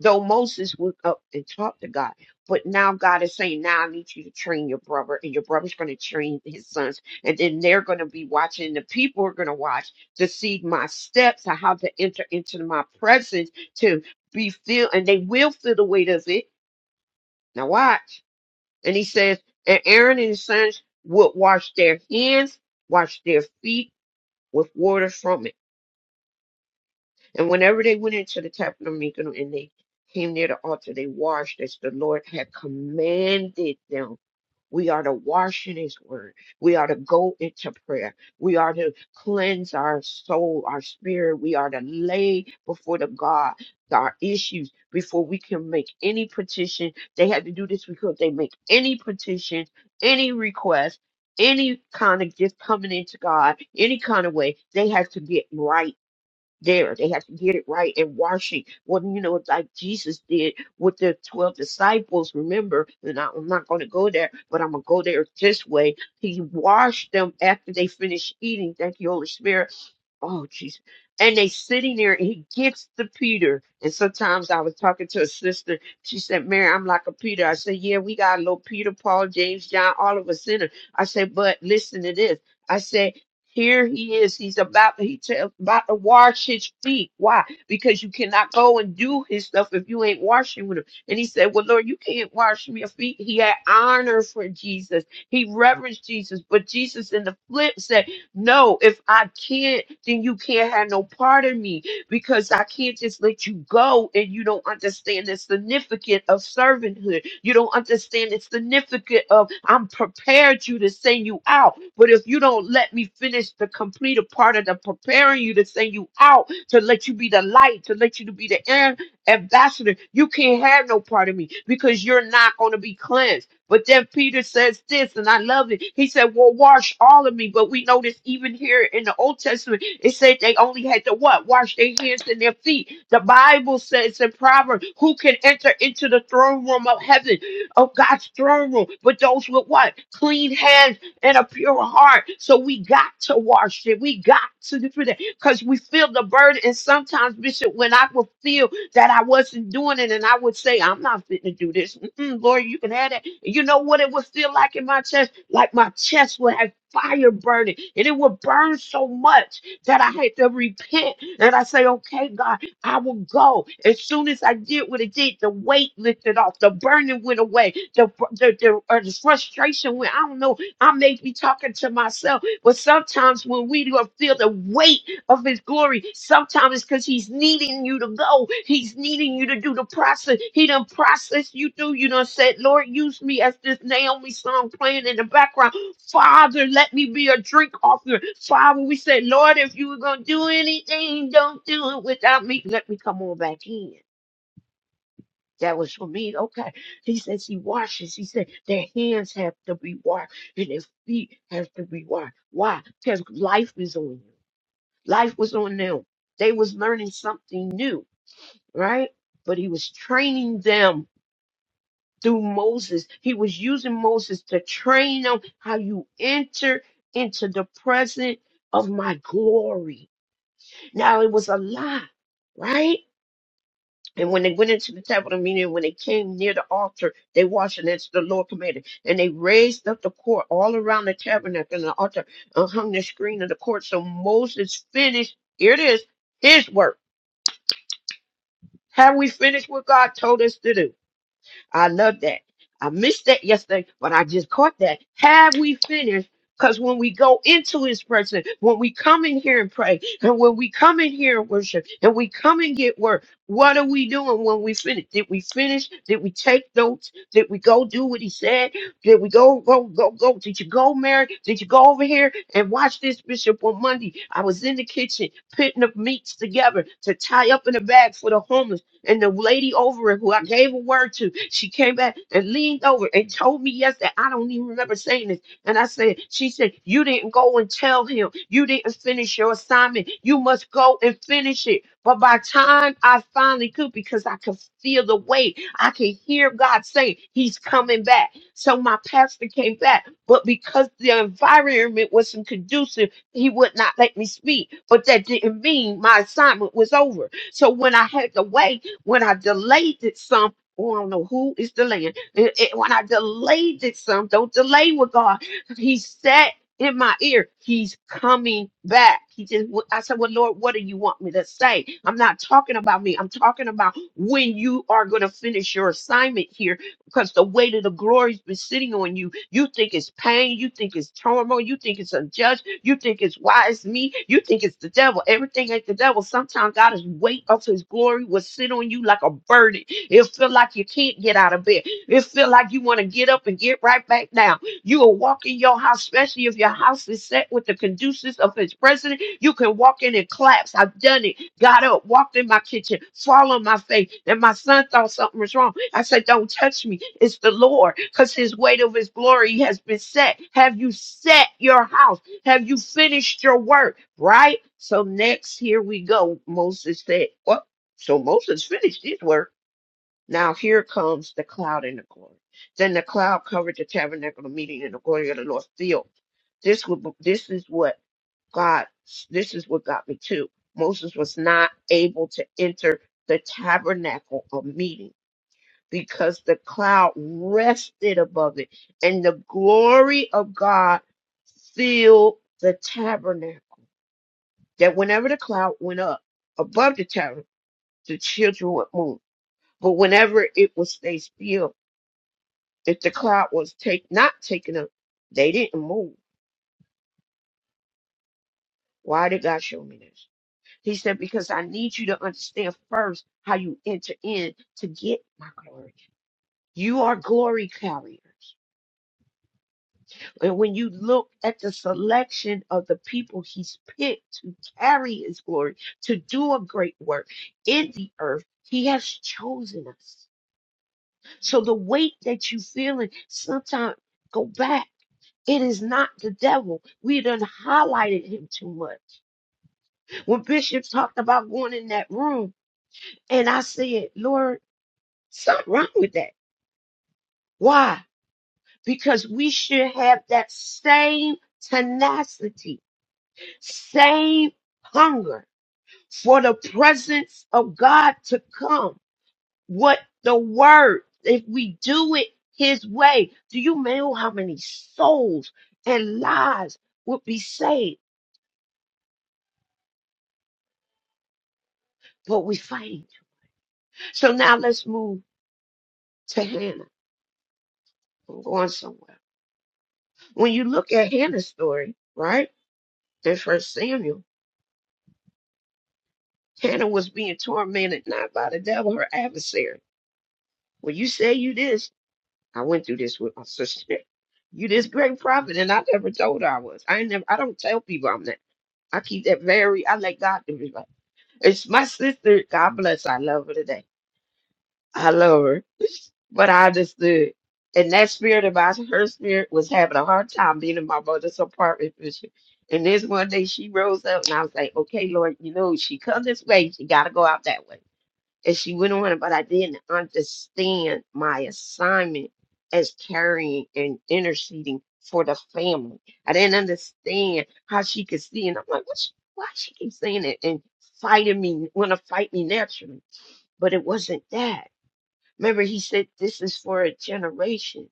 Though Moses went up and talked to God. But now God is saying, now I need you to train your brother, and your brother's going to train his sons. And then they're going to be watching. The people are going to watch to see my steps, and how to enter into my presence, to be filled, and they will feel the weight of it. Now watch. And he says, and Aaron and his sons would wash their hands, wash their feet with water from it. And whenever they went into the tabernacle and they came near the altar, they washed as the Lord had commanded them we are to wash in His Word. We are to go into prayer. We are to cleanse our soul, our spirit. We are to lay before the God our issues before we can make any petition. They had to do this because they make any petition, any request, any kind of gift coming into God, any kind of way. They have to get right there. They have to get it right and washing. Well, you know, like Jesus did with the 12 disciples, remember? And I- I'm not going to go there, but I'm going to go there this way. He washed them after they finished eating. Thank you, Holy Spirit oh Jesus! and they sitting there and he gets the peter and sometimes i was talking to a sister she said mary i'm like a peter i said yeah we got a little peter paul james john all of us in it i said but listen to this i said here he is he's about he tell, about to wash his feet why because you cannot go and do his stuff if you ain't washing with him and he said well lord you can't wash me a feet he had honor for jesus he reverenced jesus but jesus in the flip said no, if I can't, then you can't have no part of me because I can't just let you go and you don't understand the significance of servanthood. You don't understand the significance of I'm prepared you to send you out. But if you don't let me finish the completed part of the preparing you to send you out, to let you be the light, to let you to be the air ambassador, you can't have no part of me because you're not going to be cleansed. But then Peter says this, and I love it. He said, Well, wash all of me. But we notice even here in the Old Testament, it said they only had to what? Wash their hands and their feet. The Bible says in Proverbs, Who can enter into the throne room of heaven, of God's throne room? But those with what? Clean hands and a pure heart. So we got to wash it. We got to do that because we feel the burden. And sometimes, Bishop, when I will feel that I wasn't doing it, and I would say, I'm not fit to do this. Mm-mm, Lord, you can have that. You know what it would feel like in my chest? Like my chest would have fire burning, and it would burn so much that I had to repent. And I say, Okay, God, I will go. As soon as I did what it did, the weight lifted off, the burning went away, the fr- the, the, uh, the frustration went. I don't know. I may be talking to myself, but sometimes when we do feel the weight of his glory. Sometimes it's because he's needing you to go. He's needing you to do the process. He done processed you through. You done said, Lord, use me as this Naomi song playing in the background. Father, let me be a drink offering. Father, we said, Lord, if you were going to do anything, don't do it without me. Let me come on back in. That was for me. Okay. He says he washes. He said their hands have to be washed and their feet have to be washed. Why? Because life is on you life was on them. They was learning something new, right? But he was training them through Moses. He was using Moses to train them how you enter into the presence of my glory. Now it was a lie, right? And when they went into the tabernacle, meeting, when they came near the altar, they washed and that's the Lord commanded. And they raised up the court all around the tabernacle and the altar and hung the screen of the court. So Moses finished, here it is, his work Have we finished what God told us to do? I love that. I missed that yesterday, but I just caught that. Have we finished? Because when we go into his presence, when we come in here and pray, and when we come in here and worship, and we come and get work, what are we doing when we finish? Did we finish? Did we take notes? Did we go do what he said? Did we go, go, go, go? Did you go, Mary? Did you go over here and watch this bishop on Monday? I was in the kitchen putting the meats together to tie up in a bag for the homeless. And the lady over it, who I gave a word to, she came back and leaned over and told me yesterday. I don't even remember saying this. And I said, She said, You didn't go and tell him. You didn't finish your assignment. You must go and finish it. But by time I finally could, because I could feel the weight, I could hear God saying, He's coming back. So my pastor came back. But because the environment wasn't conducive, he would not let me speak. But that didn't mean my assignment was over. So when I had to wait. When I delayed it some, oh, I don't know who is delaying. It- it- when I delayed it some, don't delay with God. He said in my ear, He's coming back. He just, I said, Well, Lord, what do you want me to say? I'm not talking about me. I'm talking about when you are going to finish your assignment here because the weight of the glory's been sitting on you. You think it's pain, you think it's turmoil, you think it's unjust, you think it's why it's me, you think it's the devil. Everything ain't the devil. Sometimes God's weight of his glory will sit on you like a burden. It'll feel like you can't get out of bed. It'll feel like you want to get up and get right back down. You will walk in your house, especially if your house is set with the conducive of his president. You can walk in and claps. I've done it. Got up, walked in my kitchen, fall on my face. And my son thought something was wrong. I said, Don't touch me. It's the Lord, because his weight of his glory has been set. Have you set your house? Have you finished your work? Right? So next, here we go. Moses said, What? So Moses finished his work. Now here comes the cloud and the glory. Then the cloud covered the tabernacle of meeting and the glory of the Lord filled. This would, this is what God, this is what got me too. Moses was not able to enter the tabernacle of meeting because the cloud rested above it and the glory of God filled the tabernacle. That whenever the cloud went up above the tabernacle, the children would move. But whenever it would stay still, If the cloud was take not taken up, they didn't move. Why did God show me this? He said, Because I need you to understand first how you enter in to get my glory. You are glory carriers. And when you look at the selection of the people he's picked to carry his glory, to do a great work in the earth, he has chosen us. So the weight that you feeling, sometimes go back. It is not the devil. We done highlighted him too much. When Bishop talked about going in that room, and I said, Lord, something wrong with that. Why? Because we should have that same tenacity, same hunger for the presence of God to come. What the word, if we do it his way, do you know how many souls and lives would be saved? But we fight. So now let's move to Hannah. I'm going somewhere. When you look at Hannah's story, right, in First Samuel, Hannah was being tormented not by the devil, her adversary. When you say you this. I went through this with my sister. You this great prophet, and I never told her I was. I ain't never. I don't tell people I'm that. I keep that very. I let God do it. It's my sister. God bless. I love her today I love her, but I understood. And that spirit of mine, her spirit, was having a hard time being in my mother's apartment. with you. And this one day she rose up and I was like, okay, Lord, you know, she come this way, she got to go out that way. And she went on, but I didn't understand my assignment as carrying and interceding for the family. I didn't understand how she could see. And I'm like, what she, why she keep saying it and fighting me, want to fight me naturally. But it wasn't that. Remember, he said this is for a generation.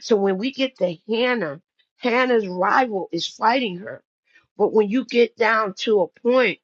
So when we get to Hannah, Hannah's rival is fighting her. But when you get down to a point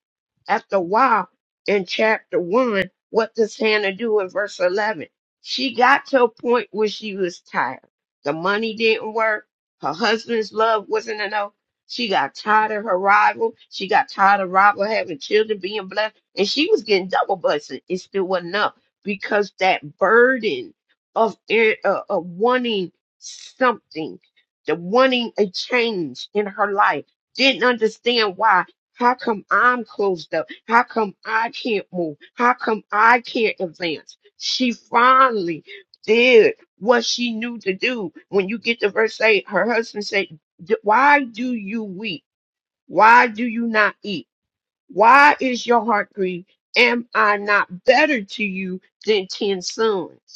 after a while, in chapter 1, what does Hannah do in verse 11? She got to a point where she was tired. The money didn't work. Her husband's love wasn't enough. She got tired of her rival. She got tired of rival having children, being blessed. And she was getting double blessed. It still wasn't enough because that burden of, eh, uh, of wanting something, the wanting a change in her life, didn't understand why. How come I'm closed up? How come I can't move? How come I can't advance? She finally did what she knew to do. When you get to verse 8, her husband said, "D- Why do you weep? Why do you not eat? Why is your heart grieved? Am I not better to you than 10 sons?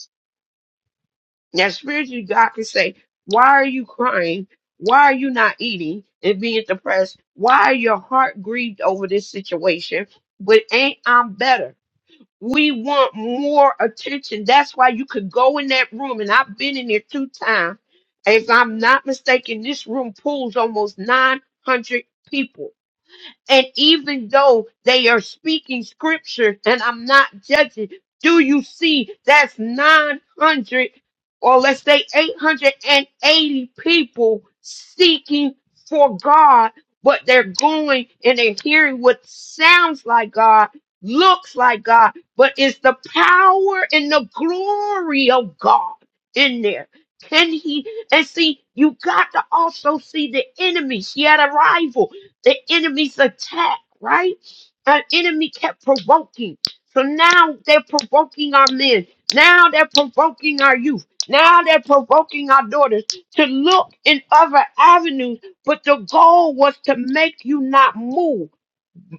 Now, spiritually, God can say, Why are you crying? Why are you not eating and being depressed? Why are your heart grieved over this situation? But ain't I'm better. We want more attention. That's why you could go in that room, and I've been in there two times. If I'm not mistaken, this room pulls almost 900 people. And even though they are speaking scripture, and I'm not judging, do you see that's 900 or let's say 880 people seeking for God, but they're going and they're hearing what sounds like God, looks like God, but it's the power and the glory of God in there. Can he and see you got to also see the enemy. She had a rival the enemy's attack, right? The enemy kept provoking. So now they're provoking our men. Now they're provoking our youth. Now they're provoking our daughters to look in other avenues. But the goal was to make you not move.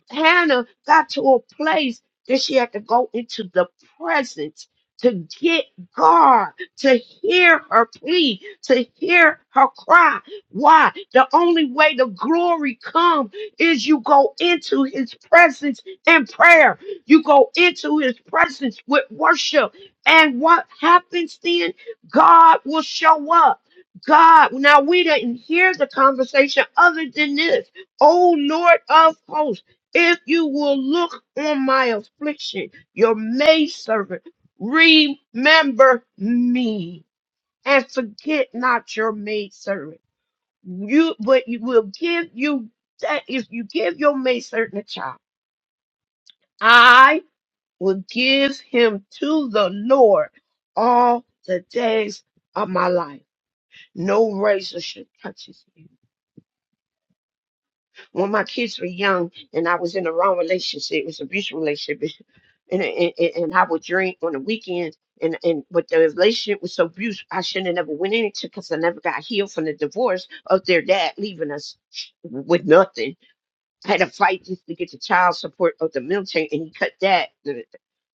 Hannah got to a place that she had to go into the presence to get God, to hear her plea, to hear her cry. Why? The only way the glory comes is you go into his presence in prayer. You go into his presence with worship. And what happens then? God will show up. God, now we didn't hear the conversation other than this. Oh Lord of hosts. If you will look on my affliction, your maidservant, remember me and forget not your maidservant. You, but you will give you that if you give your maidservant a child, I will give him to the Lord all the days of my life. No razor should touch his hair. when my kids were young and I was in a wrong relationship, it was an abusive relationship, and, and and and I would drink on the weekends. And and but the relationship was so abused, I shouldn't have never went into because I never got healed from the divorce of their dad leaving us with nothing had a fight just to get the child support of the military, and he cut that.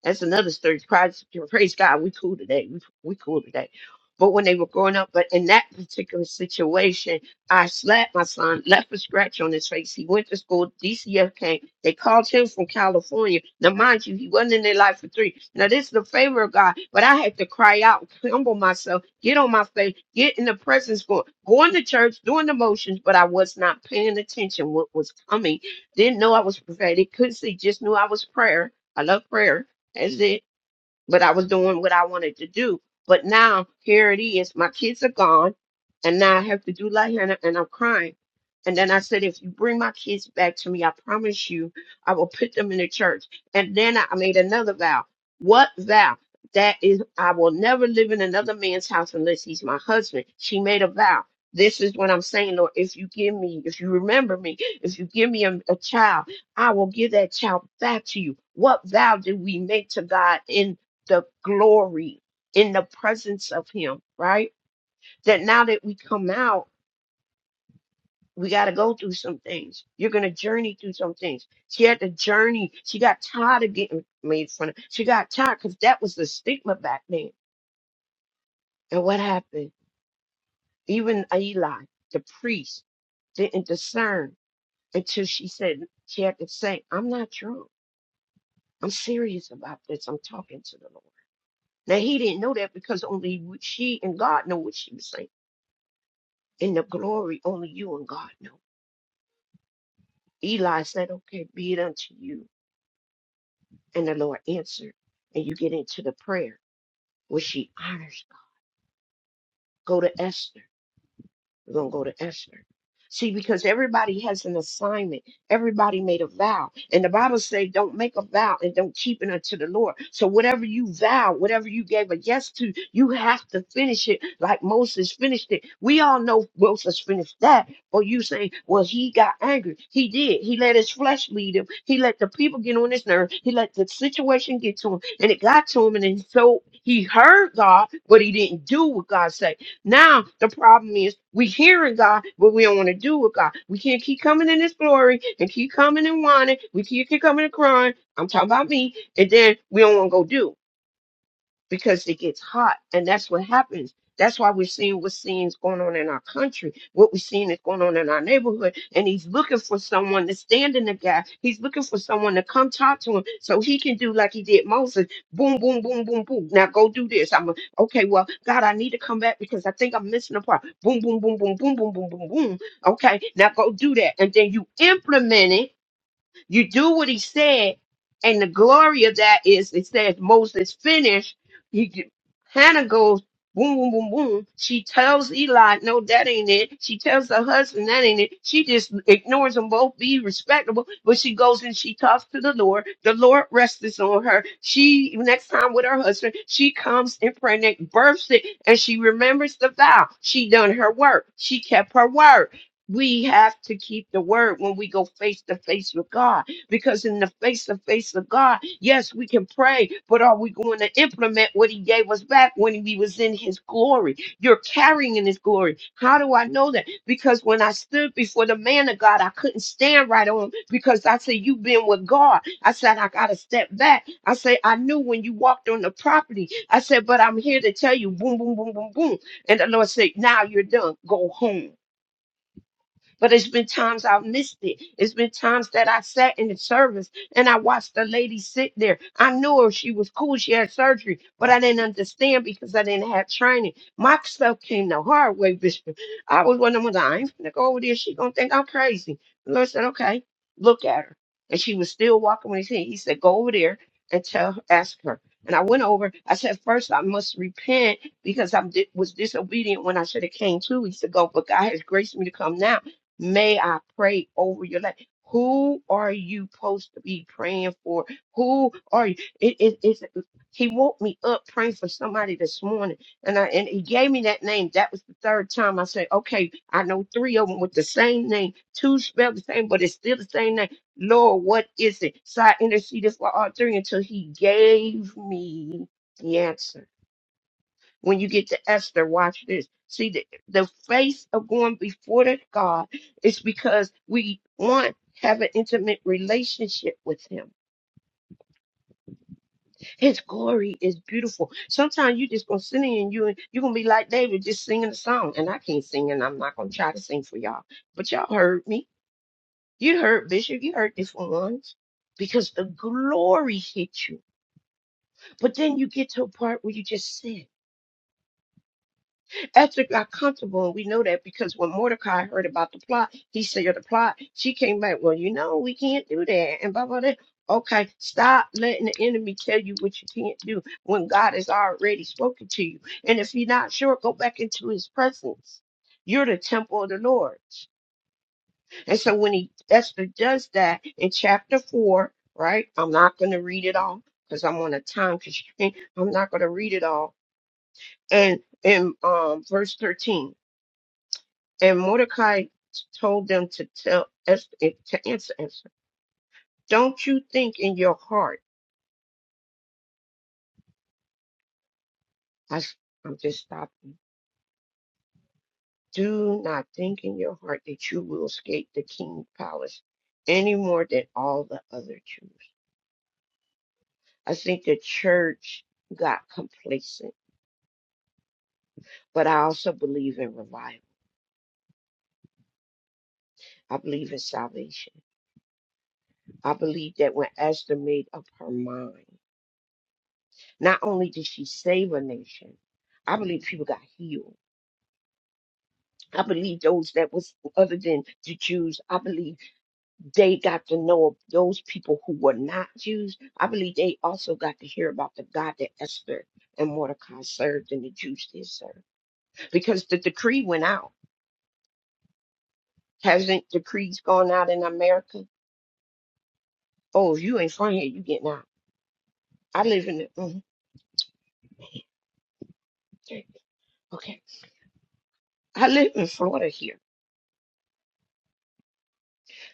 That's another story. Praise, praise God, we cool today. We, we cool today. But when they were growing up, but in that particular situation, I slapped my son, left a scratch on his face. He went to school. DCF came. They called him from California. Now, mind you, he wasn't in their life for three. Now, this is the favor of God, but I had to cry out, humble myself, get on my face, get in the presence, going, going to church, doing the motions, but I was not paying attention what was coming didn't know I was prophetic. Couldn't see. Just knew I was prayer. I love prayer. That's it but I was doing what I wanted to do. But now here it is. My kids are gone, and now I have to do like Hannah, and I'm crying. And then I said, if you bring my kids back to me, I promise you, I will put them in the church. And then I made another vow. What vow? That is, I will never live in another man's house unless he's my husband. She made a vow. This is what I'm saying, Lord. If you give me, if you remember me, if you give me a, a child, I will give that child back to you. What vow did we make to God in? the glory in the presence of him, right? That now that we come out, we got to go through some things. You're going to journey through some things. She had to journey. She got tired of getting made fun of. She got tired because that was the stigma back then. And what happened? Even Eli, the priest, didn't discern until she said, she had to say, I'm not drunk. I'm serious about this. I'm talking to the Lord. Now, he didn't know that because only she and God know what she was saying And the glory only you and God know. Eli said, Okay, be it unto you. And the Lord answered. And you get into the prayer, Where she honors God. Go to Esther. We're going to go to Esther. See, because everybody has an assignment. Everybody made a vow. And the Bible says, don't make a vow and don't keep it unto the Lord. So whatever you vow, whatever you gave a yes to, you have to finish it like Moses finished it. We all know Moses finished that. Or you say, well, he got angry. He did. He let his flesh lead him. He let the people get on his nerve. He let the situation get to him. And it got to him. And then so he heard God, but he didn't do what God said. Now the problem is we hearing God, but we don't want to do with God. We can't keep coming in His glory and keep coming and wanting. We keep keep coming and crying. I'm talking about me, and then we don't want to go do because it gets hot and that's what happens that's why we're seeing what's seeing going on in our country what we're seeing is going on in our neighborhood and he's looking for someone to stand in the gap he's looking for someone to come talk to him so he can do like he did moses boom boom boom boom boom now go do this i'm a, okay well god i need to come back because i think i'm missing a part boom boom boom boom boom boom boom boom boom okay now go do that and then you implement it you do what he said, and the glory of that is it says Moses finished. He g- Hannah goes boom, boom, boom, boom. She tells Eli, no, that ain't it. She tells her husband that ain't it. She just ignores them both, be respectable. But she goes and she talks to the Lord. The Lord rests on her. She next time with her husband, she comes and pregnant, births it, and she remembers the vow. She done her work. She kept her word we have to keep the word when we go face to face with God. Because in the face to face of God, yes, we can pray, but are we going to implement what He gave us back when we was in His glory? You're carrying in His glory. How do I know that? Because when I stood before the man of God, I couldn't stand right on him because I said, You've been with God. I said, I got to step back. I said, I knew when you walked on the property. I said, But I'm here to tell you, boom, boom, boom, boom, boom. And the Lord said, Now you're done. Go home. But it's been times I've missed it. It's been times that I sat in the service and I watched the lady sit there. I knew her. She was cool. She had surgery, but I didn't understand because I didn't have training. My stuff came the hard way, Bishop. I was one of them, I ain't gonna go over there. She gonna think I'm crazy. The Lord said, okay, look at her. And she was still walking when he said, he said, go over there and tell, her, ask her. And I went over. I said, first I must repent because I was disobedient when I should have came to. He said, go, but God has graced me to come now. May I pray over your life? Who are you supposed to be praying for? Who are you? It, it, it's, he woke me up praying for somebody this morning, and I, and he gave me that name. That was the third time I said, "Okay, I know three of them with the same name, two spelled the same, but it's still the same name." Lord, what is it? So I interceded for all three until He gave me the answer when you get to Esther, watch this. See, the, the face of going before the God is because we want have an intimate relationship with him. His glory is beautiful. Sometimes you just gonna sit in and you you're gonna be like David just singing a song. And I can't sing and I'm not gonna try to sing for y'all. But y'all heard me. You heard Bishop, you heard this one once. Because the glory hit you. But then you get to a part where you just sit. Esther got comfortable, and we know that because when Mordecai heard about the plot, he said the plot. She came back, well, you know, we can't do that, and blah blah blah. Okay, stop letting the enemy tell you what you can't do when God has already spoken to you. And if you're not sure, go back into His presence. You're the temple of the Lord. And so when he Esther does that in chapter four, right? I'm not going to read it all because I'm on a time constraint. I'm not going to read it all. And in um, verse 13. And Mordecai told them to tell Esther to answer Esther. Don't you think in your heart? I, am just stopping. Do not think in your heart that you will escape the king's palace any more than all the other Jews. I think the church got complacent, but I also believe in revival. I believe in salvation. I believe that when Esther made up her mind, not only did she save a nation, I believe people got healed. I believe those that was other than the Jews, I believe they got to know of those people who were not Jews. I believe they also got to hear about the God that Esther and Mordecai served and the Jews did serve. Because the decree went out. Hasn't decrees gone out in America? Oh, if you ain't from here, you getting out. I live in the mhm. okay. I live in Florida here.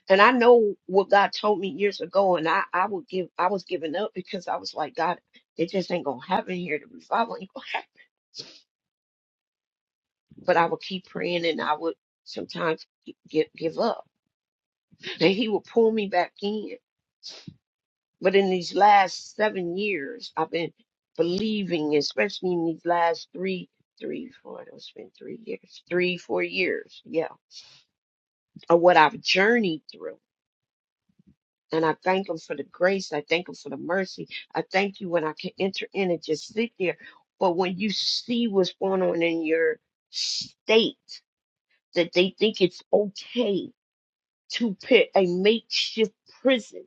And I know what God told me years ago and I, I would give I was giving up because I was like, God, it just ain't gonna happen here. The revival ain't gonna happen but I would keep praying and I would sometimes gi- give, give up. And he would pull me back in. But in these last seven years, I've been believing, especially in these last three, three, four, it's been three years, three, four years, yeah, of what I've journeyed through. And I thank him for the grace. I thank him for the mercy. I thank you when I can enter in and just sit there. But when you see what's going on in your state, that they think it's okay to put a makeshift prison.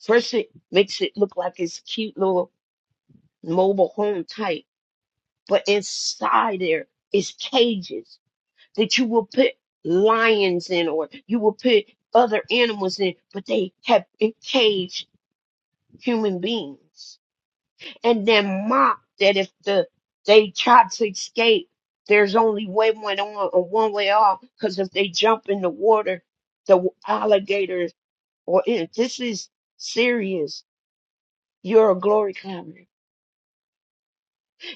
First, it makes it look like it's cute little mobile home type, but inside there is cages that you will put lions in or you will put other animals in, but they have encaged human beings. And then mock that if the they try to escape, there's only way one on or one way off, because if they jump in the water, the alligators or if this is serious, you're a glory clamor.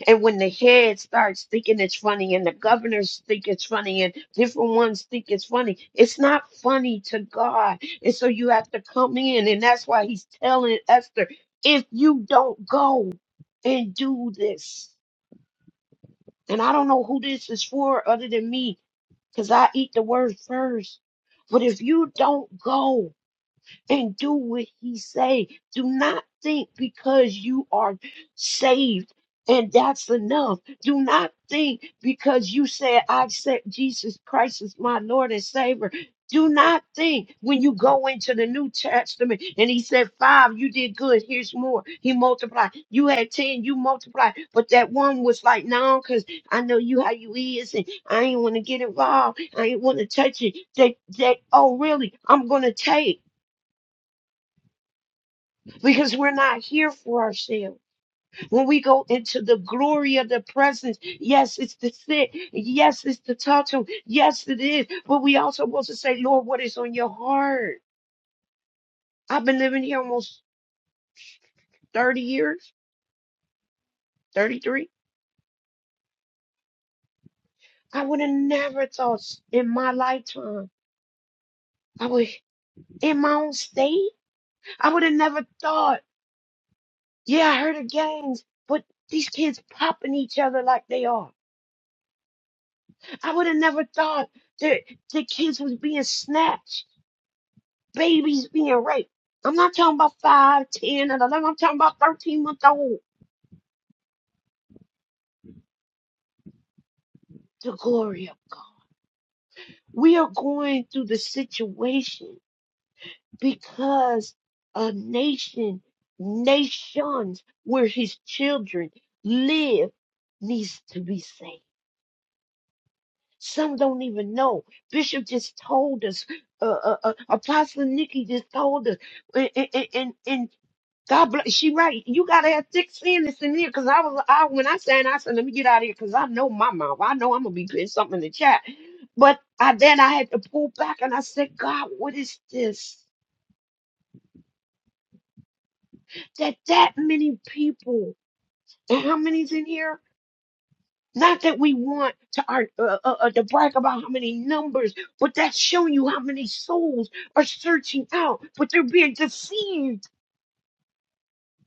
And when the head starts thinking it's funny and the governors think it's funny and different ones think it's funny, it's not funny to God. And so you have to come in. And that's why he's telling Esther, if you don't go and do this, and I don't know who this is for other than me, because I eat the word first. But if you don't go, and do what he say. Do not think because you are saved and that's enough. Do not think because you said I accept Jesus Christ as my Lord and Savior. Do not think when you go into the New Testament and he said, Five, you did good. Here's more. He multiplied. You had 10, you multiplied. But that one was like, No, because I know you how you is, and I ain't want to get involved. I ain't want to touch it. That that oh really? I'm gonna take because we're not here for ourselves. When we go into the glory of the presence, yes, it's to sit, yes, it's to talk to Him, yes, it is. But we also want to say, Lord, what is on your heart? I've been living here almost 30 years, 33. I would have never thought in my lifetime, I would, in my own state, I would have never thought, yeah, I heard of gangs, but these kids popping each other like they are. I would have never thought that the kids was being snatched babies being raped. I'm not talking about 5, 10, and 11. I'm talking about 13 month old. The glory of God. We are going through the situation because a nation, nations where his children live needs to be saved. Some don't even know. Bishop just told us, uh, uh, uh, Apostle Nikki just told us, And, and, God bless. She right. You gotta have thick skin that's in here. Cause I was, I when I sang, I said, let me get out of here. Cause I know my mouth. I know I'm gonna be putting something in the chat. But I then I had to pull back and I said, God, what is this? That that many people and how many's in here? Not that we want to our, uh, uh, uh, to brag about how many numbers, but that's showing you how many souls are searching out, but they're being deceived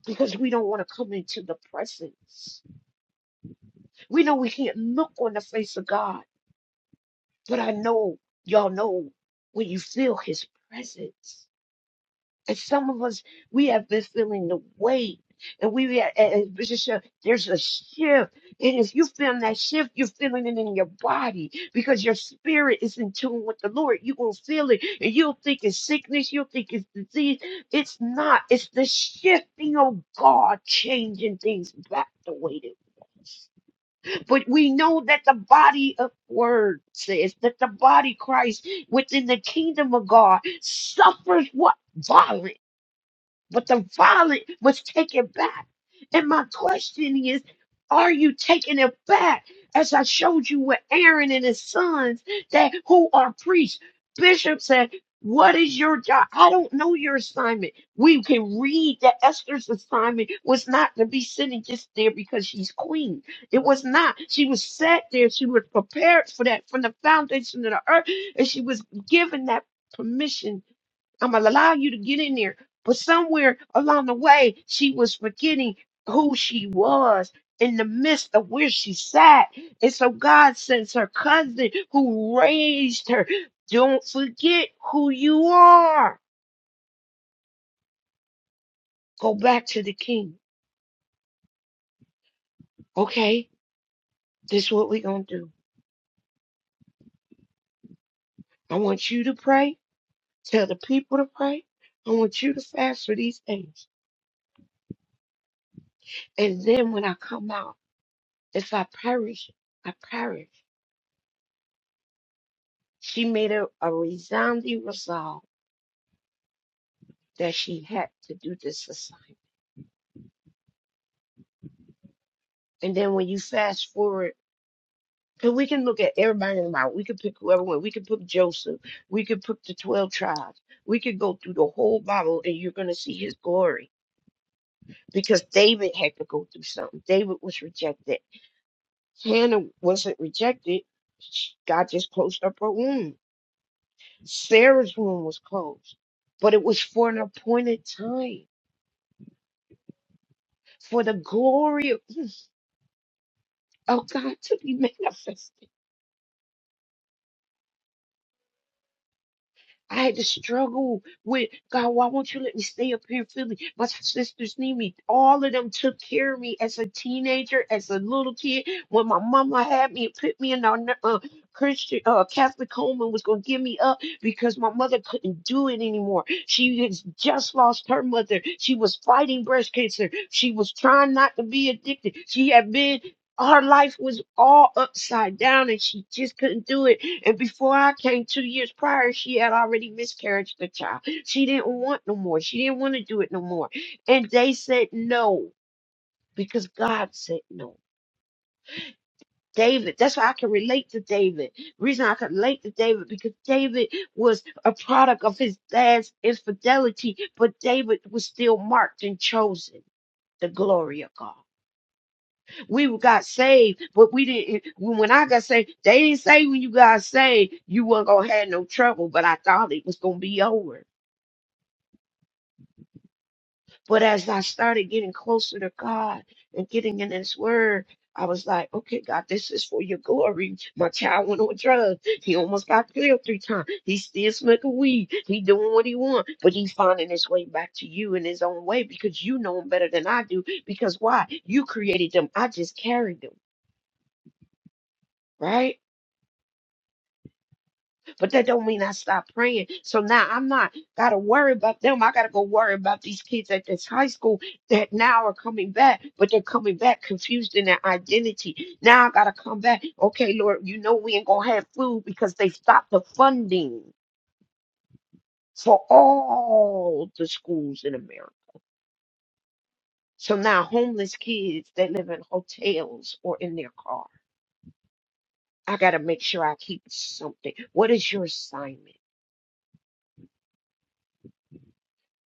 because we don't want to come into the presence. We know we can't look on the face of God, but I know y'all know when you feel his presence. And some of us, we have been feeling the weight. And we, and and Bishop, said, there's a shift. And if you feel that shift, you're feeling it in your body because your spirit is in tune with the Lord. You're going to feel it. And you'll think it's sickness. You'll think it's disease. It's not. It's the shifting of God changing things back the way it was. But we know that the body of word says that the body Christ within the kingdom of God suffers what? Violence but the violet was taken back. And my question is, are you taking it back? As I showed you with Aaron and his sons that who are priests. Bishop said, What is your job? I don't know your assignment. We can read that Esther's assignment was not to be sitting just there because she's queen. It was not. She was set there. She was prepared for that from the foundation of the earth. And she was given that permission I'm gonna allow you to get in there. But somewhere along the way, she was forgetting who she was in the midst of where she sat. And so God sends her cousin who raised her. Don't forget who you are. Go back to the king. Okay, this is what we're gonna do. I want you to pray. Tell the people to pray. I want you to fast for these things. And then when I come out, if I perish, I perish. She made a, a resounding resolve that she had to do this assignment. And then when you fast forward, and we can look at everybody in the Bible. We could pick whoever went. We could pick Joseph. We could pick the 12 tribes. We could go through the whole Bible and you're going to see his glory because David had to go through something. David was rejected. Hannah wasn't rejected. She- God just closed up her womb. Sarah's womb was closed, but it was for an appointed time for the glory. of. Oh, God, to be manifested. I had to struggle with God. Why won't you let me stay up here in Philly? My sisters need me. All of them took care of me as a teenager, as a little kid. When my mama had me and put me in our uh, Christian uh, Catholic home and was going to give me up because my mother couldn't do it anymore. She had just lost her mother. She was fighting breast cancer. She was trying not to be addicted. She had been her life was all upside down and she just couldn't do it. And before I came two years prior, she had already miscarried the child. She didn't want no more. She didn't want to do it no more. And they said no because God said no. David, that's why I can relate to David. Reason I can relate to David because David was a product of his dad's infidelity, but David was still marked and chosen the glory of God. We got saved, but we didn't. When I got saved, they didn't say when you got saved, you weren't going to have no trouble, but I thought it was going to be over. But as I started getting closer to God and getting in His Word, I was like, okay, God, this is for your glory. My child went on drugs. He almost got killed three times. He's still smoking weed. He doing what he want, but he's finding his way back to you in his own way because you know him better than I do. Because why? You created them. I just carried them, right? But that don't mean I stop praying. So now I'm not gotta worry about them. I gotta go worry about these kids at this high school that now are coming back, but they're coming back confused in their identity. Now I gotta come back. Okay, Lord, you know we ain't gonna have food because they stopped the funding for all the schools in America. So now homeless kids that live in hotels or in their car. I gotta make sure I keep something. What is your assignment?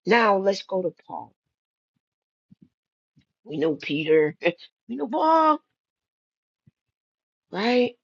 Now let's go to Paul. We know Peter. We know Paul, right?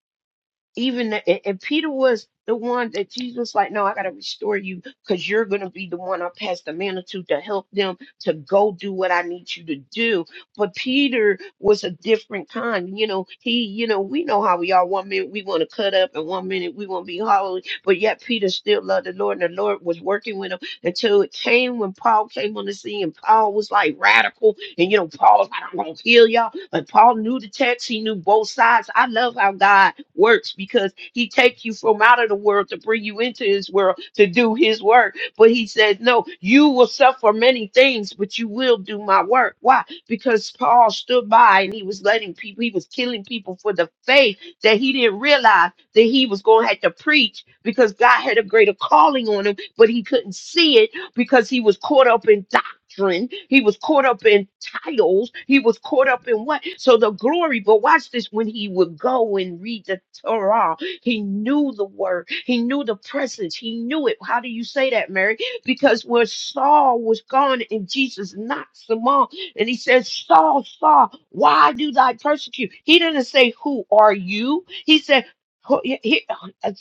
Even the, and, and Peter was the one that Jesus was like, no, I gotta restore you because you're gonna be the one I pass the mantle to to help them to go do what I need you to do. But Peter was a different kind. You know, he, you know, we know how we are. One minute we want to cut up, and one minute we want to be hollow. But yet Peter still loved the Lord, and the Lord was working with him until it came when Paul came on the scene, and Paul was like radical. And you know, Paul's like, I'm gonna kill y'all but Paul knew the text, he knew both sides. I love how God works because he takes you from out of the world to bring you into his world to do his work. But he says, No, you will suffer many things, but you will do my work. Why? Because Paul stood by and he was letting people, he was killing people for the faith that he didn't realize that he was going to have to preach because God had a greater calling on him, but he couldn't see it because he was caught up in doctrine. He was caught up in titles. He was caught up in what? So the glory, but watch this when he would go and read the Torah, he knew the word, he knew the presence, he knew it. How do you say that, Mary? Because where Saul was gone and Jesus knocks him off, and he says, Saul, Saul, why do thy persecute? He didn't say, Who are you? He said, who- he- he-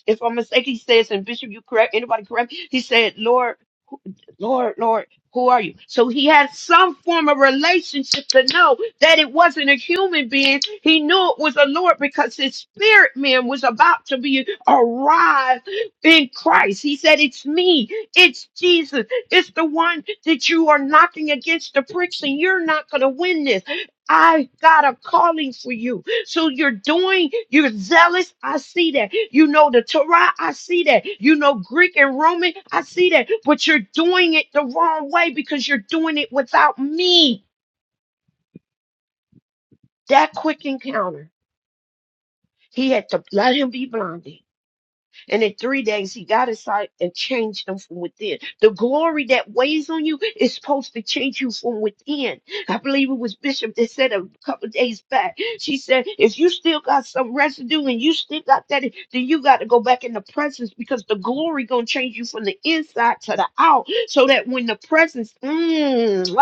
if I'm mistaken, he says, and Bishop, you correct anybody correct? me?" He said, Lord, Lord, Lord. Who are you? So he had some form of relationship to know that it wasn't a human being. He knew it was a Lord because his spirit man was about to be arrived in Christ. He said, It's me, it's Jesus, it's the one that you are knocking against the bricks, and you're not going to win this. I got a calling for you. So you're doing, you're zealous. I see that. You know the Torah. I see that. You know Greek and Roman. I see that. But you're doing it the wrong way because you're doing it without me. That quick encounter. He had to let him be blinded. And in three days, he got inside and changed them from within. The glory that weighs on you is supposed to change you from within. I believe it was Bishop that said a couple of days back. She said, if you still got some residue and you still got that, then you got to go back in the presence because the glory going to change you from the inside to the out. So that when the presence, mm, ah,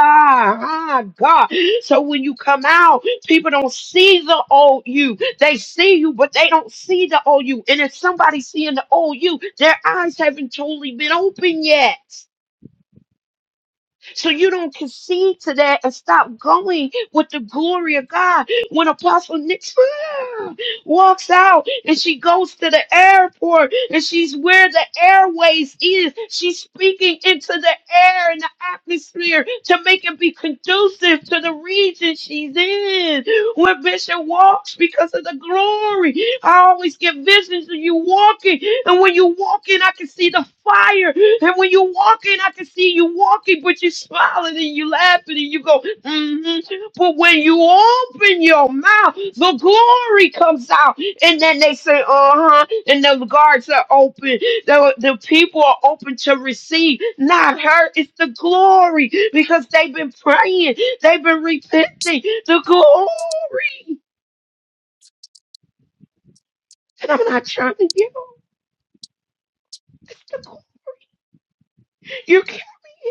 ah, God. So when you come out, People don't see the old you. They see you, but they don't see the old you. And if somebody's seeing the old you, their eyes haven't totally been open yet. So you don't concede to that and stop going with the glory of God when Apostle Nick walks out and she goes to the airport and she's where the airways is. She's speaking into the air and the atmosphere to make it be conducive to the region she's in. Where Bishop walks because of the glory. I always get visions of you walking, and when you walking, I can see the fire. And when you walking, I can see you walking, but you are smiling and you laughing and you go, mm but when you open your mouth, the glory comes out. And then they say, uh huh. And the guards are open. The, the people are open to receive, not her. It's the glory because they've been praying, they've been repenting. The glory. And I'm not trying to get them. It's the glory. You carry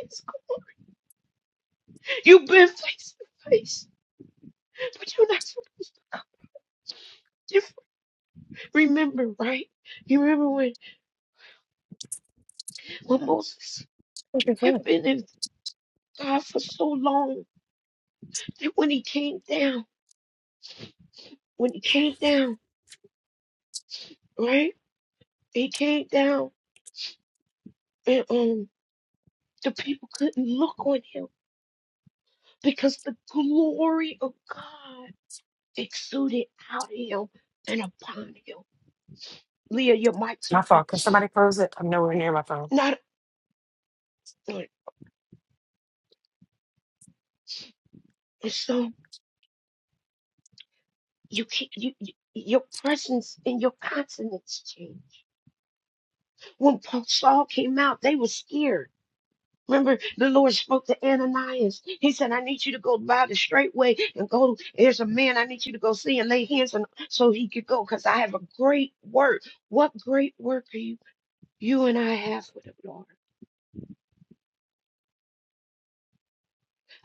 His glory. You've been face to face, but you're not supposed to come. Just remember, right? You remember when, when Moses
What is
had
that?
been in God for so long that when he came down, when he came down, right? He came down and um the people couldn't look on him because the glory of God exuded out of him and upon him. Leah, your mic's
It's My
open.
fault. Can somebody close it? I'm nowhere near my phone.
Not so you can you, you your presence and your countenance change. When Paul Saul came out, they were scared Remember, the Lord spoke to Ananias. He said, I need you to go by the straight way and go. There's a man I need you to go see and lay hands on so he could go because I have a great work. What great work are you, you and I have with the Lord?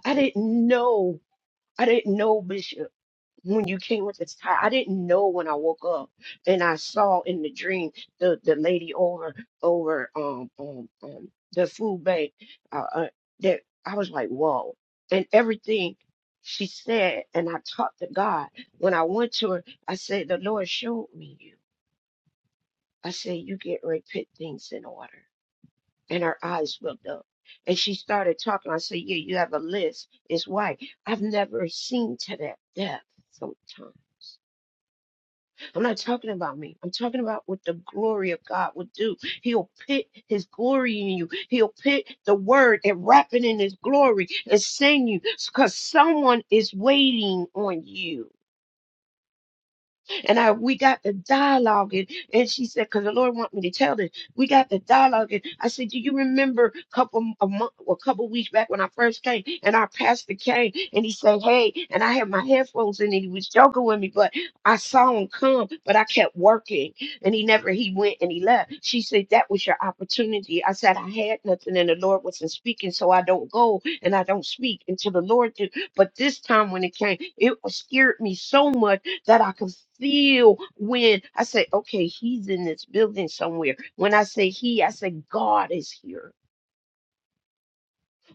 I didn't know. I didn't know, Bishop. when you came with the tie. I didn't know when I woke up, and I saw in the dream the the lady over over um um, um the food bank uh, uh, that I was like whoa, and everything she said, and I talked to God when I went to her. I said the Lord showed me you. I said you get right put things in order, and her eyes looked up. And she started talking. I said, "Yeah, you have a list. It's white. I've never seen to that depth sometimes." I'm not talking about me. I'm talking about what the glory of God will do. He'll pit his glory in you. He'll pit the word and wrap it in his glory and send you because someone is waiting on you. And I we got the dialogue and, and she said, because the Lord want me to tell this. We got the dialogue and I said, Do you remember a couple a month a couple weeks back when I first came and our pastor came and he said, Hey, and I had my headphones in and he was joking with me, but I saw him come, but I kept working and he never he went and he left. She said, That was your opportunity. I said, I had nothing and the Lord wasn't speaking, so I don't go and I don't speak until the Lord do. But this time when it came, it was- scared me so much that I can feel when I say, okay, he's in this building somewhere. When I say he, I say God is here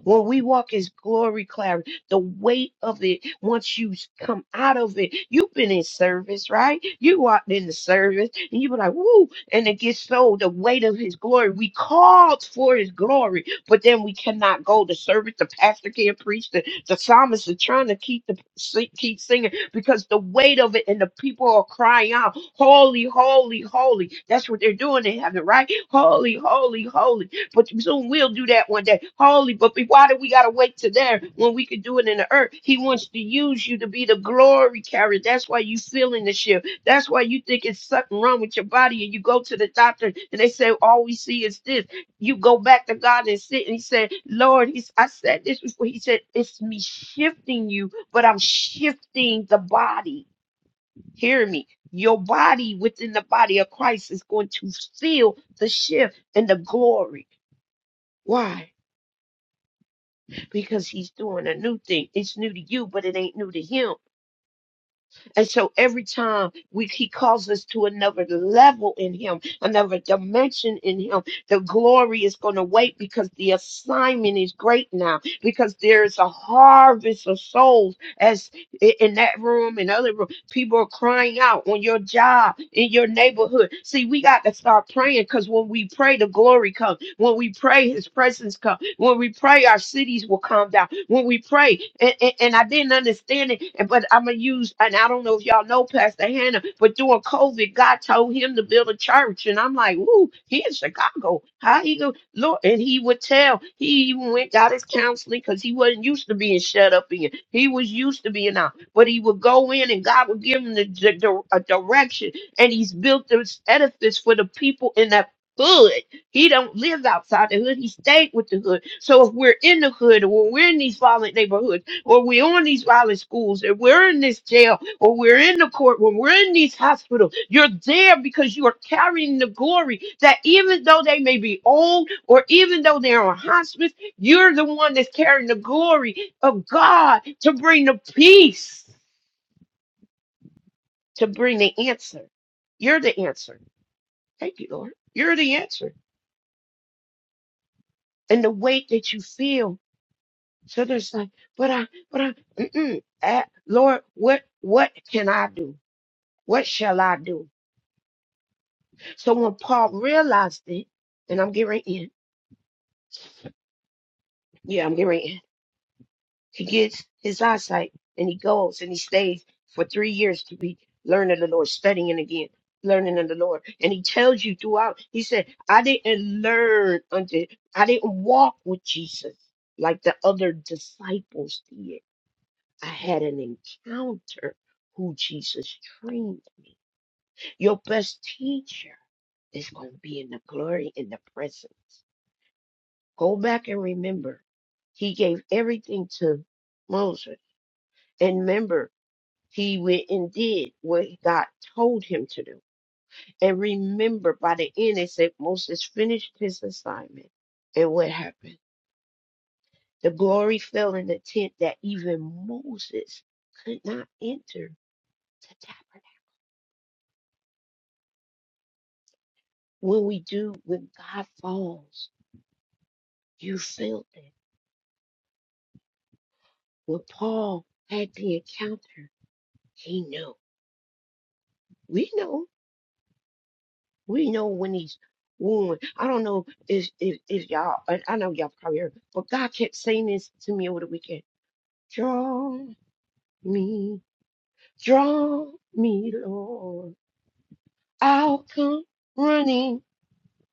when we walk as glory clarity, the weight of it, once you come out of it, you've been in service, right? You walked in the service and you were like, woo, and it gets so the weight of his glory. We called for his glory, but then we cannot go. The service, the pastor can't preach, the, the psalmist is trying to keep the sing- keep singing because the weight of it and the people are crying out, holy, holy, holy. That's what they're doing in heaven, right? Holy, holy, holy but soon we'll do that one day. Holy, but be- why do we got to wait to there when we could do it in the earth? He wants to use you to be the glory carrier. That's why you feeling the shift. That's why you think it's something wrong with your body and you go to the doctor and they say, all we see is this. You go back to God and sit and he said, Lord, he's, I said this before. He said, it's me shifting you, but I'm shifting the body. Hear me. Your body within the body of Christ is going to feel the shift and the glory. Why? because he's doing a new thing. It's new to you, but it ain't new to him. And so every time we he calls us to another level in him, another dimension in him, the glory is going to wait because the assignment is great now because there is a harvest of souls as i- in that room and other rooms People are crying out on your job, in your neighborhood. See, we got to start praying because when we pray, the glory comes. When we pray, his presence comes. When we pray, our cities will calm down. When we pray, and, and, and I didn't understand it, and- but I'm going to use, and I don't know if y'all know Pastor Hannah, but during COVID, God told him to build a church. And I'm like, ooh, he in Chicago. How he go? Lord, and he would tell. He even went, got his counseling because he wasn't used to being shut up in. He was used to being out but he would go in and God would give him the, the, the- a direction. And he's built this edifice for the people in that hood. He don't live outside the hood. He stayed with the hood. So if we're in the hood or we're in these violent neighborhoods or we're on these violent schools or we're in this jail or we're in the court when we're in these hospitals, you're there because you are carrying the glory that even though they may be old or even though they're on hospice, you're the one that's carrying the glory of God to bring the peace, to bring the answer. You're the answer. Thank you, Lord. You're the answer. And the weight that you feel. So there's like, but I, but I, mm-mm. Uh, Lord, what, what can I do? What shall I do? So when Paul realized it, and I'm getting right in. Yeah, I'm getting right in. He gets his eyesight and he goes and he stays for three years to be learning the Lord, studying again, learning of the Lord. And he tells you throughout, he said, I didn't learn unto, I didn't walk with Jesus like the other disciples did. I had an encounter who Jesus trained me. Your best teacher is going to be in the glory, in the presence. Go back and remember, he gave everything to Moses. And remember, he went and did what God told him to do. And remember, by the end, they said Moses finished his assignment. And what happened? The glory fell in the tent that even Moses could not enter the tabernacle. When we do, when God falls, you felt it. When Paul had the encounter, he knew. We know We know when he's wooing. I don't know if if, if y'all. I I know y'all probably heard, but God kept saying this to me over the weekend. Draw me, draw me, Lord. I'll come running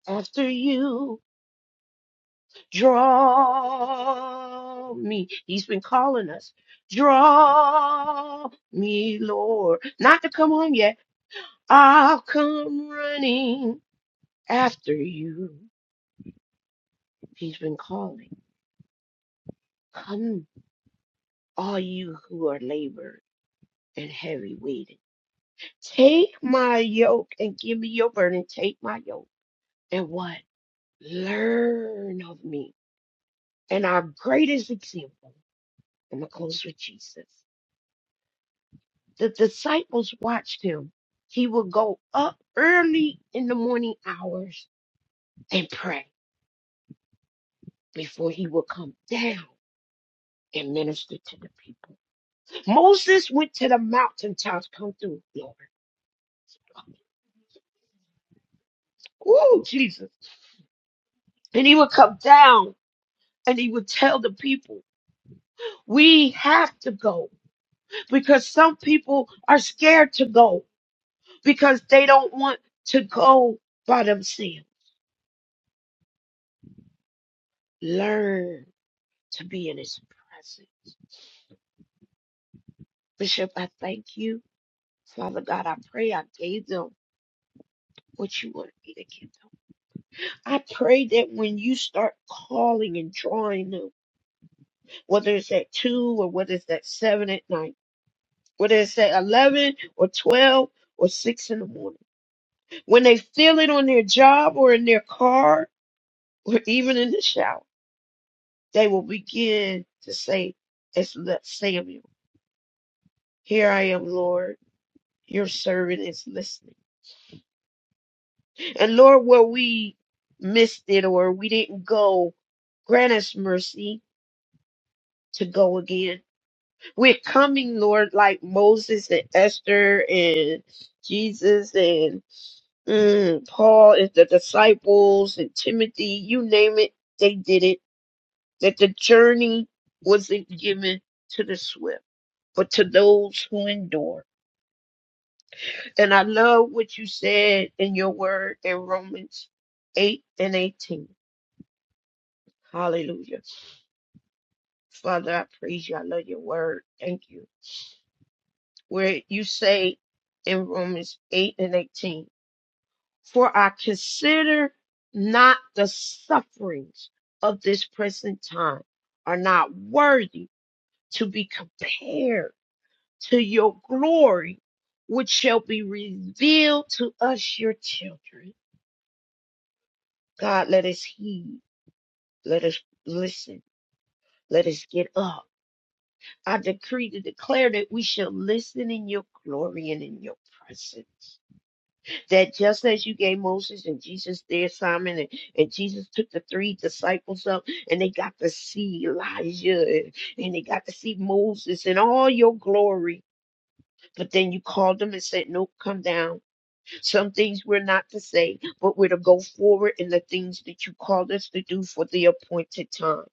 after you. Draw me. He's been calling us. Draw me, Lord. Not to come home yet. I'll come running after you. He's been calling. Come. all you who are labored and heavy weighted. Take my yoke and give me your burden. Take my yoke and what? Learn of me. And our greatest example, I'm going to close with Jesus. The disciples watched him. He would go up early in the morning hours and pray before he would come down and minister to the people. Moses went to the mountaintops. Come through, Lord. Ooh, Jesus. And he would come down and he would tell the people, we have to go because some people are scared to go because they don't want to go by themselves. Learn to be in his presence. Bishop, I thank you. Father God, I pray I gave them what you wanted me to give them. I pray that when you start calling and drawing them, whether it's at 2 or whether it's at 7 at night, whether it's at 11 or 12 or 6 in the morning, When they feel it on their job or in their car or even in the shower, they will begin to say, as Le- Samuel, here I am, Lord, your servant is listening. And Lord, where we missed it or we didn't go, grant us mercy to go again. We're coming, Lord, like Moses and Esther and Jesus and mm, Paul and the disciples and Timothy, you name it, they did it that the journey wasn't given to the swift, but to those who endure. And I love what you said in your word in Romans 8 and 18. Hallelujah. Father, I praise you. I love your word. Thank you. Where you say in Romans 8 and 18, for I consider not the sufferings of this present time are not worthy to be compared to your glory, which shall be revealed to us, your children. God, let us heed. Let us listen. Let us get up. I decree to declare that we shall listen in your glory and in your presence. That just as you gave Moses and Jesus there, Simon, and, and Jesus took the three disciples up and they got to see Elijah and, and they got to see Moses in all your glory. But then you called them and said, Nope, come down Some things we're not to say, but we're to go forward in the things that you called us to do for the appointed time.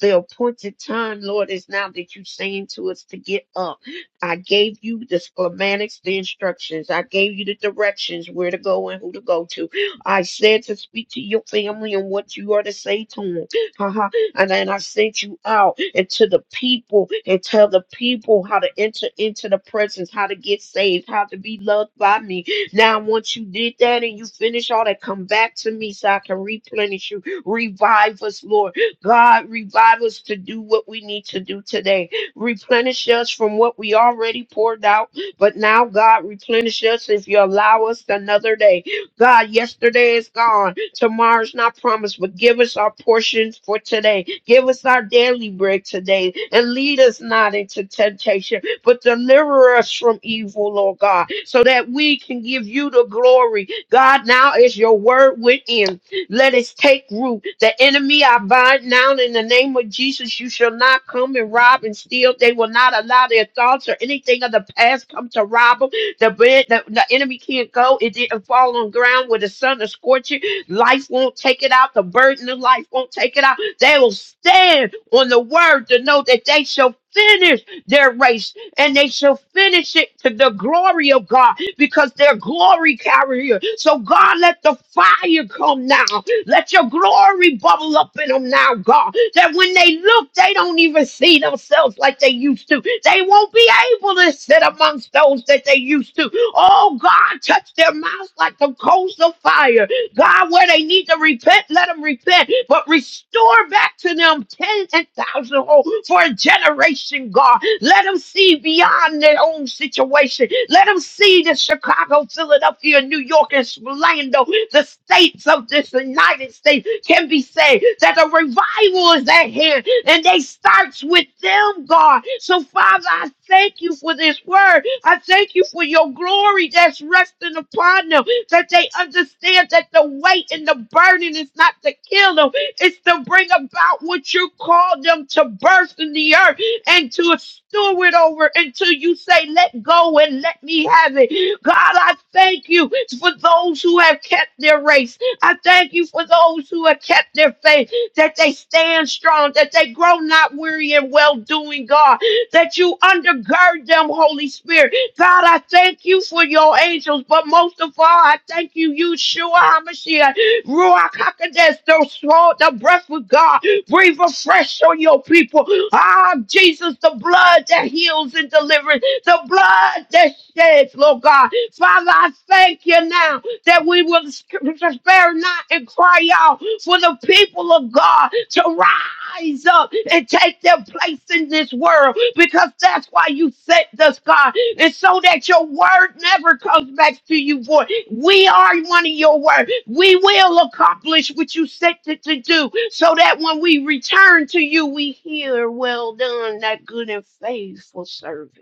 The appointed time, Lord, is now that you're saying to us to get up. I gave you the schematics, the instructions. I gave you the directions where to go and who to go to. I said to speak to your family and what you are to say to them. Haha. And then I sent you out and to the people and tell the people how to enter into the presence, how to get saved, how to be loved by me. Now, once you did that and you finish all that, come back to me so I can replenish you. Revive us, Lord. God, revive us to do what we need to do today. Replenish us from what we already poured out. But now, God, replenish us if you allow us another day. God, yesterday is gone. Tomorrow's not promised, but give us our portions for today. Give us our daily bread today. And lead us not into temptation, but deliver us from evil, Lord God, so that we can give you the glory. God, now is your word within. Let it take root. The enemy I bind now in the name of Jesus. You shall not come and rob and steal. They will not allow their thoughts or anything of the past come to rob them. The, bread- the, the enemy can't go. It didn't fall on ground where the sun is scorching. Life won't take it out. The burden of life won't take it out. They will stand on the word to know that they shall finish their race and they shall finish it to the glory of God because they're glory carrier. So God, let the fire come now. Let your glory bubble up in them now, God. That when they look, they don't even see themselves like they used to. They won't be able to sit amongst those that they used to. Oh God, touch their mouths like the coals of fire. God, where they need to repent, let them repent, but restore back to them 10 and thousandfold for a generation, God. Let them see beyond their own situation. Let them see that Chicago, Philadelphia, New York, and Orlando, the states of this United States, can be saved. That the revival is at hand, and they starts with them, God. So, Father, I thank you for this word. I thank you for your glory that's resting upon them that they understand that the weight and the burden is not to kill them, it's to bring about what you call them to birth in the earth and to steward over until you say, Let go and let me have it. God, I thank you for those who have kept their race. I thank you for those who have kept their faith, that they stand strong, that they grow not weary in well doing, God, that you undergird them, Holy Spirit God, I thank you for your angels, but most of all, I thank you, Yeshua HaMashiach, Ruach HaKodesh, the soul, the breath of God. Breathe afresh on your people. Ah, Jesus, the blood that heals and delivers, the blood that sheds, Lord God. Father, I thank you now that we will spare not and cry out for the people of God to rise rise up and take their place in this world because that's why you sent us, God. And so that your word never comes back to you, boy. We are one of your word. We will accomplish what you sent it to do so that when we return to you, we hear, well done, that good and faithful servant.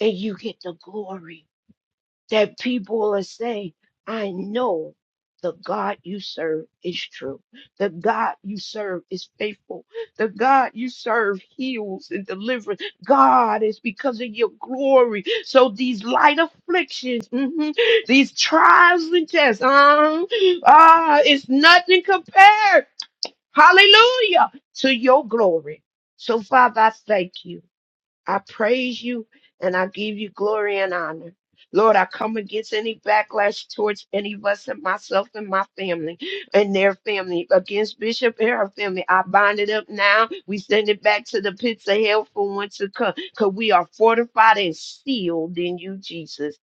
And you get the glory that people are saying, I know the God you serve is true. The God you serve is faithful. The God you serve heals and delivers. God is because of your glory. So these light afflictions, mhm, these trials and tests, um, ah, it's nothing compared. Hallelujah to your glory. So Father, I thank you. I praise you and I give you glory and honor. Lord, I come against any backlash towards any of us and myself and my family and their family. Against Bishop and her family, I bind it up now. We send it back to the pits of hell for once to come because we are fortified and sealed in you, Jesus.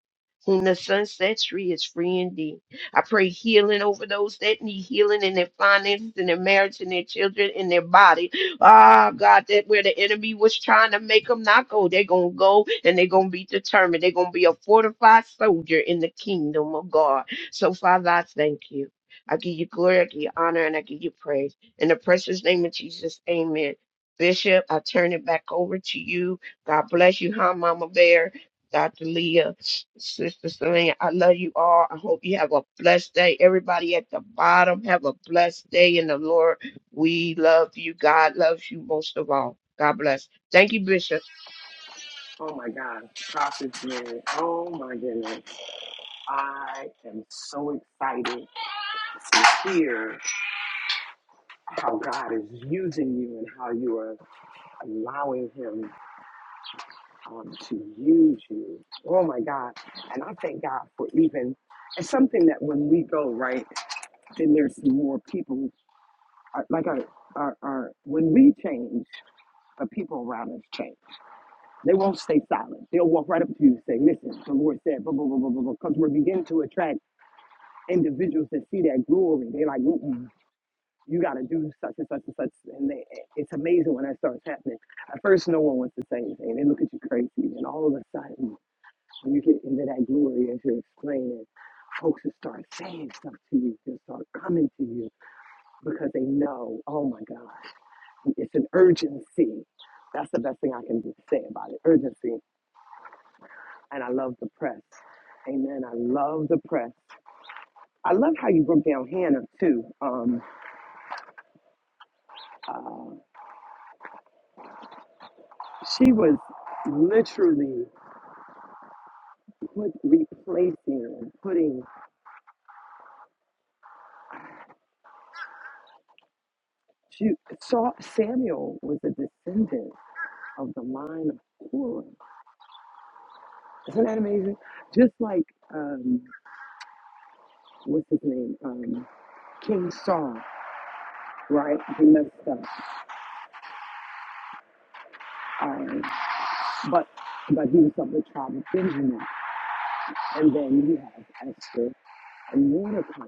Whom the sun sets free is free indeed. I pray healing over those that need healing in their finances, in their marriage, in their children, in their body Ah, God, that where the enemy was trying to make them not go, they're going to go and they're going to be determined. They're going to be a fortified soldier in the kingdom of God. So, Father, I thank you. I give you glory, I give you honor, and I give you praise. In the precious name of Jesus, amen. Bishop, I turn it back over to you. God bless you, hi, Mama Bear, Dr. Leah, Sister Selena. I love you all. I hope you have a blessed day. Everybody at the bottom, have a blessed day in the Lord. We love you. God loves you most of all. God bless. Thank you, Bishop.
Oh my God, Prophet's man! Oh my goodness. I am so excited to hear how God is using you and how you are allowing Him um, to use you. Oh my God. And I thank God for even, it's something that when we go right, then there's more people. uh, Like our, our, our, when we change, the people around us change. They won't stay silent. They'll walk right up to you and say, Listen, the Lord said, blah, blah, blah, blah, blah, because we're beginning to attract individuals that see that glory, they are like, Mm-mm, you got to do such and such and such. And they, it's amazing when that starts happening. At first, no one wants to say anything. They look at you crazy. And all of a sudden, when you get into that glory as you're explaining, folks will start saying stuff to you. They'll start coming to you because they know, oh my God, it's an urgency. That's the best thing I can just say about it urgency. And I love the press. Amen. I love the press. I love how you broke down Hannah, too. Um, uh, She was literally put, replacing and putting. She saw Samuel was a descendant of the line of Korah. Isn't that amazing? Just like um, what's his name, um, King Saul, right? He messed up, um, but but he was of the tribe of Benjamin, and then you have Esther and Mordecai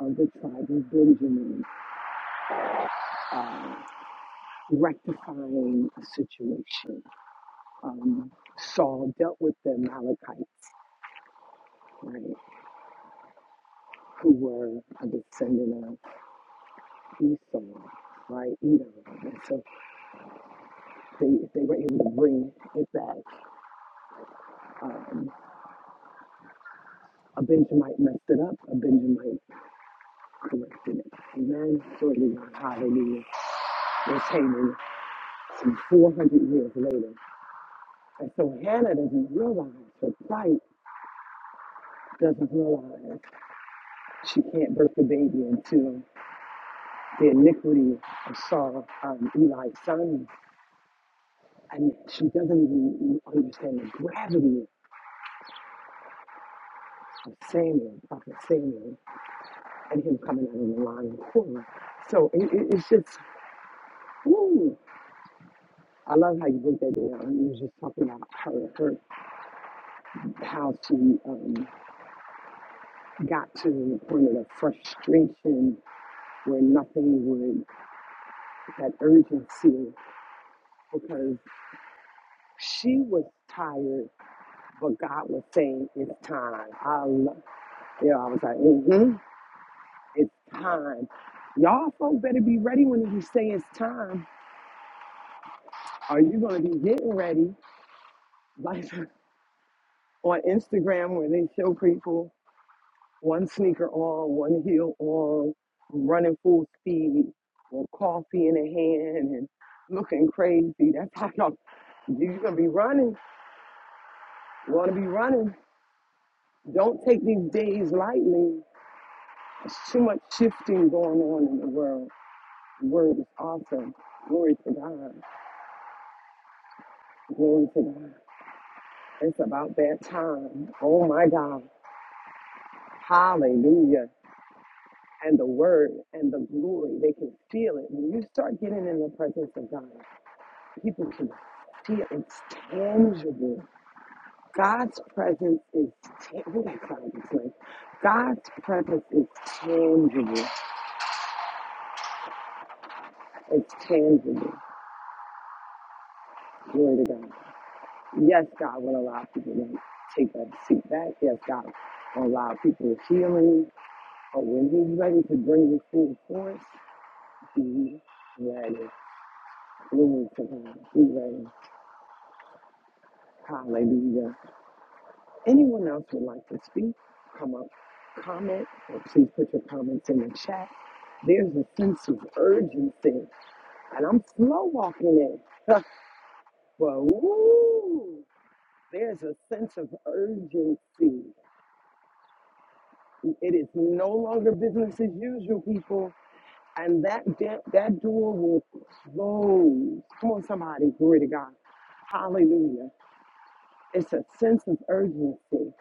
of the tribe of Benjamin. Um, rectifying a situation. um, Saul dealt with the Amalekites, right, who were a descendant of Esau, right, Edom. And so they, they were able to bring it back. Um, a Benjamite messed it up, a Benjamite corrected it. Amen. Glory to God. Hallelujah. We're taming some 400 years later. And so Hannah doesn't realize, her plight doesn't realize she can't birth the baby until the iniquity of Saul, um, Eli's son, And she doesn't even understand the gravity of Samuel, Prophet Samuel, and him coming out of the lion corner. So it, it, it's just, woo. I love how you broke that down. You was just talking about her, her how she um, got to the point of the frustration where nothing would, that urgency, because she was tired, but God was saying, it's time. I love, you know, I was like, mm-hmm. It's time. Y'all folk better be ready when he say it's time. Are you gonna be getting ready? Like on Instagram where they show people one sneaker on, one heel on, running full speed, with coffee in a hand and looking crazy. That's how y'all you're gonna be running. You wanna be running. Don't take these days lightly. There's too much shifting going on in the world. The word is awesome. Glory to God. Glory to God. It's about that time. Oh my God. Hallelujah. And the word and the glory, they can feel it. When you start getting in the presence of God, people can feel it. It's tangible. God's presence is tangible. God's presence is tangible. It's tangible. Glory to God. Yes, God will allow people to take that seat back. Yes, God will allow people healing. But when He's ready to bring you full force, Be ready. Glory to God. Be ready. Hallelujah. Anyone else would like to speak? Come up, comment, or please put your comments in the chat. There's a sense of urgency, and I'm slow walking it. but woo, there's a sense of urgency. It is no longer business as usual, people. And that that, that door will close. Come on, somebody, glory to God. Hallelujah. It's a sense of urgency.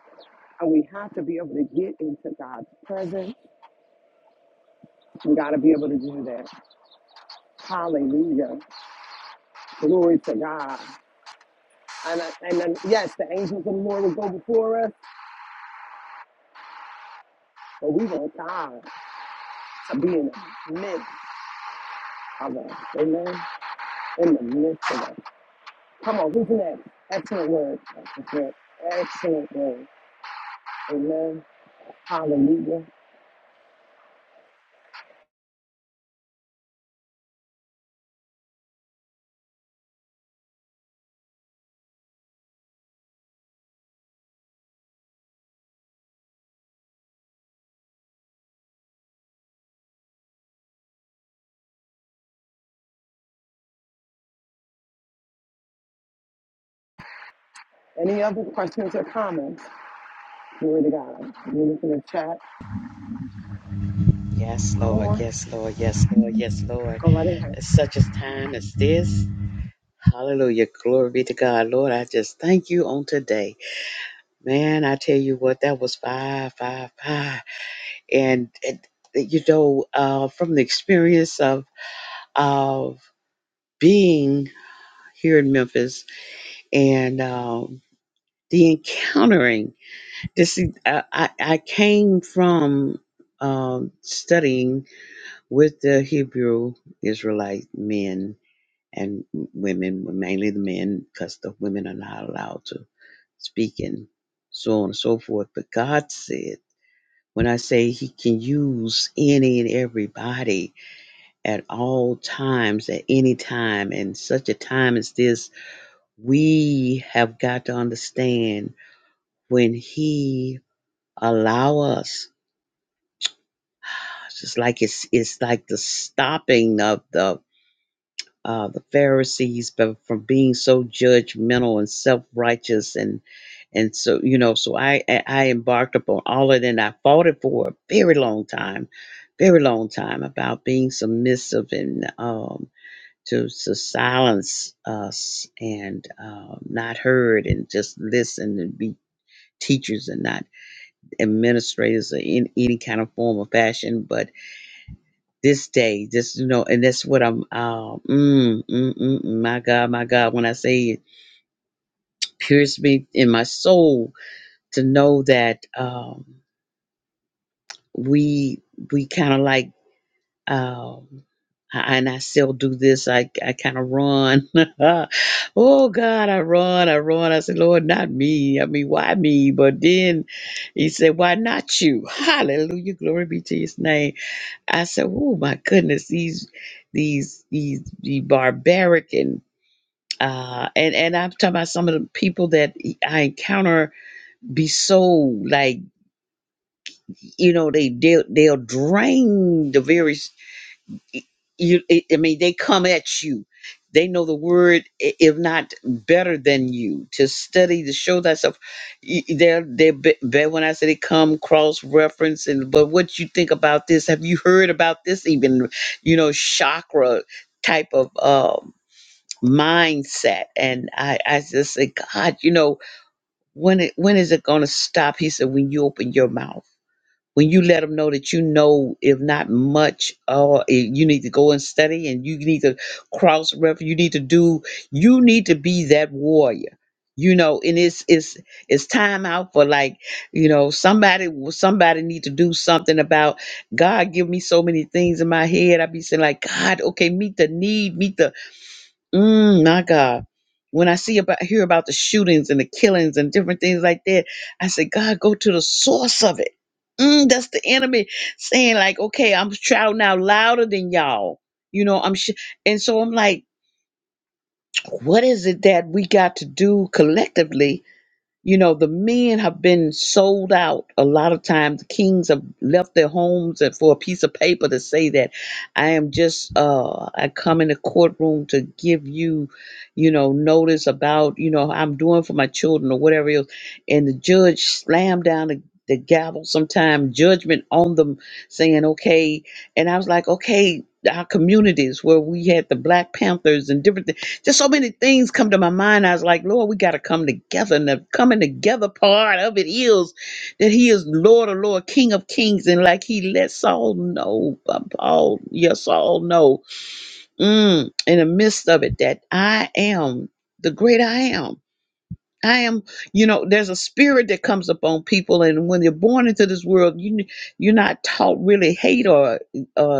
And we have to be able to get into God's presence. We got to be able to do that. Hallelujah. Glory to God. And, I- and then, yes, the angels of the Lord will go before us, but we want God to be in the midst of us. Amen. In the midst of us. Come on, who's next? Excellent word. That's it. Excellent word. Amen. Hallelujah. Any other questions or comments? Glory to God. You can look in the chat.
Yes,
One
Lord.
more.
Yes, Lord. Yes, Lord. Yes, Lord.
Go right ahead.
At such a time as this. Hallelujah. Glory be to God. Lord, I just thank you on today. Man, I tell you what, that was five, five, five. And, and you know, uh, from the experience of of being here in Memphis and um, the encountering. This is- I, I I came from um, studying with the Hebrew Israelite men and women, mainly the men, because the women are not allowed to speak and so on and so forth. But God said, when I say He can use any and everybody at all times, at any time, and such a time as this, we have got to understand when He allow us It's just like it's it's like the stopping of the uh, the Pharisees from from being so judgmental and self righteous and and so you know so I I I embarked upon all of it and I fought it for a very long time, very long time about being submissive and um, to to silence us and um, not heard and just listen and be teachers and not administrators or in any kind of form or fashion, but this day, this you know, and that's what I'm. Uh, mm, mm, mm, mm, my God, my God, when I say it, pierced me in my soul to know that um, we we kind of like. Um, I- and I still do this. I, I kind of run. oh God, I run, I run. I said, Lord, not me. I mean, why me? But then he said, Why not you? Hallelujah. Glory be to his name I said, "Oh my goodness, these, these, these, the barbaric and uh, and and I'm talking about some of the people that e, I encounter be so like, you know, they they'll, they'll drain the very y- you i I mean they come at you they know the word i- if not better than you to study to show thyself Y- y- they're they're be- be- when i say they come cross reference and but what you think about this have you heard about this even you know chakra type of um mindset and i i just say god you know when it when is it going to stop he said when you open your mouth when you let them know that you know if not much uh eh, you need to go and study and you need to cross refer you need to do you need to be that warrior you know and it's it's it's time out for like you know somebody somebody need to do something about god give me so many things in my head i be saying like god okay meet the need meet the Mm, my God. When I see about hear about the shootings and the killings and different things like that, I say, God, go to the source of it. Mm, that's the enemy saying, like, okay, I'm shouting out louder than y'all. You know, I'm sh-. and so I'm like, what is it that we got to do collectively you know, the men have been sold out. A lot of times, kings have left their homes and for a piece of paper to say that I am just, uh, I come in the courtroom to give you, you know, notice about, you know, I'm doing for my children or whatever else. And the judge slammed down the, the gavel sometime, judgment on them, saying, okay. And I was like, okay, our communities where we had the Black Panthers and different things just so many things come to my mind. I was like, Lord, we got to come together. And the coming together part of it is that He is Lord of Lord, King of Kings. And like He lets Saul know, um, Paul, yes, Saul know, mm, in the midst of it, that I am the great I am. I am, you know, there's a spirit that comes upon people. And when you're born into this world, you, you're not taught really hate or uh,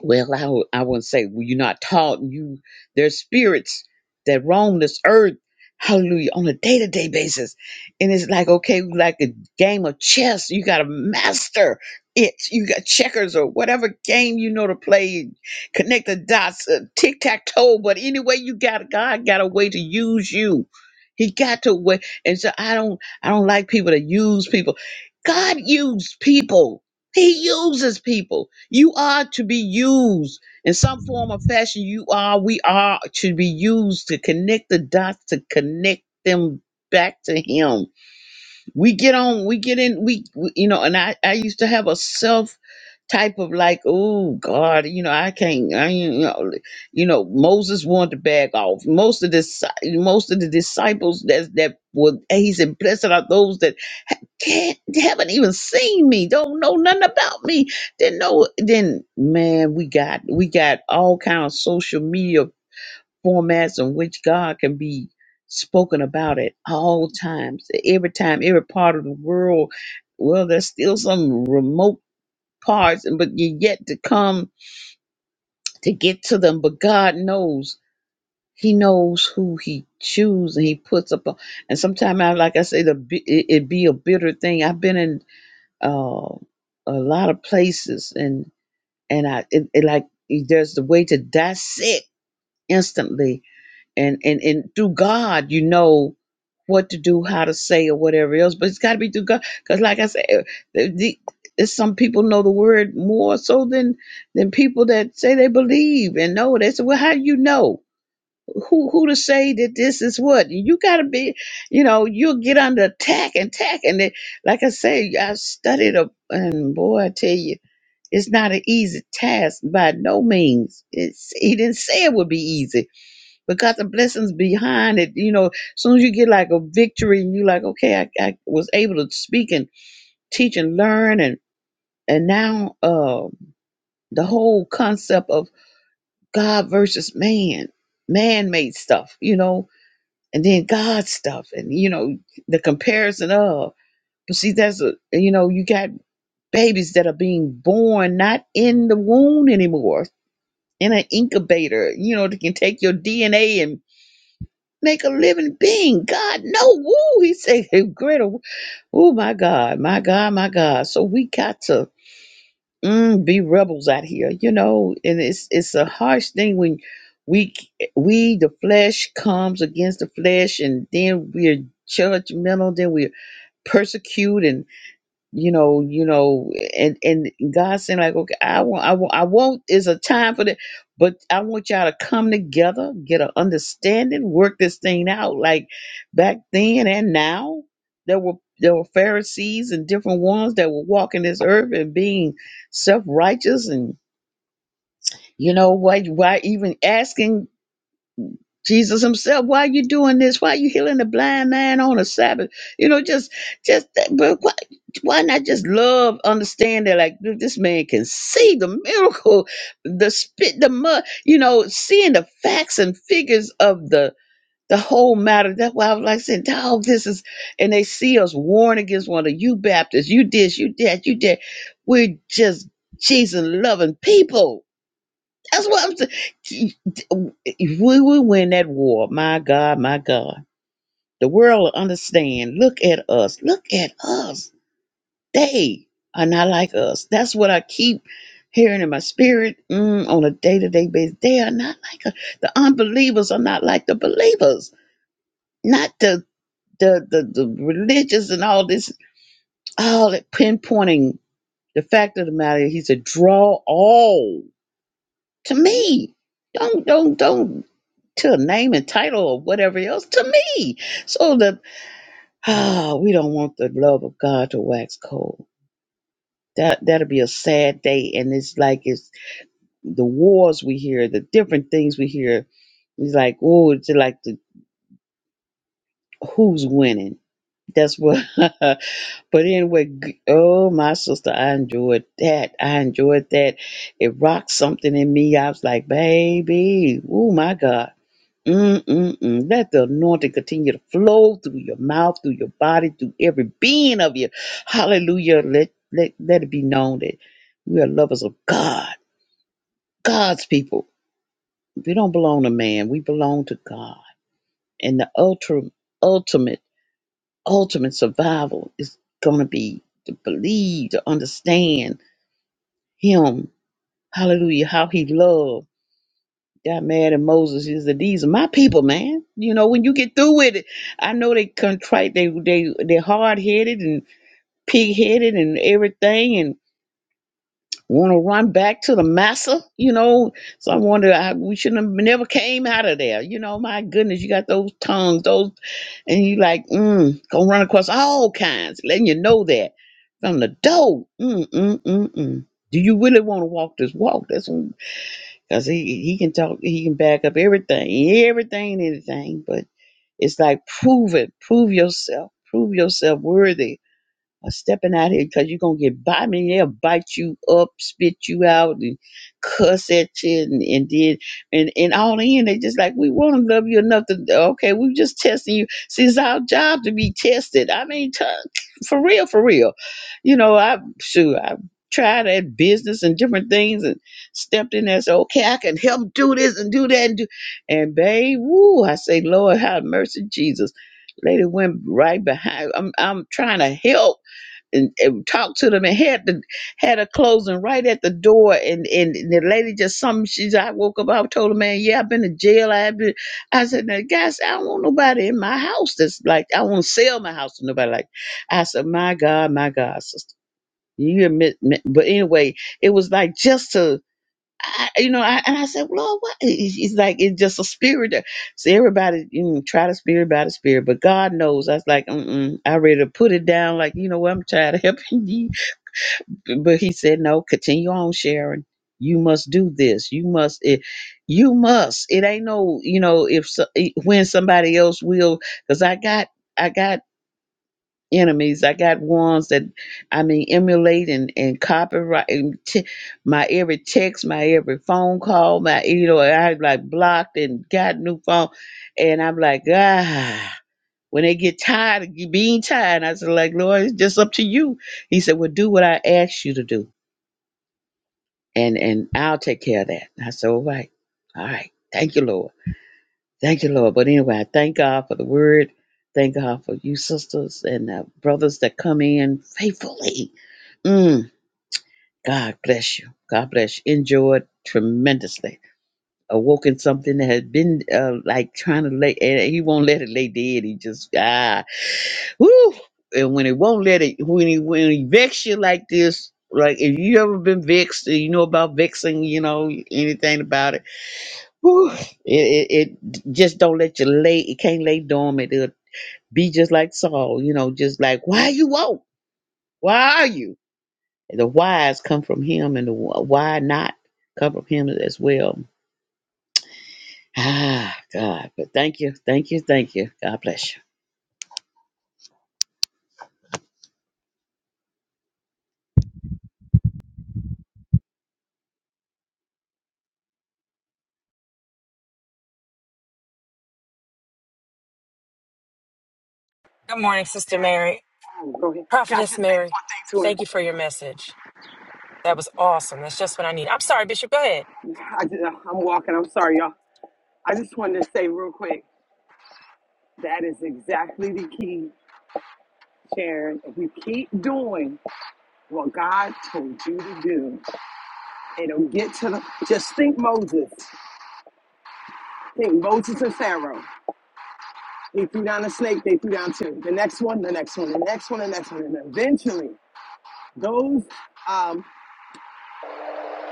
well, I, would- I wouldn't say well, you're not taught. You there's spirits that roam this earth, hallelujah, on a day to day basis, and it's like okay, like a game of chess. You got to master it. You got checkers or whatever game you know to play. Connect the dots, uh, tic tac toe. But anyway, you got God got a way to use you. He got to way, and so I don't I don't like people that use people. God used people. He uses people. You are to be used in some form or fashion. You are, we are to be used to connect the dots, to connect them back to Him we get on we get in we, we you know and i i used to have a self type of like oh god you know i can't I, ain't," you know you know moses wanted to back off most of this most of the disciples that that were he said blessed are those that ha- can't haven't even seen me don't know nothing about me then no then man we got we got all kind of social media formats in which God can be spoken about at all times, every time, every part of the world. Well, there's still some remote parts, but you're yet to come to get to them. But God knows. He knows who He chooses and He puts up. A, And sometimes, I like I say, the bi- it, it be a bitter thing. I've been in uh, a lot of places, and and I it, it like there's the way to dissect instantly and and and through God, you know what to do, how to say, or whatever else. But it's got to be through God, because like I said, eh, the, the, it's some people know the word more so than than people that say they believe and know. They say, well, how do you know? Who who to say that this is what you got to be? You know, you'll get under attack and attack. And it, like I say, I studied up, and boy, I tell you. It's not an easy task by no means. It's, he didn't say it would be easy because the blessings behind it, you know, as soon as you get like a victory and you like, okay, I, I was able to speak and teach and learn and and now uh, the whole concept of God versus man, man made stuff, you know, and then God stuff and you know, the comparison of but see that's a you know, you got babies that are being born not in the womb anymore, in an incubator, you know, that can take your DNA and. make a living being. God, no, woo. He said, greater. Oh, my God, my God, my God. So we got to mm, be rebels out here, you know, and it's it's a harsh thing when we we the flesh comes against the flesh and then we're judgmental then we're persecuted you know, you know, and and God saying like, okay, I want, I want, I want is a time for that, but I want y'all to come together, get an understanding, work this thing out. Like back then and now, there were there were Pharisees and different ones that were walking this earth and being self righteous, and you know why why even asking. Jesus himself, why are you doing this? Why are you healing the blind man on a Sabbath? You know, just, just, that, but why, why not just love, understand that like dude, this man can see the miracle, the spit, the mud, you know, seeing the facts and figures of the, the whole matter. That's why I was like saying, dog, this is, and they see us warn against one of you Baptists, you this, you that, you that. We're just Jesus loving people that's what I'm saying. If we would win that war, my God, my God, the world will understand. Look at us. Look at us. They are not like us. That's what I keep hearing in my spirit mm, on a day to day basis. They are not like us. The unbelievers are not like the believers. Not the the, the, the religious and all this, all that pinpointing. The fact of the matter, he said, draw all. to me. Don't don't don't to a name and title or whatever else to me. So the ah, we don't want the love of God to wax cold. That that'll be a sad day. And it's like it's the wars we hear, the different things we hear. It's like oh, it's like the who's winning. That's what. but anyway, g- oh my sister, I enjoyed that. I enjoyed that. It rocked something in me. I was like, baby, oh my God Mm-mm-mm. Let the anointing continue to flow through your mouth, through your body, through every being of you. Hallelujah. Let, let, let it be known that we are lovers of God, God's people. We don't belong to man, we belong to God. And the ultra, ultimate, ultimate survival is going to be to believe, to understand Him. Hallelujah. How He loves. got mad at Moses. He said, "These are my people, man. You know, when you get through with it, I know they contrite, they they they're hard headed and pig headed and everything, and want to run back to the massa. You know, so I wonder, I, we shouldn't have never came out of there. You know, my goodness, you got those tongues, those, and you like, mm, gonna run across all kinds, letting you know that from the door. Mm, mm, mm, mm. Do you really want to walk this walk? That's because he he can talk, he can back up everything, everything, and anything. But it's like prove it, prove yourself, prove yourself worthy i stepping out here because you're gonna get by me. They'll bite you up, spit you out, and cuss at you, and, and did and and all in. They just like we want to love you enough to okay. we are just testing you. See, it's our job to be tested. I mean, t- for real, for real. You know, I sure I tried at business and different things and stepped in there. So okay, I can help do this and do that and do and babe, woo! I say, Lord, have mercy, Jesus. Lady went right behind. I'm I'm trying to help and, and talked to them and had the had a closing right at the door and and the lady just some she's I woke up I told the man yeah I've been to jail I've been I said now guys I don't want nobody in my house that's like I want to sell my house to nobody like that. I said my God my God sister you admit but anyway it was like just to I, you know, I, and I said, Lord, what? He- He's like, it's just a spirit. There. So everybody, you know, try the spirit by the spirit, but God knows. I was like, mm-mm, I ready to put it down. Like, you know what? I'm tired of helping you. But he said, no, continue on, Sharon. You must do this. You must. It, you must. It ain't no, you know, if so, eh, when somebody else will, because I got, I got enemies. I got ones that I mean emulate and, and copyright and t- my every text, my every phone call, my you know, I like blocked and got new phone. And I'm like, ah when they get tired of you being tired, I said, like, Lord, it's just up to you. He said, Well, do what I asked you to do and and I'll take care of that. I said, All right, all right. Thank you, Lord. Thank you, Lord. But anyway, I thank God for the word. Thank God for you sisters and uh, brothers that come in faithfully Mm, God bless you. God bless you. Enjoyed tremendously. Awoken something that had been uh, like trying to lay, and he won't let it lay dead. He just, ah, woo. And when it won't let it, when he, when he vex you like this, like if you ever been vexed, you know about vexing, you know, anything about it, whew, it, it, it just don't let you lay, it can't lay dormant. It'll be just like Saul, you know, just like, why you woke? Why are you? The whys come from him, and the wh- why not come from him as well. Ah, God. But thank you, thank you, thank you. God bless you.
Good morning, Sister Mary.
Oh, Go ahead. Can I just say
Prophetess Mary,
this one thing
thank you
to
for your message. That was awesome. That's just what I need. I'm sorry, Bishop. Go ahead.
her? I just, uh, I'm walking. I'm sorry, y'all. I just wanted to say real quick that is exactly the key, Sharon. If you keep doing what God told you to do, it'll get to the. Just think Moses. Think Moses and Pharaoh. They threw down a snake, they threw down two. The next one, the next one, the next one, the next one. And eventually, those, um,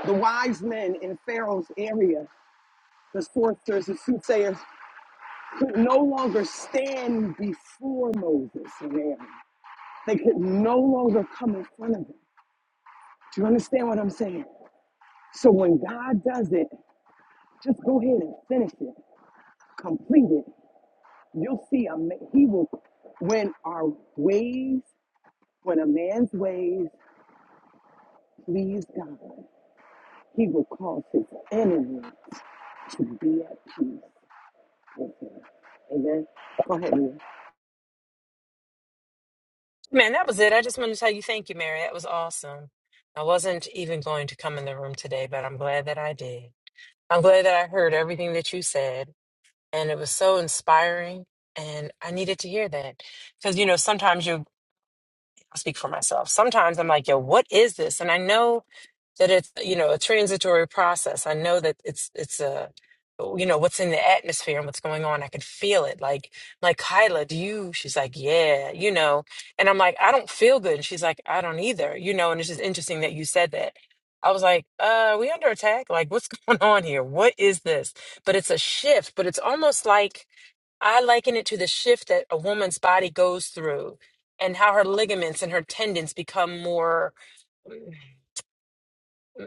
the wise men in Pharaoh's area, the sorcerers, the soothsayers, could no longer stand before Moses and Aaron. They could no longer come in front of him. Do you understand what I'm saying? So when God does it, just go ahead and finish it, complete it. You'll see a ma- he will when our ways, when a man's ways please God, he will cause his enemy to be at peace with him. Amen. Go ahead, Mia.
Man, that was it. I just wanted to tell you thank you, Mary. That was awesome. I wasn't even going to come in the room today, but I'm glad that I did. I'm glad that I heard everything that you said, and it was so inspiring. And I needed to hear that because, you know, sometimes you, I'll speak for myself. Sometimes I'm like, yo, what is this? And I know that it's you know a transitory process i know that it's it's a you know what's in the atmosphere and what's going on i can feel it like like kyla do you she's like yeah you know and i'm like i don't feel good and she's like i don't either you know and it's just interesting that you said that i was like uh are we under attack like what's going on here what is this but it's a shift but it's almost like I liken it to the shift that a woman's body goes through and how her ligaments and her tendons become more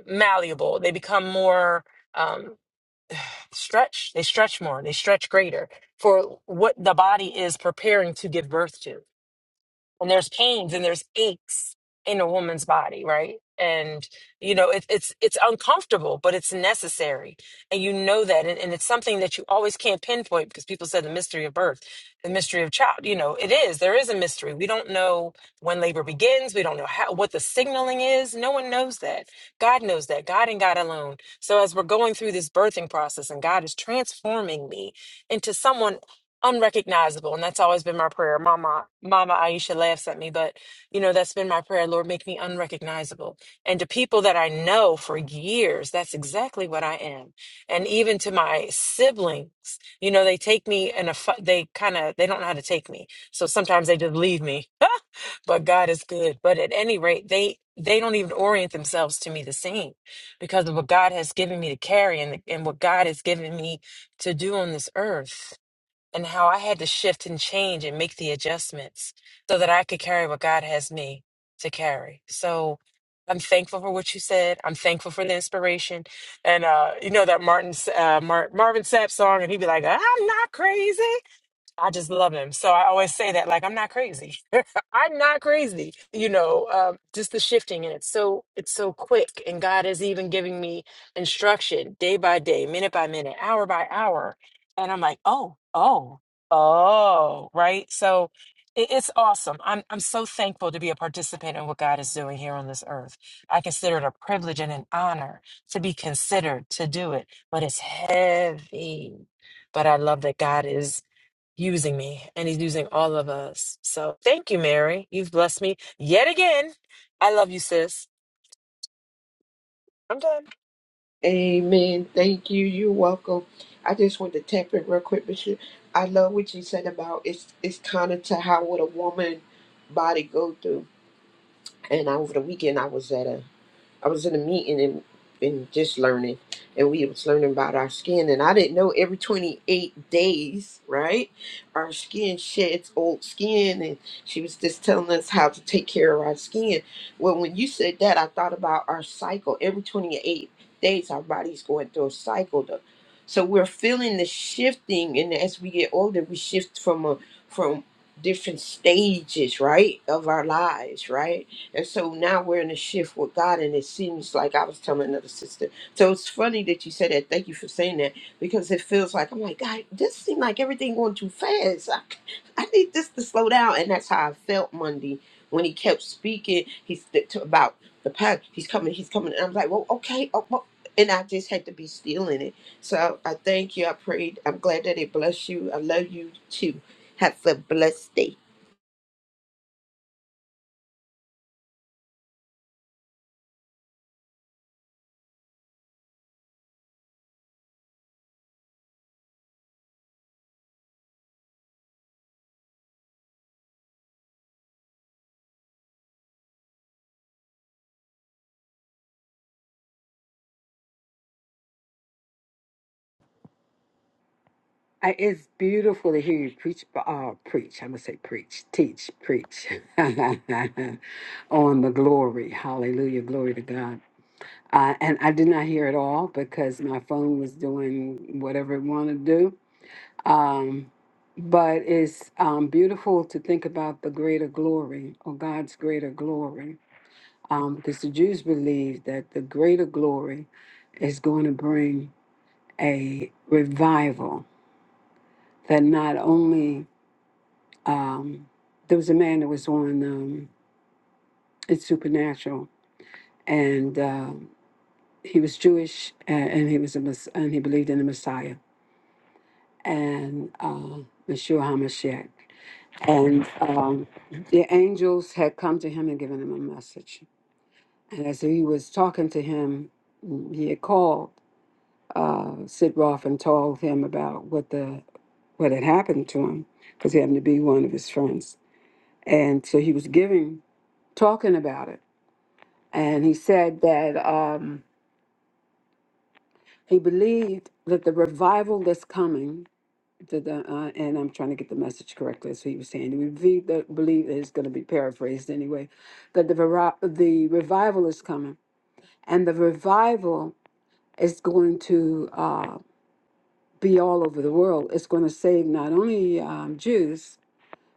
malleable. They become more um, stretched. They stretch more. They stretch greater for what the body is preparing to give birth to and there's pains and there's aches in a woman's body right and you know it, it's it's uncomfortable but it's necessary and you know that and, and it's something that you always can't pinpoint because people said the mystery of birth the mystery of child you know it is there is a mystery we don't know when labor begins we don't know how what the signaling is no one knows that god knows that god and god alone so as we're going through this birthing process and god is transforming me into someone unrecognizable and that's always been my prayer mama mama aisha laughs at me but you know that's been my prayer lord make me unrecognizable and to people that i know for years that's exactly what i am and even to my siblings you know they take me and they kind of they don't know how to take me so sometimes they just leave me but god is good but at any rate they they don't even orient themselves to me the same because of what god has given me to carry and, and what god has given me to do on this earth and how I had to shift and change and make the adjustments so that I could carry what God has me to carry. So I'm thankful for what you said. I'm thankful for the inspiration. And uh, you know that Martin, uh, Mar- Marvin Sapp song, and he'd be like, I'm not crazy. I just love him. So I always say that, like, I'm not crazy. I'm not crazy. You know, um, just the shifting, and it's so it's so quick. And God is even giving me instruction day by day, minute by minute, hour by hour, and I'm like, oh, oh, oh, right. So it, it's awesome. I'm I'm so thankful to be a participant in what God is doing here on this earth. I consider it a privilege and an honor to be considered to do it, but it's heavy. But I love that God is using me and he's using all of us. So thank you, Mary. You've blessed me yet again. I love you, sis. I'm done.
Amen. Thank you. You're welcome. I just want to tap in real quick, Bishop. I love what you said about it's it's kind of to how would a woman body go through. And over the weekend, I was at a I was in a meeting and, and just learning, and we was learning about our skin, and I didn't know every 28 days, right, our skin sheds old skin, and she was just telling us how to take care of our skin. Well, when you said that, I thought about our cycle. Every 28 days, our body's going through a cycle, though. So we're feeling the shifting, and as we get older, we shift from a from different stages, right, of our lives, right? And so now we're in a shift with God, and it seems like I was telling another sister. So it's funny that you said that. Thank you for saying that because it feels like I'm like God. This seems like everything going too fast. I, I need this to slow down, and that's how I felt Monday when he kept speaking. He's th- to- about the path. He's coming. He's coming. And I'm like, well, okay. Oh, well. And I just had to be still in it. So I thank you. I prayed. I'm glad that it blessed you. I love you too. Have a blessed day.
I, it's beautiful to hear you preach, uh, preach. I'm gonna say preach, teach, preach on the glory. Hallelujah, glory to God. Uh, and I did not hear it all because my phone was doing whatever it wanted to do. Um, but it's um, beautiful to think about the greater glory or God's greater glory, um, because the Jews believe that the greater glory is going to bring a revival that not only um, there was a man that was on um, it's supernatural and um he was jewish and, and he was a mess- and he believed in the messiah and uh, Yeshua hamashiach and um, the angels had come to him and given him a message and as he was talking to him he had called uh, sid roth and told him about what the what had happened to him because he happened to be one of his friends and so he was giving talking about it And he said that um, he believed that the revival that's coming, to the, uh, and I'm trying to get the message correctly, so he was saying, we believe that, believe that it's going to be paraphrased anyway, that the, vira- the revival is coming. And the revival is going to uh, be all over the world. It's going to save not only um, Jews,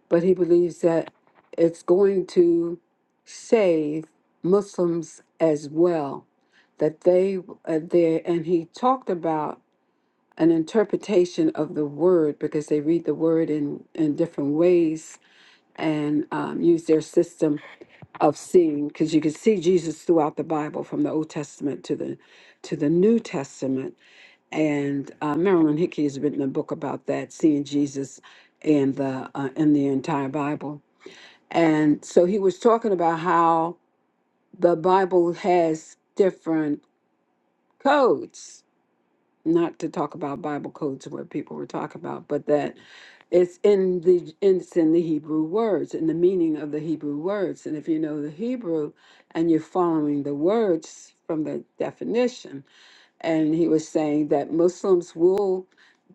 but he believes that it's going to save Muslims as well. That they uh, there, and he talked about an interpretation of the word because they read the word in in different ways and um, use their system of seeing. Because you can see Jesus throughout the Bible, from the Old Testament to the to the New Testament. And uh, Marilyn Hickey has written a book about that, seeing Jesus and the uh, in the entire Bible and so he was talking about how the Bible has different codes, not to talk about Bible codes what people were talking about, but that it's in the it's in the Hebrew words, in the meaning of the Hebrew words. And if you know the Hebrew and you're following the words from the definition, and he was saying that Muslims will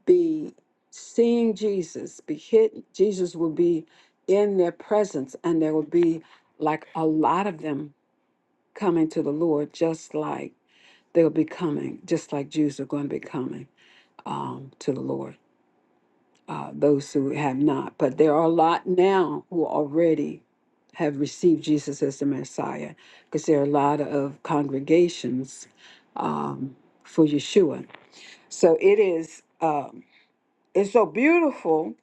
be seeing Jesus, be hit. Jesus will be in their presence, and there will be like a lot of them coming to the Lord, just like they'll be coming, just like Jews are going to be coming um, to the Lord. Uh, those who have not, but there are a lot now who already have received Jesus as the Messiah, because there are a lot of congregations um, for Yeshua so it is, um, it's so beautiful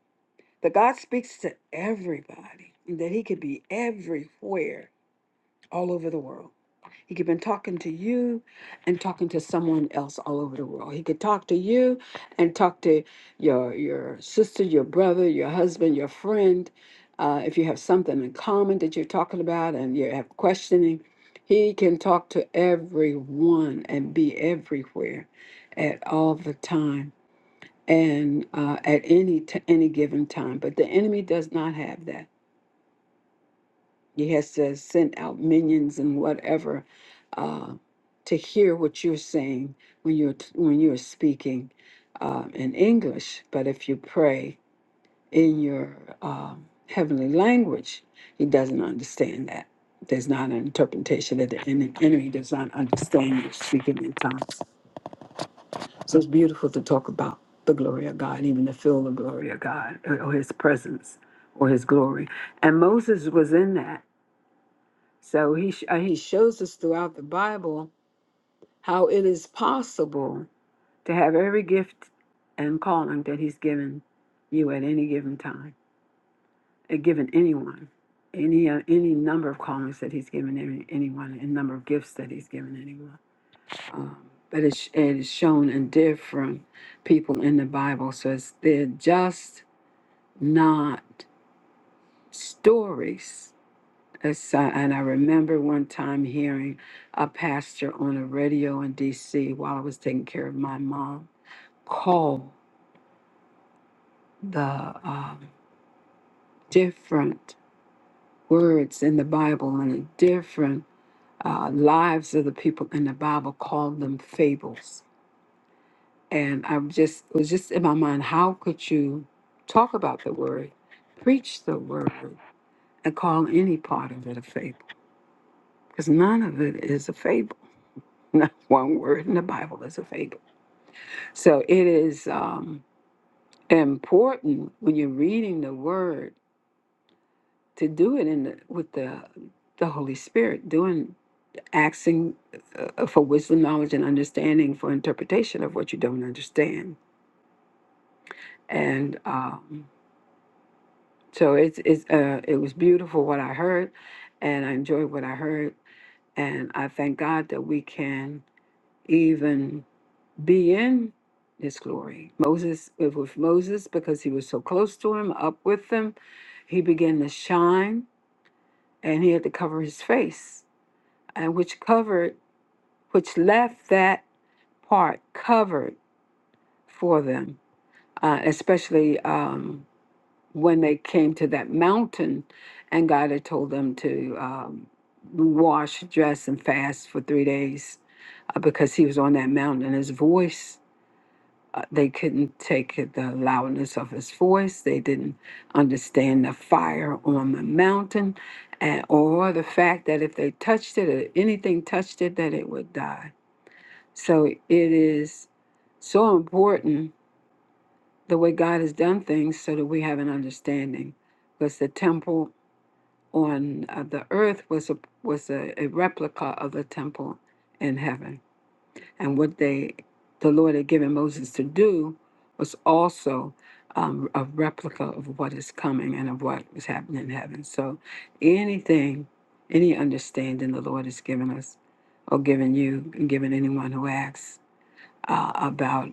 that God speaks to everybody, and that He could be everywhere, all over the world. He could have been talking to you and talking to someone else all over the world. He could talk to you and talk to your your sister, your brother, your husband, your friend. Uh, if you have something in common that you're talking about and you have questioning, he can talk to everyone and be everywhere at all the time and uh, at any t- any given time. But the enemy does not have that. He has to send out minions and whatever uh, to hear what you're saying when you're t- when you're speaking uh, in English. But if you pray in your um heavenly language, he doesn't understand that. There's not an interpretation that the en- enemy does not understand you speaking in tongues. So it's beautiful to talk about the glory of God, even to feel the glory of God or or His presence or His glory. And Moses was in that. So he sh- uh, he shows us throughout the Bible how it is possible to have every gift and calling that He's given you at any given time, uh, given anyone, any uh, any number of callings that He's given any, anyone, and number of gifts that He's given anyone. Um, but it's, it is shown in different people in the Bible. So it's, they're just not stories. It's, uh, and I remember one time hearing a pastor on a radio in DC while I was taking care of my mom call the um, different words in the Bible and the different uh, lives of the people in the Bible, call them fables and I just it was just in my mind, how could you talk about the word, preach the word, and call any part of it a fable? Because none of it is a fable. Not one word in the Bible is a fable. So it is um, important when you're reading the word to do it in the, with the the Holy Spirit, doing asking uh, for wisdom, knowledge, and understanding for interpretation of what you don't understand, and. Um, So it's it's uh it was beautiful what I heard, and I enjoyed what I heard, and I thank God that we can even be in His glory. Moses it was Moses because he was so close to Him, up with Him, he began to shine, and he had to cover his face, and which covered, which left that part covered for them, uh, especially. Um, when they came to that mountain and God had told them to um, wash, dress, and fast for three days uh, because he was on that mountain and his voice, uh, they couldn't take it, the loudness of his voice. They didn't understand the fire on the mountain and, or the fact that if they touched it or anything touched it, that it would die. So it is so important the way God has done things so that we have an understanding. Because the temple on uh, the earth was a was a, a replica of the temple in heaven and what they the lord had given moses to do was also um, a replica of what is coming and of what was happening in heaven so anything any understanding the lord has given us or given you and given anyone who asks uh, about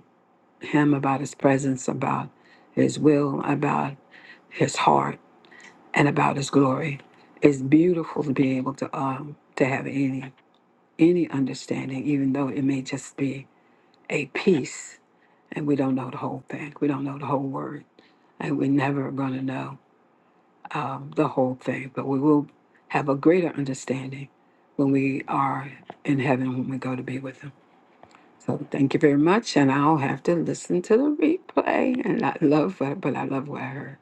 him about his presence about his will about his heart and about his glory. It's beautiful to be able to um to have any any understanding, even though it may just be a piece and we don't know the whole thing. We don't know the whole word. And we're never gonna know um, the whole thing, but we will have a greater understanding when we are in heaven when we go to be with him. So thank you very much. And I'll have to listen to the replay. And I love what but I love what I heard.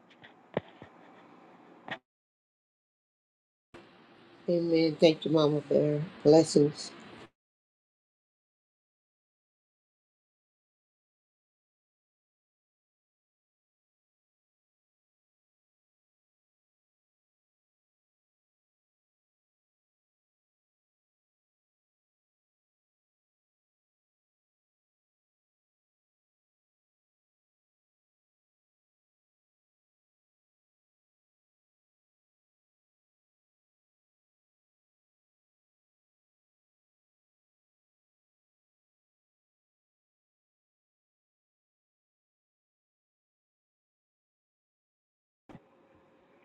Amen. Thank you, Mama Bear. Blessings.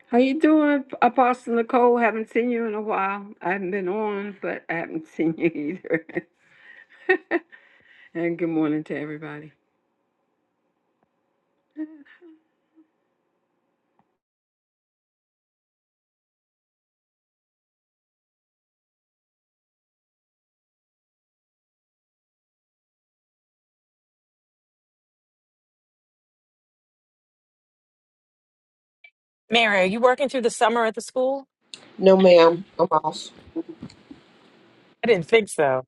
How you doing, Apostle Nicole? Haven't seen you in a while. I haven't been on, but I haven't seen you either. and good morning to everybody.
Mary, are you working through the summer at the school?
No, ma'am. I'm off.
I didn't think so.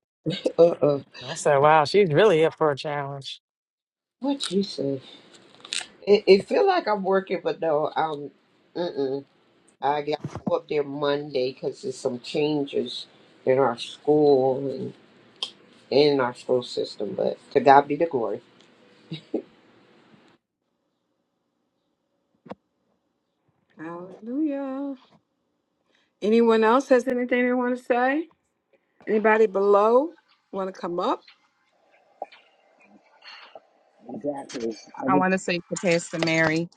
Uh, uh.
I said, wow, she's really up for a challenge.
What you say? It, it feel like I'm working, but no. Um. Mm. I got to go up there Monday because there's some changes in our school and in our school system. But to God be the glory.
Hallelujah. Anyone else has anything they want to say? Anybody below want to come up?
Exactly. I
I want to
just,
say to Pastor Mary.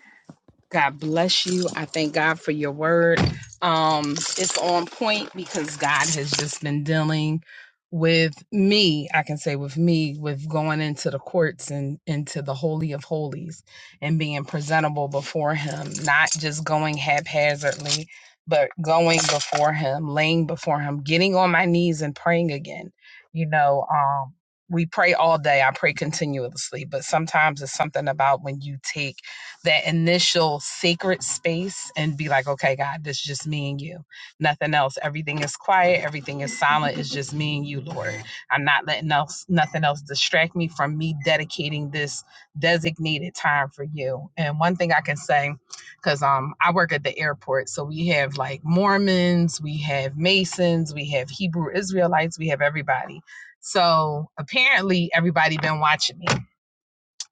God bless you. I thank God for your word. Um, it's on point because God has just been dealing with me. I can say with me with going into the courts and into the holy of holies and being presentable before Him, not just going haphazardly, but going before Him, laying before Him, getting on my knees and praying again. You know, um, we pray all day. I pray continuously, but sometimes it's something about when you take that initial sacred space and be like, okay, God, this is just me and you. Nothing else. Everything is quiet. Everything is silent. It's just me and you, Lord. I'm not letting else nothing else distract me from me dedicating this designated time for you. And one thing I can say, because um I work at the airport, so we have like Mormons, we have Masons, we have Hebrew Israelites, we have everybody. So apparently everybody been watching me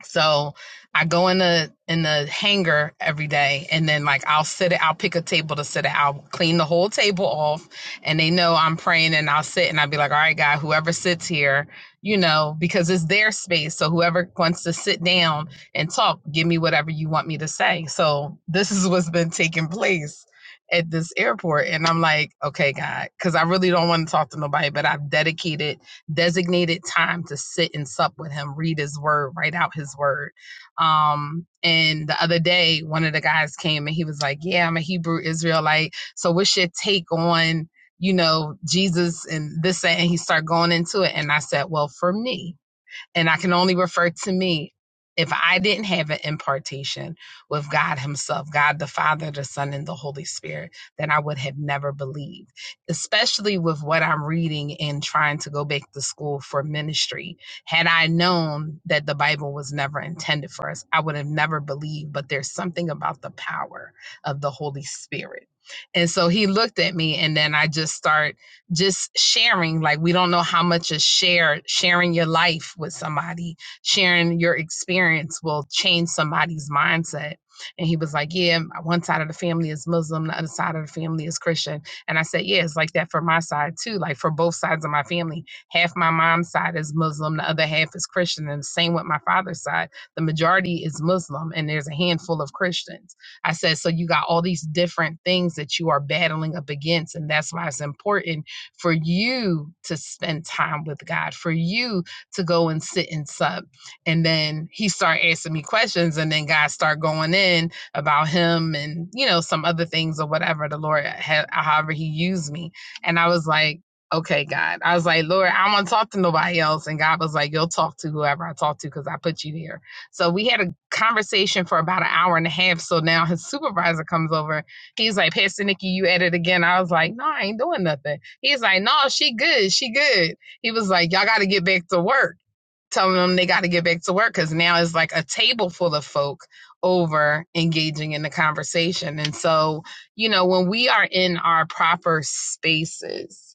so I go in the in the hangar every day, and then like I'll sit it. I'll pick a table to sit it. I'll clean the whole table off, and they know I'm praying, and I'll sit and I'll be like, "All right, God, whoever sits here, you know, because it's their space. So whoever wants to sit down and talk, give me whatever you want me to say." So this is what's been taking place at this airport, and I'm like, "Okay, God," because I really don't want to talk to nobody, but I've dedicated designated time to sit and sup with him, read his word, write out his word. Um, and the other day, one of the guys came and he was like, Yeah, I'm a Hebrew Israelite. So, what's your take on, you know, Jesus and this? that?" And he started going into it. And I said, Well, for me, and I can only refer to me. If I didn't have an impartation with God Himself, God the Father, the Son, and the Holy Spirit, then I would have never believed, especially with what I'm reading and trying to go back to school for ministry. Had I known that the Bible was never intended for us, I would have never believed. But there's something about the power of the Holy Spirit. And so He looked at me, and then I just started just sharing like we don't know how much a share sharing your life with somebody sharing your experience will change somebody's mindset and he was like yeah one side of the family is muslim the other side of the family is christian and i said yeah it's like that for my side too like for both sides of my family half my mom's side is muslim the other half is christian and the same with my father's side the majority is muslim and there's a handful of christians i said so you got all these different things that you are battling up against and that's why it's important for you to spend time with God, for you to go and sit and sup. And then he started asking me questions, and then God started going in about him and, you know, some other things or whatever the Lord had, however he used me. And I was like, okay, God. I was like, Lord, I don't want to talk to nobody else. And God was like, you'll talk to whoever I talk to because I put you here. So we had a conversation for about an hour and a half. So now his supervisor comes over. He's like, Pastor Nikki, you at it again. I was like, no, I ain't doing nothing. He's like, no, she good. She good. He was like, y'all got to get back to work. Telling them they got to get back to work because now it's like a table full of folk over engaging in the conversation. And so, you know, when we are in our proper spaces,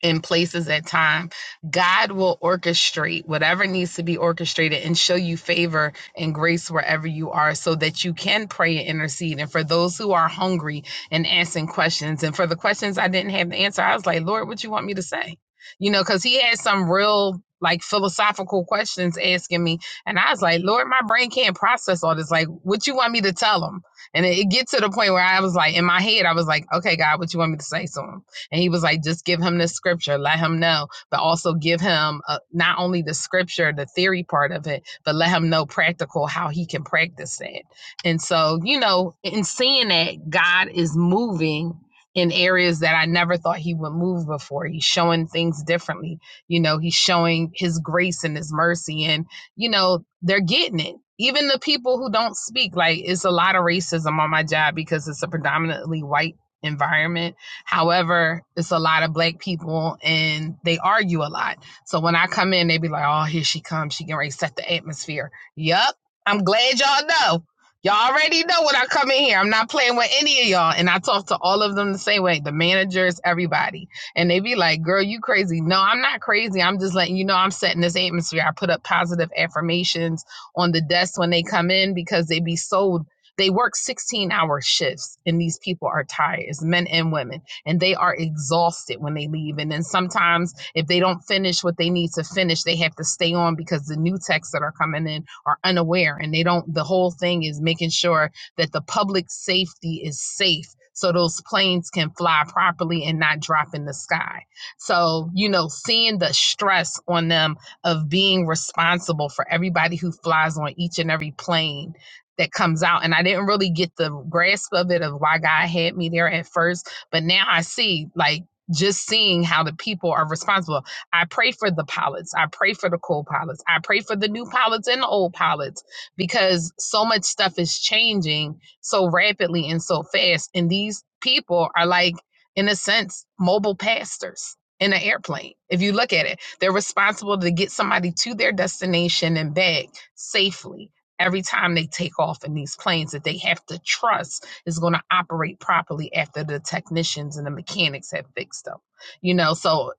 in places at time god will orchestrate whatever needs to be orchestrated and show you favor and grace wherever you are so that you can pray and intercede and for those who are hungry and asking questions and for the questions i didn't have the answer i was like lord what you want me to say you know because he had some real like philosophical questions asking me and i was like lord my brain can't process all this like what you want me to tell him and it, it get to the point where i was like in my head i was like okay god what you want me to say to him and he was like, just give him the scripture, let him know, but also give him uh, not only the scripture, the theory part of it, but let him know practical how he can practice that. And so, you know, in seeing that God is moving in areas that I never thought he would move before, he's showing things differently. You know, he's showing his grace and his mercy, and, you know, they're getting it. Even the people who don't speak, like, it's a lot of racism on my job because it's a predominantly white environment However, it's a lot of black people and they argue a lot. So when I come in, they be like, oh, here she comes. She can reset the atmosphere. Yup. I'm glad y'all know. Y'all already know when I come in here. I'm not playing with any of y'all. And I talk to all of them the same way the managers, everybody. And they be like, girl, you crazy. No, I'm not crazy. I'm just letting you know I'm setting this atmosphere. I put up positive affirmations on the desk when they come in because they be sold. They work 16 hour shifts and these people are tired. It's men and women and they are exhausted when they leave. And then sometimes if they don't finish what they need to finish, they have to stay on because the new texts that are coming in are unaware and they don't the whole thing is making sure that the public safety is safe so those planes can fly properly and not drop in the sky. So, you know, seeing the stress on them of being responsible for everybody who flies on each and every plane that comes out and I didn't really get the grasp of it of why God had me there at first but now I see, like, just seeing how the people are responsible. I pray for the pilots. I pray for the co pilots. I pray for the new pilots and the old pilots because so much stuff is changing so rapidly and so fast. And these people are like, in a sense, mobile pastors in an airplane. If you look at it, they're responsible to get somebody to their destination and back safely every time they take off in these planes that they have to trust is going to operate properly after the technicians and the mechanics have fixed them. You know, so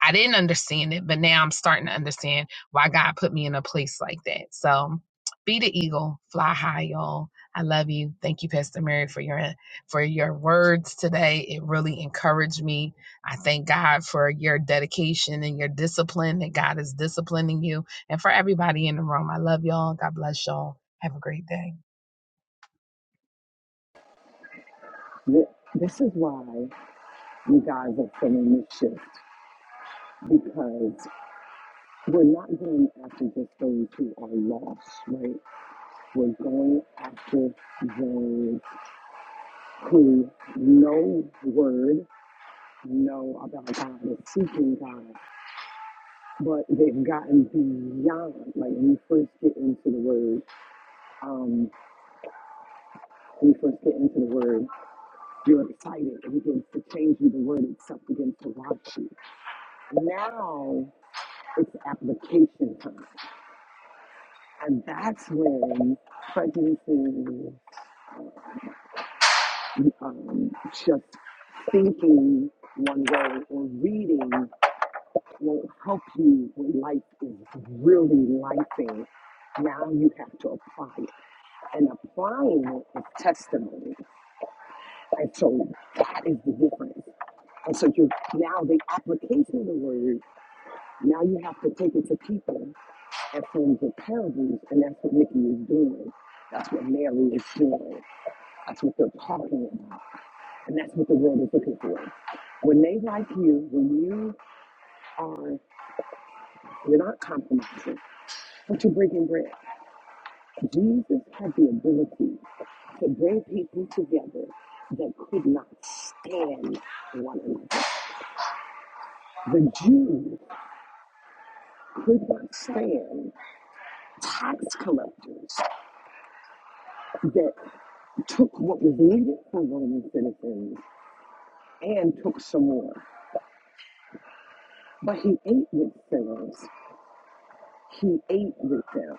I didn't understand it, but now I'm starting to understand why God put me in a place like that. So be the eagle, fly high, y'all. I love you. Thank you, Pastor Mary, for your for your words today. It really encouraged me. I thank God for your dedication and your discipline that God is disciplining you. And for everybody in the room, I love y'all. God bless y'all. Have a great day.
this is why you guys are feeling this shift. because we're not going after just those who are lost, right? We're going after those who know word, know about God, are seeking God, but they've gotten beyond. Like when you first get into the word, um, when you first get into the word, you're excited. It begins to change you. The word itself begins to watch you. Now it's application time. And that's when prejudices Um, just thinking one way or reading won't help you when life is really lifing. Now you have to apply it. And applying it is testimony. And so that is the difference. And so you now the application of the word, now you have to take it to people and form the parables. And that's what Nikki is doing. That's what Mary is doing. That's what they're talking about. And that's what the world is looking for. When they like you, when you are, you're not compromising, but you're breaking bread. Jesus had the ability to bring people together that could not stand one another. The Jews could not stand tax collectors that took what was needed for Roman citizens and took some more. But he ate with sinners. He ate with them.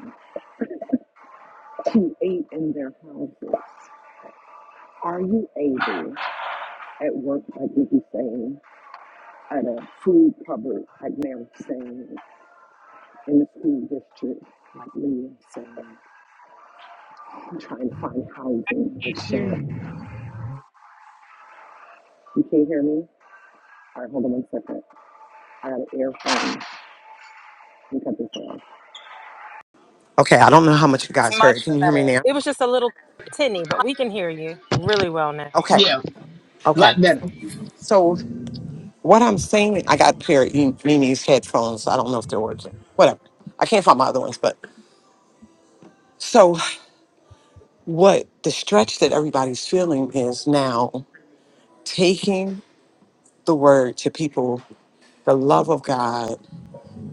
to eat in their houses. Are you able at work, like Nikki's saying, at a food cupboard, like Mary's saying, in the school district, like Leah's saying, trying to find housing, like
Here you
Sharon? You can't hear me? All right, hold on one second. I got an earphone. Let me cut this off. Okay, I don't know how much you
It's
guys heard.
much
Can you hear me
better.
now?
It was just a little tinny, but we can hear you really well now.
Okay,
Yeah, a
okay.
lot better.
So what I'm saying, I got a pair of E- Mimi's headphones. I don't know if they're working. Whatever. I can't find my other ones, but so. what the stretch that everybody's feeling is now taking the word to people, the love of God,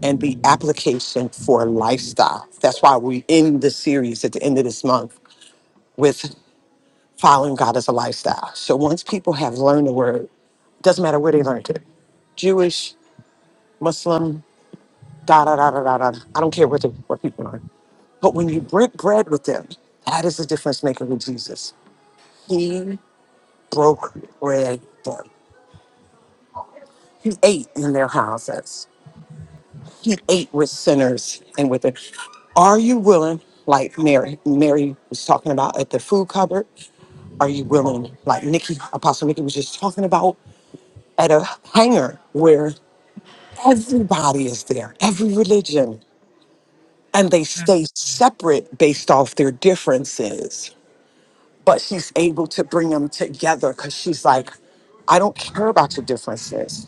and the application for lifestyle. That's why we end the series at the end of this month with following God as a lifestyle. So once people have learned the word, doesn't matter where they learned it, Jewish, Muslim, da da da da da da. I don't care what the what people are. But when you break bread with them, that is the difference maker with Jesus. He broke bread. for them. He ate in their houses. He ate with sinners and with the. Are you willing, like Mary? Mary was talking about at the food cupboard. Are you willing, like Nikki, Apostle Nikki was just talking about at a hangar where everybody is there, every religion, and they stay separate based off their differences. But she's able to bring them together because she's like, I don't care about your differences.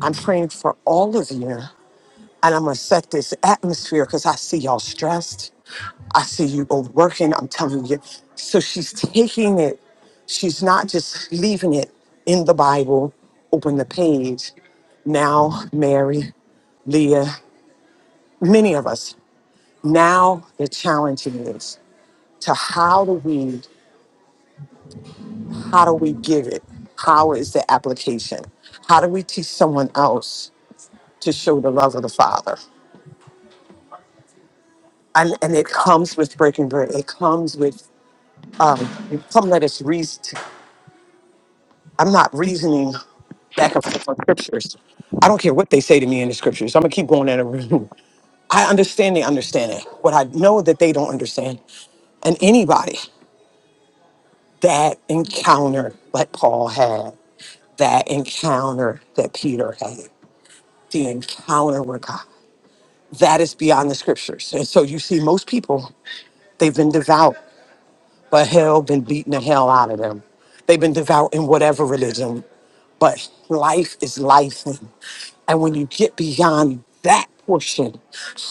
I'm praying for all of you And I'm going to set this atmosphere because I see y'all stressed. I see you overworking. I'm telling you. So she's taking it. She's not just leaving it in the Bible, open the page. Now, Mary, Leah, many of us, now the challenge is to how do we, how do we give it? How is the application? How do we teach someone else to show the love of the Father? And, and it comes with breaking bread. It comes with Come let us reason. I'm not reasoning back and forth on scriptures. I don't care what they say to me in the scriptures. I'm gonna keep going in a room. I understand they understand it. What I know that they don't understand. And anybody that encounter like Paul had, that encounter that Peter had, the encounter with God, that is beyond the scriptures. And so you see most people, they've been devout, but hell been beating the hell out of them. They've been devout in whatever religion, but life is life. And when you get beyond that portion,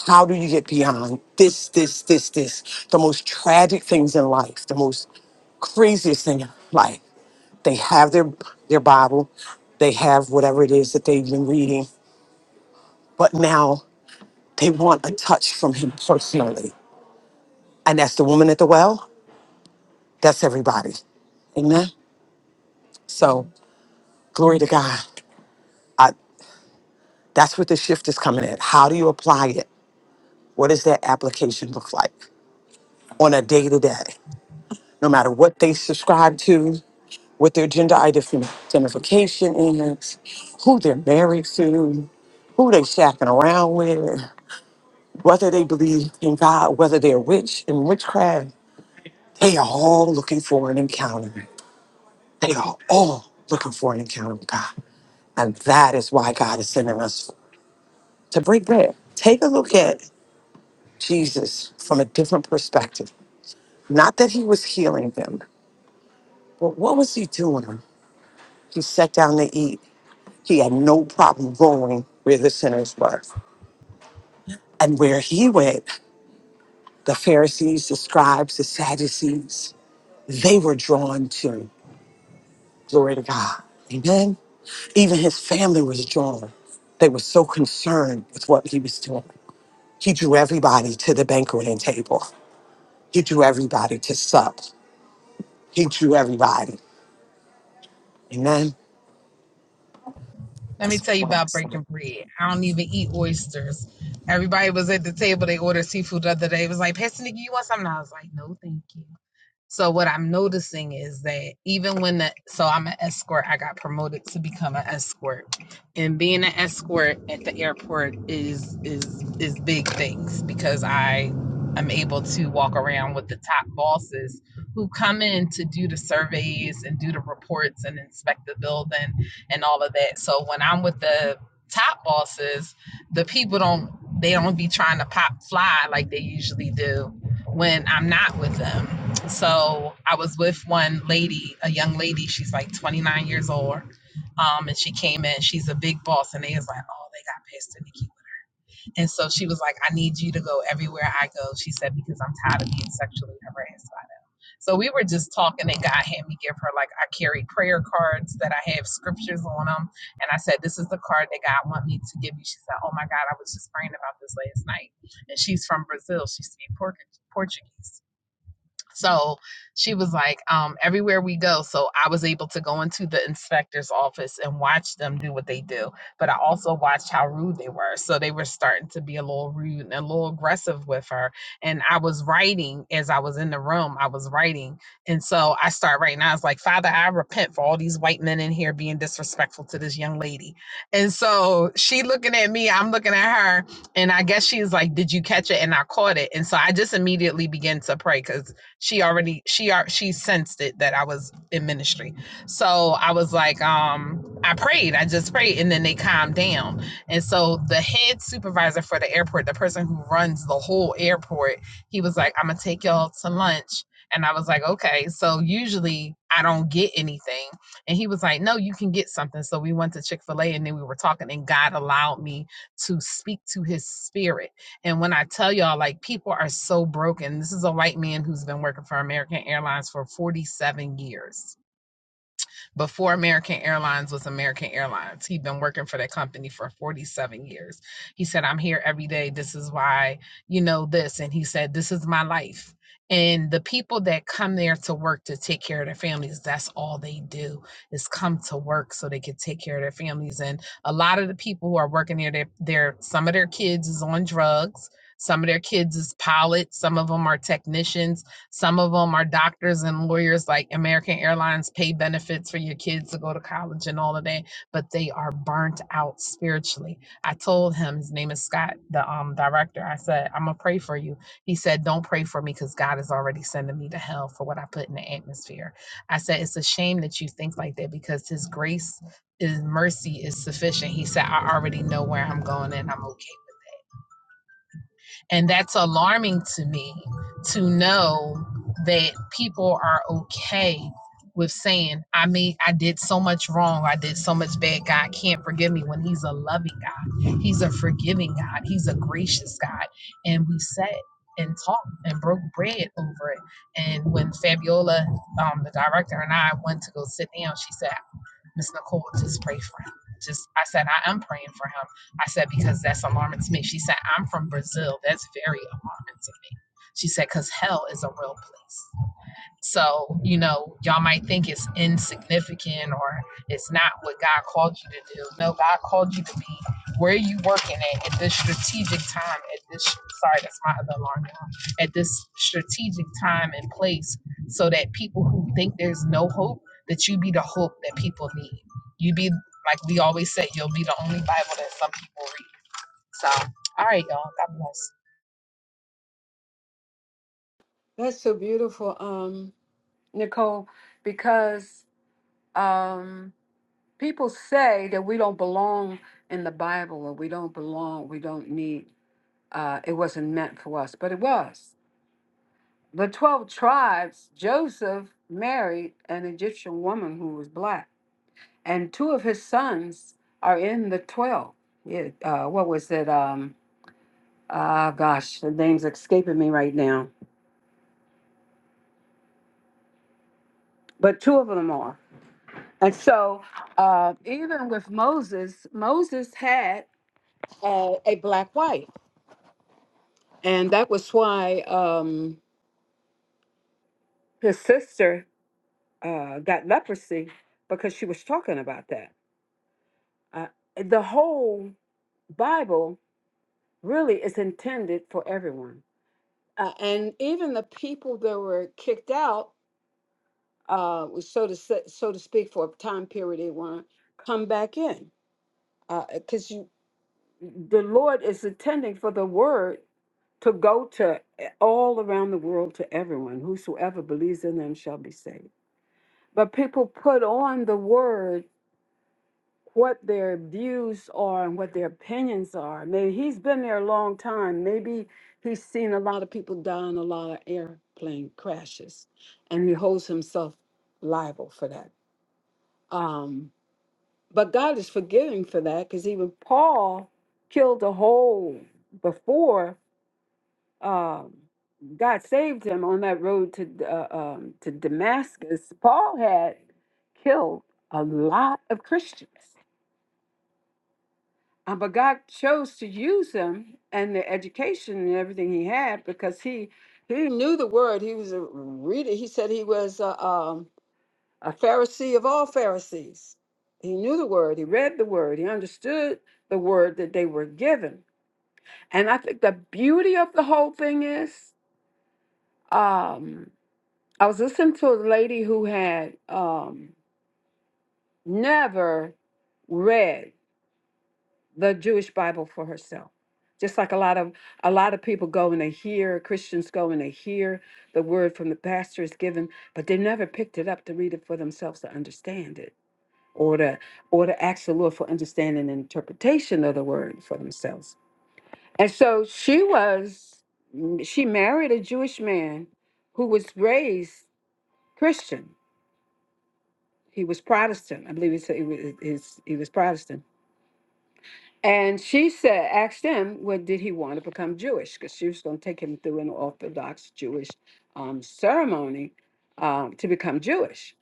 how do you get beyond this, this, this, this? The most tragic things in life, the most craziest thing in life. They have their their Bible, they have whatever it is that they've been reading, but now they want a touch from him personally. And that's the woman at the well, that's everybody. Amen. So glory to God. I, that's what the shift is coming at. How do you apply it? What does that application look like on a day to day? No matter what they subscribe to, what their gender identification is, who they're married to, who they shacking around with, whether they believe in God, whether they're witch and witchcraft, they are all looking for an encounter. They are all looking for an encounter with God. And that is why God is sending us to break bread. Take a look at Jesus from a different perspective. Not that he was healing them, But what was he doing? He sat down to eat. He had no problem going where the sinners were. And where he went, the Pharisees, the scribes, the Sadducees, they were drawn to. Glory to God. Amen. Even his family was drawn. They were so concerned with what he was doing. He drew everybody to the banqueting table. He drew everybody to sup. He drew everybody. Amen.
Let me
That's
tell
what
you
I want to
about
say.
breaking bread. I don't even eat oysters. Everybody was at the table. They ordered seafood the other day. It was like, Pastor Nikki, you want something? I was like, no, thank you. So what I'm noticing is that even when the so I'm an escort, I got promoted to become an escort. And being an escort at the airport is is is big things because I am able to walk around with the top bosses who come in to do the surveys and do the reports and inspect the building and all of that. So when I'm with the top bosses, the people don't they don't be trying to pop fly like they usually do when I'm not with them so I was with one lady, a young lady. She's like 29 years old. Um, and she came in. She's a big boss, and they was like, "Oh, they got pissed at Nikki." And so she was like, "I need you to go everywhere I go." She said, "Because I'm tired of being sexually harassed by them." So we were just talking, and God had me give her like I carry prayer cards that I have scriptures on them, and I said, "This is the card that God want me to give you." She said, "Oh my God, I was just praying about this last night," and she's from Brazil. She speaks Portuguese. So she was like, um, everywhere we go. So I was able to go into the inspector's office and watch them do what they do. But I also watched how rude they were. So they were starting to be a little rude and a little aggressive with her. And I was writing as I was in the room, I was writing. And so I start writing. I was like, Father, I repent for all these white men in here being disrespectful to this young lady. And so she looking at me, I'm looking at her. And I guess she's like, Did you catch it? And I caught it. And so I just immediately began to pray because she already she are she sensed it that I was in ministry. So I was like, um, I prayed, I just prayed, and then they calmed down. And so the head supervisor for the airport, the person who runs the whole airport, he was like, I'm gonna take y'all to lunch. And I was like, okay. So usually I don't get anything. And he was like, no, you can get something. So we went to Chick fil A and then we were talking, and God allowed me to speak to his spirit. And when I tell y'all, like, people are so broken. This is a white man who's been working for American Airlines for 47 years before American Airlines was American Airlines, he'd been working for that company for 47 years. He said, I'm here every day. This is why, you know, this. And he said, This is my life. And the people that come there to work to take care of their families, that's all they do is come to work so they can take care of their families. And a lot of the people who are working there, they're, they're some of their kids is on drugs. Some of their kids is pilots. Some of them are technicians some of them are doctors and lawyers, like American Airlines pay benefits for your kids to go to college and all of that, but they are burnt out spiritually. I told him, his name is Scott, the um, director. I said, I'm going to pray for you. He said, Don't pray for me because God is already sending me to hell for what I put in the atmosphere. I said, It's a shame that you think like that because His grace, His mercy is sufficient. He said, I already know where I'm going and I'm okay and that's alarming to me to know that people are okay with saying, I mean, I did so much wrong. I did so much bad. God can't forgive me when He's a loving God. He's a forgiving God. He's a gracious God. And we sat and talked and broke bread over it. And when Fabiola, um, the director, and I went to go sit down, she said, Miss Nicole, just pray for him. Just I said, I am praying for him. I said, because that's alarming to me. She said, I'm from Brazil. That's very alarming to me. She said, because hell is a real place. So, you know, y'all might think it's insignificant or it's not what God called you to do. No, God called you to be where you working at at this strategic time, at this sorry, that's my other alarm now, at this strategic time and place so that people who think there's no hope, that you be the hope that people need. You be like we always say, you'll be the only Bible that some people read. So all right, y'all. God bless.
That's so beautiful, um, Nicole, because um, people say that we don't belong in the Bible or we don't belong, we don't need, uh, it wasn't meant for us, but it was. The 12 tribes, Joseph married an Egyptian woman who was black, and two of his sons are in the 12. Yeah, uh, what was it? Um, uh, gosh, the name's escaping me right now, but two of them are. And so, uh, even with Moses, Moses had uh, a black wife and that was why um, his sister uh, got leprosy because she was talking about that. Uh, the whole Bible really is intended for everyone, uh, and even the people that were kicked out, uh, was so to say, so to speak, for a time period, they want to come back in because you. The Lord is intending for the word to go to eh, all around the world to everyone. Whosoever believes in them shall be saved. But people put on the word what their views are and what their opinions are. Maybe he's been there a long time. Maybe he's seen a lot of people die in a lot of airplane crashes, and he holds himself liable for that. Um, but God is forgiving for that because even Paul killed a whole before um, God saved him on that road to D- uh, um, to Damascus. Paul had killed a lot of Christians, uh, but God chose to use him and the education and everything he had because he he knew the word. He was a reader. He said he was a, um, a Pharisee of all Pharisees. He knew the word. He read the word. He understood the word that they were given. And I think the beauty of the whole thing is. Um, I was listening to a lady who had um, never read the Jewish Bible for herself. Just like a lot of a lot of people go and they hear Christians go and they hear the word from the pastor is given, but they never picked it up to read it for themselves to understand it, or to or to ask the Lord for understanding and interpretation of the word for themselves. And so she was, she married a Jewish man who was raised Christian He was Protestant. I believe he said he was, his, he was Protestant. And she said, asked him, well, did he want to become Jewish? Because she was going to take him through an Orthodox Jewish um, ceremony um, to become Jewish.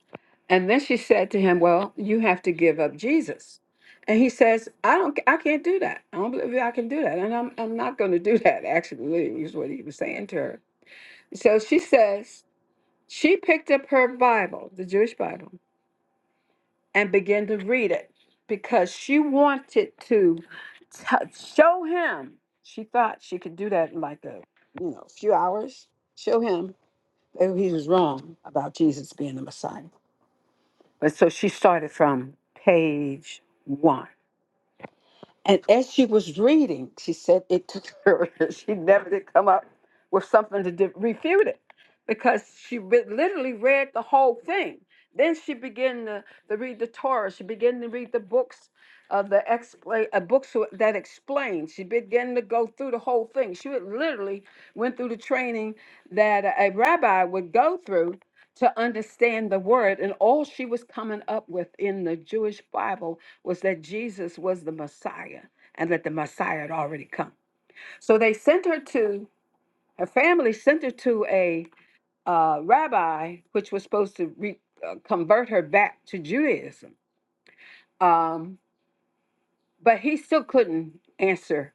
And then she said to him, well, you have to give up Jesus. And he says, I don't, I can't do that. I don't believe I can do that. And I'm, I'm not going to do that, actually, is what he was saying to her. So she says, she picked up her Bible, the Jewish Bible, and began to read it because she wanted to t- show him. She thought she could do that in like a you know few hours. Show him that he was wrong about Jesus being the Messiah. But so she started from page one. And as she was reading, she said it took her, she never did come up with something to di- refute it because she re- literally read the whole thing. Then she began to, to read the Torah. She began to read the books of the expla- uh, books wh- that explain. She began to go through the whole thing. She would literally went through the training that a rabbi would go through to understand the word and all she was coming up with in the Jewish Bible was that Jesus was the Messiah and that the Messiah had already come. So they sent her to, her family sent her to a uh, rabbi, which was supposed to re, uh, convert her back to Judaism. Um, but he still couldn't answer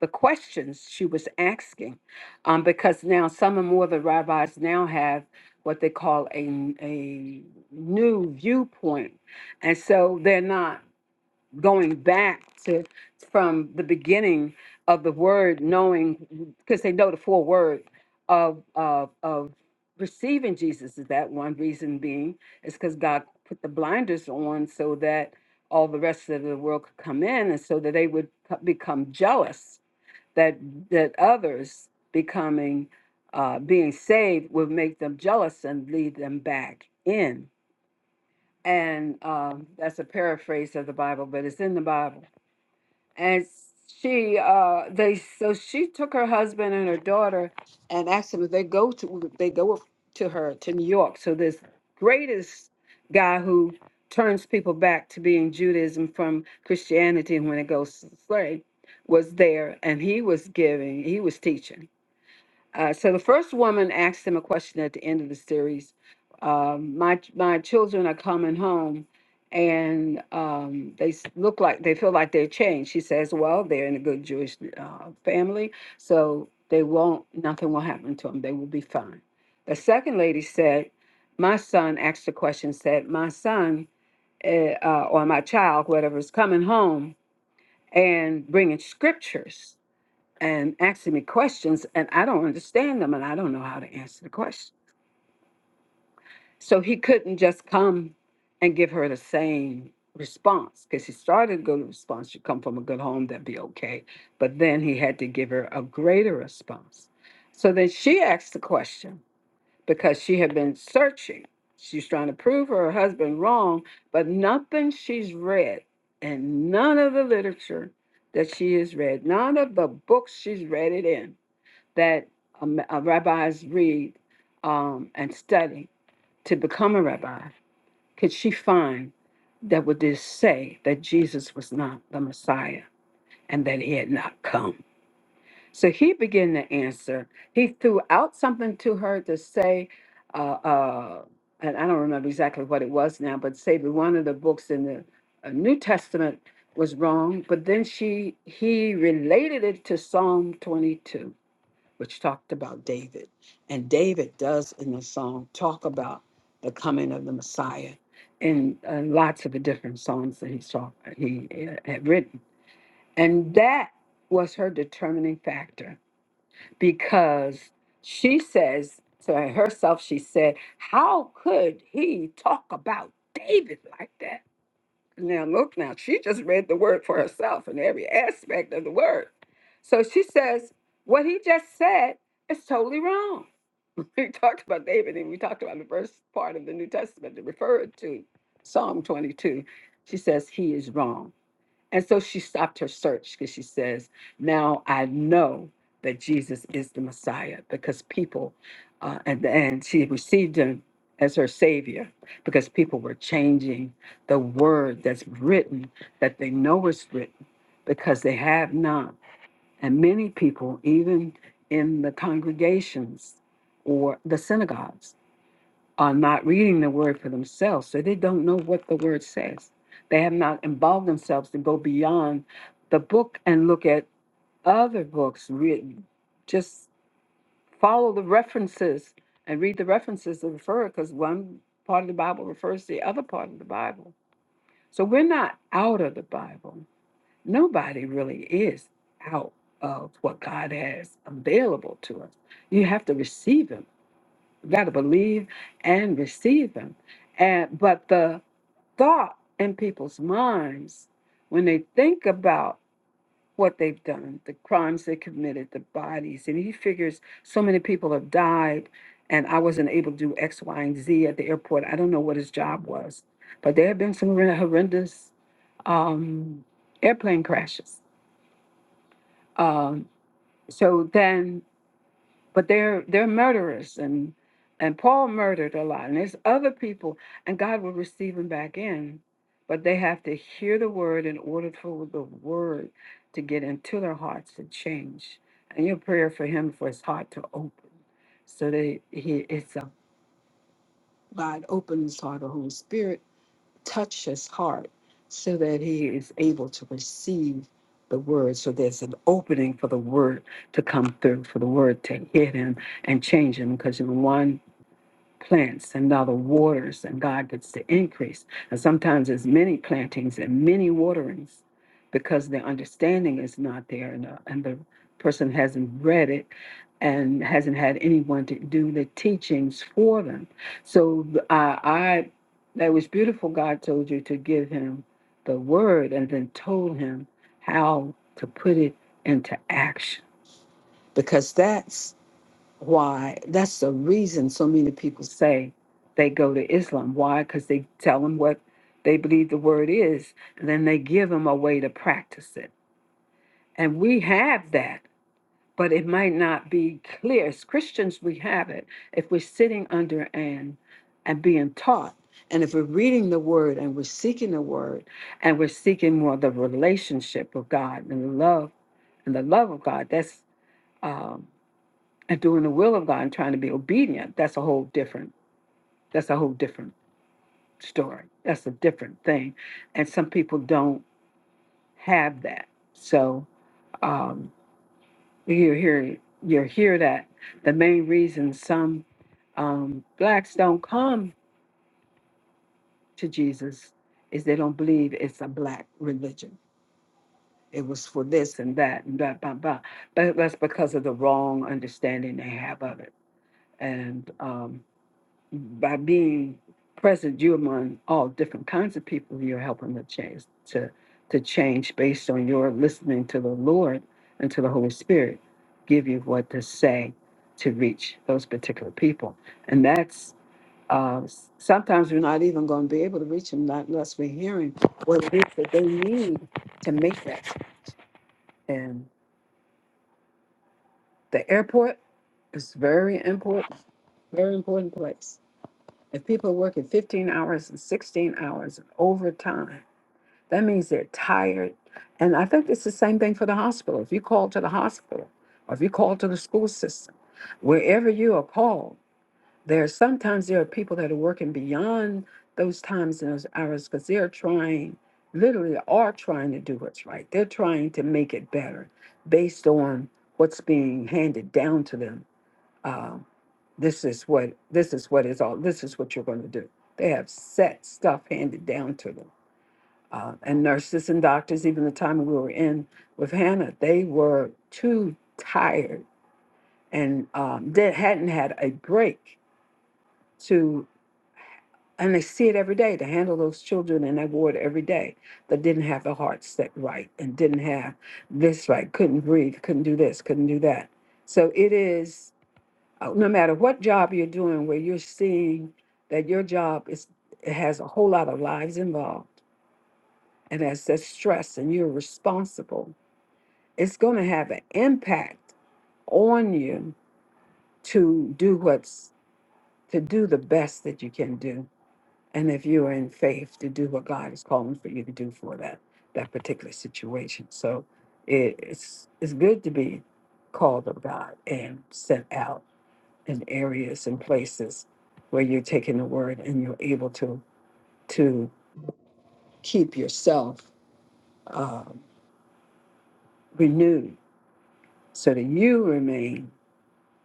the questions she was asking um, because now some and more of the rabbis now have what they call a, a new viewpoint. And so they're not. going back to from the beginning of the word knowing because they know the full word of of of receiving jesus is that one reason being is because god put the blinders on so that all the rest of the world could come in and so that they would co- become jealous that that others becoming uh, being saved would make them jealous and lead them back in and um, that's a paraphrase of the Bible, but it's in the Bible and she uh they so she took her husband and her daughter and asked them if they go to they go to her to New York. So this greatest guy who turns people back to being Judaism from Christianity when it goes to the slave was there and he was giving he was teaching uh, so the first woman asked him a question at the end of the series. Um, my my children are coming home, and um, they s- look like they feel like they're changed. She says, "Well, they're in a good Jewish uh, family, so they won't. Nothing will happen to them. They will be fine." The second lady said, "My son asked the question. Said my son eh, uh, or my child, whatever, is coming home and bringing scriptures." and asking me questions, and I don't understand them, and I don't know how to answer the question. So he couldn't just come and give her the same response because he started a good response. You come from a good home, that'd be okay. But then he had to give her a greater response. So then she asked the question because she had been searching. She's trying to prove her husband wrong, but nothing she's read and none of the literature that she has read, none of the books she's read it in that um, uh, rabbis read um, and study to become a rabbi, could she find that would just say that Jesus was not the Messiah and that he had not come? So he began to answer. He threw out something to her to say, uh, uh, and I don't remember exactly what it was now, but say that one of the books in the uh, New Testament was wrong. But then she he related it to Psalm 22 which talked about David. And David does in the song talk about the coming of the Messiah in uh, lots of the different songs that he saw he uh, had written. And that was her determining factor because she says to herself, she said, How could he talk about David like that? Now look now, she just read the word for herself in every aspect of the word. So she says, what he just said is totally wrong. We talked about David and we talked about the first part of the New Testament that referred to Psalm 22. She says, he is wrong. And so she stopped her search because she says, Now I know that Jesus is the Messiah because people, uh, and, and she received him as her Savior because people were changing the word that's written, that they know is written because they have not. And many people, even in the congregations or the synagogues, are not reading the word for themselves, so they don't know what the word says. They have not involved themselves to go beyond the book and look at other books. Read, just follow the references and read the references that refer, because one part of the Bible refers to the other part of the Bible. So we're not out of the Bible. Nobody really is out of what God has available to us. You have to receive Him you got to believe and receive them. And but the thought in people's minds when they think about what they've done, the crimes they committed, the bodies, and he figures so many people have died, and I wasn't able to do X, Y, and Z at the airport. I don't know what his job was, but there have been some horren- horrendous um, airplane crashes. Um, so then but they're they're murderers and and Paul murdered a lot and there's other people and God will receive them back in but they have to hear the word in order for the word to get into their hearts and change and your prayer for him for his heart to open so that he it's a God open his heart to Holy Spirit touch his heart so that he is able to receive the word. So there's an opening for the word to come through, for the word to hit him and change him. Because in one plants and thou the waters, and God gets the increase. And sometimes there's many plantings and many waterings because the understanding is not there and, uh, and the person hasn't read it and hasn't had anyone to do the teachings for them. So uh, I, that was beautiful. God told you to give him the word and then told him how to put it into action because that's why that's the reason so many people say they go to Islam. Why? Because they tell them what they believe the word is, and then they give them a way to practice it. And we have that, but it might not be clear. As Christians, we have it if we're sitting under and and being taught. And if we're reading the word and we're seeking the word and we're seeking more the relationship of God and the love and the love of God, that's um and doing the will of God and trying to be obedient, that's a whole different, that's a whole different story. That's a different thing. And some people don't have that. So um, you hear you hear that the main reason some um, blacks don't come to Jesus is they don't believe it's a black religion. It was for this and that and blah blah blah. But that's because of the wrong understanding they have of it. And um, by being present, you're among all different kinds of people. You're helping to change to to change based on your listening to the Lord and to the Holy Spirit give you what to say to reach those particular people. And that's uh, s- sometimes we're not even going to be able to reach them not unless we're hearing what it is that they need to make that. And the airport is very important, very important place If people are working 15 hours and 16 hours and overtime, that means they're tired. And I think it's the same thing for the hospital. If you call to the hospital or if you call to the school system, wherever you are called, there are sometimes there are people that are working beyond those times and those hours because they're trying, literally are trying to do what's right. They're trying to make it better based on what's being handed down to them Um, this is what this is what is all. This is what you're going to do. They have set stuff handed down to them. Uh, and nurses and doctors, even the time we were in with Hannah, they were too tired and um, they hadn't had a break to. And they see it every day to handle those children in that ward every day that didn't have the heart set right and didn't have this right, couldn't breathe, couldn't do this, couldn't do that. So it is. uh, no matter what job you're doing where you're seeing that your job is it has a whole lot of lives involved and has that stress and you're responsible it's going to have an impact on you to do what's to do the best that you can do and if you are in faith to do what god is calling for you to do for that that particular situation so it, it's it's good to be called of god and sent out and areas and places where you're taking the word and you're able to to keep yourself um, renewed so that you remain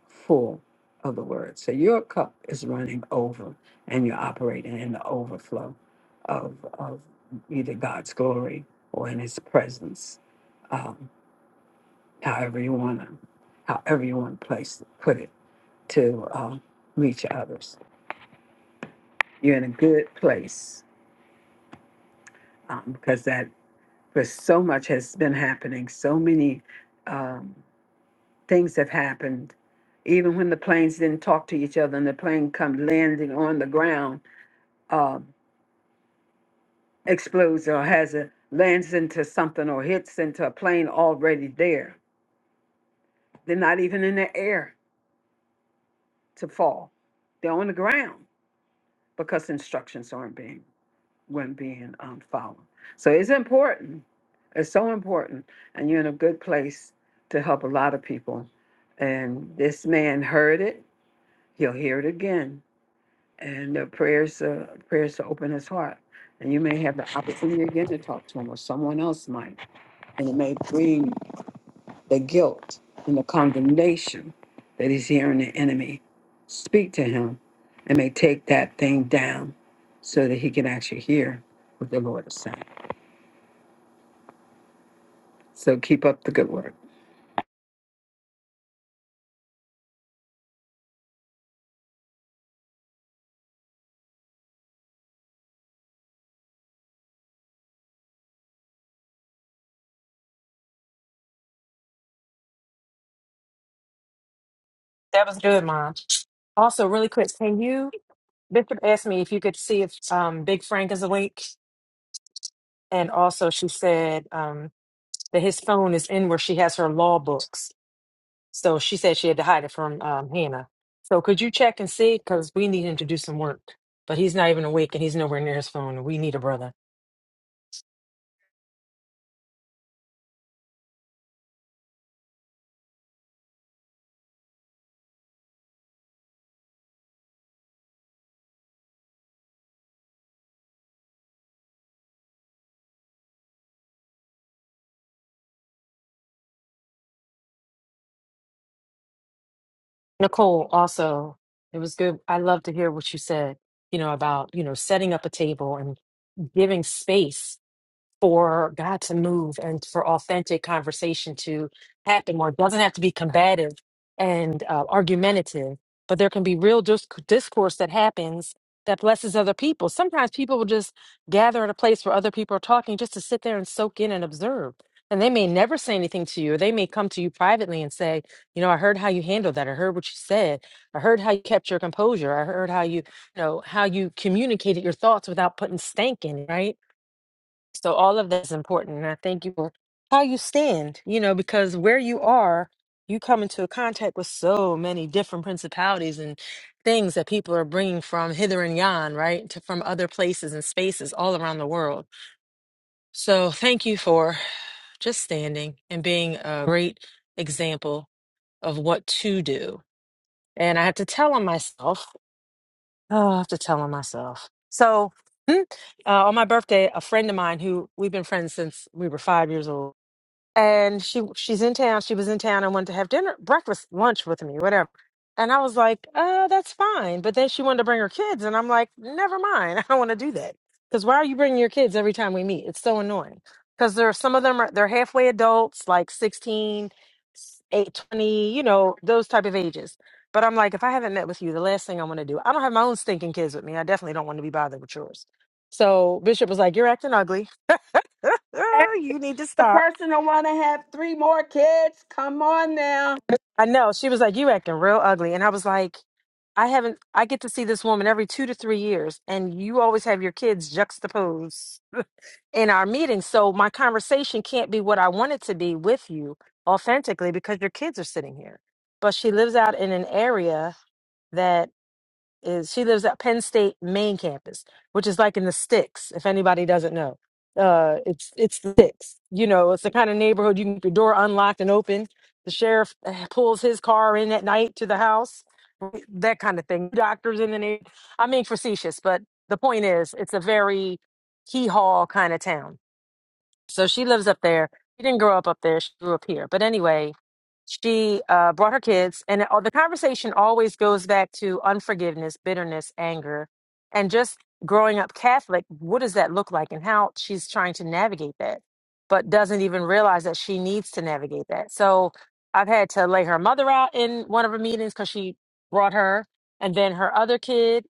full of the word so your cup is running over and you're operating in the overflow of, of either god's glory or in his presence um, however you want to however you want to place put it to um, reach others you're in a good place um, because that but so much has been happening. So many um, things have happened. Even when the planes didn't talk to each other, and the plane come landing on the ground, um, explodes or has a lands into something or hits into a plane already there. They're not even in the air to fall; they're on the ground because instructions aren't being when being um, followed. So it's important. It's so important. And you're in a good place to help a lot of people. And this man heard it. He'll hear it again. And the prayers, uh, prayers to open his heart. And you may have the opportunity again to talk to him, or someone else might. And it may bring the guilt and the condemnation that he's hearing the enemy speak to him. and may take that thing down so that he can actually hear what the Lord is saying. So keep up the good work.
That was good, Mom. Also, really quick, can you, Bishop asked me if you could see if um, Big Frank is awake. And also, she said um, that his phone is in where she has her law books. So she said she had to hide it from um, Hannah. So could you check and see? Because we need him to do some work. But he's not even awake and he's nowhere near his phone. We need a brother. Nicole, also, it was good. I love to hear what you said, you know, about, you know, setting up a table and giving space for God to move and for authentic conversation to happen where it doesn't have to be combative and uh, argumentative, but there can be real dis- discourse that happens that blesses other people. Sometimes people will just gather at a place where other people are talking just to sit there and soak in and observe. And they may never say anything to you, or they may come to you privately and say, You know, I heard how you handled that. I heard what you said. I heard how you kept your composure. I heard how you, you know, how you communicated your thoughts without putting stank in, it," right? So all of that's important. And I thank you for how you stand, you know, because where you are, you come into contact with so many different principalities and things that people are bringing from hither and yon, right? To, from other places and spaces all around the world. So thank you for just standing and being a great example of what to do. And I had to tell on myself Oh, I have to tell him myself. So, hmm, uh, on my birthday, a friend of mine who we've been friends since we were five years old and she she's in town. She was in town and wanted to have dinner, breakfast, lunch with me, whatever. And I was like, uh, that's fine. But then she wanted to bring her kids, and I'm like, never mind. I don't want to do that because why are you bringing your kids every time we meet? It's so annoying. Because there are some of them are they're halfway adults, like 16, 8, 20, you know, those type of ages. But I'm like, if I haven't met with you, the last thing I want to do, I don't have my own stinking kids with me. I definitely don't want to be bothered with yours. So Bishop was like, You're acting ugly. you need to
The
stop.
person who want to have three more kids, come on now.
I know. She was like, You acting real ugly. And I was like, I haven't I get to see this woman every two to three years and you always have your kids juxtaposed in our meetings. So my conversation can't be what I want it to be with you authentically because your kids are sitting here. But she lives out in an area is she lives at Penn State main campus, which is like in the sticks, if anybody doesn't know. Uh, it's it's the sticks. You know, it's the kind of neighborhood you can keep your door unlocked and open. The sheriff eh, pulls his car in at night to the house, that kind of thing. Doctors in the neighborhood. I mean, facetious, but the point is, it's a very hee haw kind of town so she lives up there. She didn't grow up up there. She grew up here. But anyway, she uh, brought her kids, and it, the conversation always goes back to unforgiveness, bitterness, anger, and just growing up Catholic. What does that look like, and how she's trying to navigate that, but doesn't even realize that she needs to navigate that. So I've had to lay her mother out in one of her meetings because she brought her, and then her other kid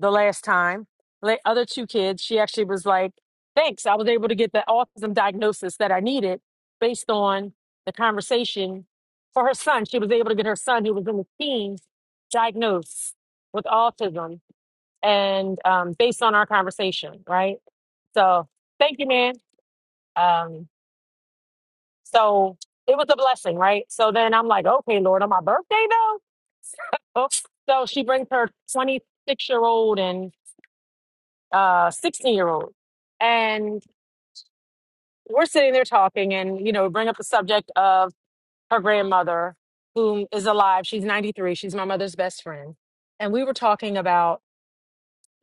the last time. The other two kids, she actually was like thanks. I was able to get the autism diagnosis that I needed based on the conversation for her son. She was able to get her son, who was in his teens, diagnosed with autism, and um, based on our conversation, right? So, thank you, man. Um, so it was a blessing, right? So then I'm like, okay, Lord, on my birthday though. So, so she brings her 26 year old and uh 16 year old, and. we're sitting there talking and you know bring up the subject of her grandmother whom is alive she's 93 she's my mother's best friend and we were talking about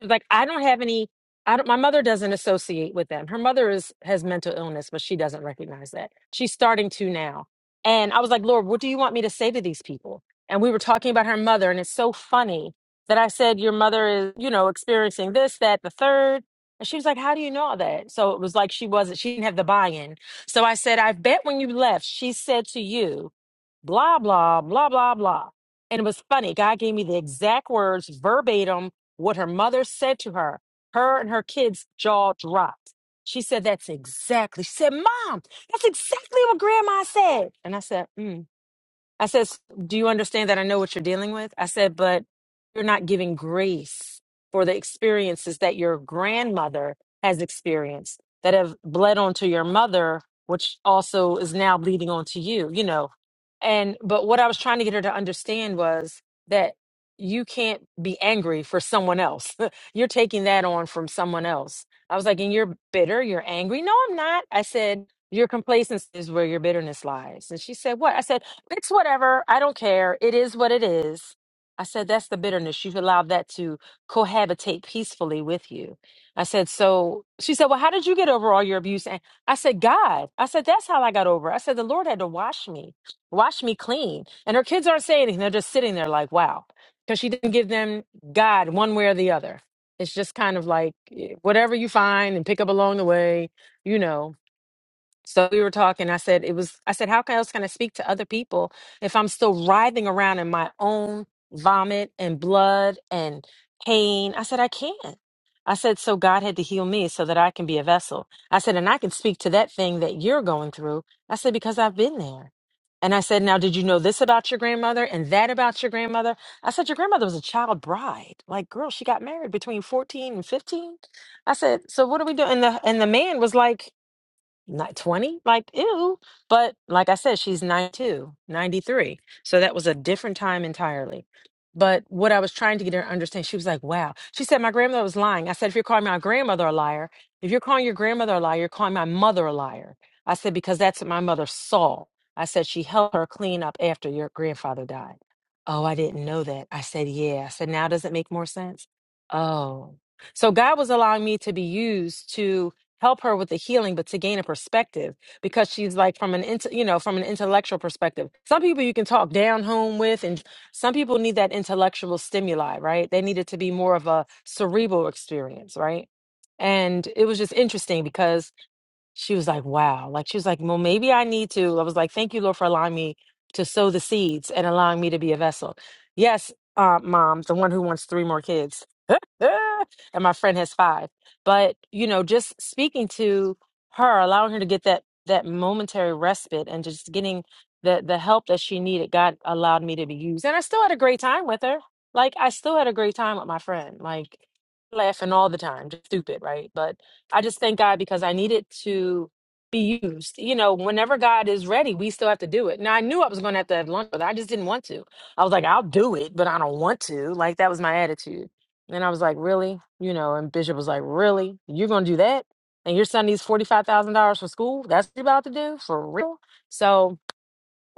like I don't have any I don't my mother doesn't associate with them. Her mother is has mental illness, but she doesn't recognize that. She's starting to now. And I was like, "Lord, what do you want me to say to these people?" And we were talking about her mother and it's so funny that I said your mother is, you know, experiencing this, that, the third. And she was like, "How do you know all that?" So it was like she wasn't she didn't have the buy-in. So I said, "I bet when you left, she said to you, blah blah blah blah blah." And it was funny. God gave me the exact words verbatim what her mother said to her, her and her kids' jaw dropped. She said, That's exactly. She said, Mom, that's exactly what grandma said. And I said, mm. I says, Do you understand that I know what you're dealing with? I said, But you're not giving grace for the experiences that your grandmother has experienced that have bled onto your mother, which also is now bleeding onto you, you know. And, but what I was trying to get her to understand was that you can't be angry for someone else. you're taking that on from someone else. I was like, and you're bitter, you're angry. No, I'm not. I said, your complacency is where your bitterness lies. And she said, What? I said, it's whatever. I don't care. It is what it is. I said, that's the bitterness. You've allowed that to cohabitate peacefully with you. I said, so she said, well, how did you get over all your abuse? And I said, God. I said, that's how I got over. it." I said, the Lord had to wash me, wash me clean. And her kids aren't saying anything. They're just sitting there like, wow, because she didn't give them God one way or the other. It's just kind of like eh, whatever you find and pick up along the way, you know. So we were talking. I said it was. I said, how can- else can I speak to other people if I'm still writhing around in my own vomit and blood and pain? I said I can't. I said so God had to heal me so that I can be a vessel. I said, and I can speak to that thing that you're going through. I said because I've been there. And I said, now did you know this about your grandmother and that about your grandmother? I said your grandmother was a child bride. Like girl, she got married between 14 and 15. I said, so what are we doing? And the and the man was like not 20 like ew but like i said she's 92, 93. so that was a different time entirely but what i was trying to get her to understand she was like wow she said my grandmother was lying i said if you're calling my grandmother a liar if you're calling your grandmother a liar you're calling my mother a liar i said because that's what my mother saw i said she helped her clean up after your grandfather died oh i didn't know that i said yeah i said now does it make more sense oh so god was allowing me to be used to help her with the healing but to gain a perspective because she's like from an int- you know from an intellectual perspective some people you can talk down home with and some people need that intellectual stimuli right they need it to be more of a cerebral experience right and it was just interesting because she was like, wow. Like, she was like, well, maybe I need to. I was like, thank you, Lord, for allowing me to sow the seeds and allowing me to be a vessel. Yes, uh, mom, the one who wants three more kids. and my friend has five. But, you know, just speaking to her, allowing her to get that that momentary respite and just getting the the help that she needed, God allowed me to be used. And I still had a great time with her. Like I still had a great time with my friend. Like laughing all the time, just stupid, right? But I just thank God because I needed to be used. You know, whenever God is ready, we still have to do it. Now I knew I was going to have to have lunch, but I just didn't want to. I was like, I'll do it, but I don't want to. Like that was my attitude. And I was like, really? You know, and Bishop was like, really? You're going to do that? And your son needs $45,000 for school? That's what you're about to do? For real? So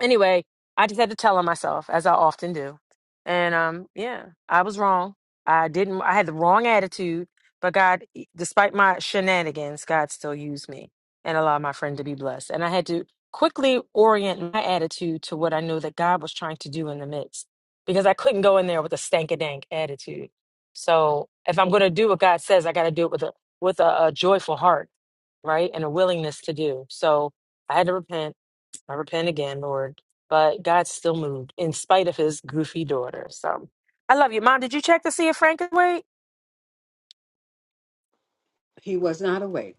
anyway, I just had to tell on myself, as I often do. And um, yeah, I was wrong. I didn't. I had the wrong attitude. But God, e, despite my shenanigans, God still used me and allowed my friend to be blessed. And I had to quickly orient my attitude to what I knew that God was trying to do in the midst, because I couldn't go in there with a stank a dank attitude. So if I'm going to do what God says, I got to do it with a with a, a joyful heart, right, and a willingness to do. So I had to repent I repent again, Lord. But God still moved in spite of his goofy daughter. So I love you, Mom. Did you check to see if Frank is awake?
He was not awake.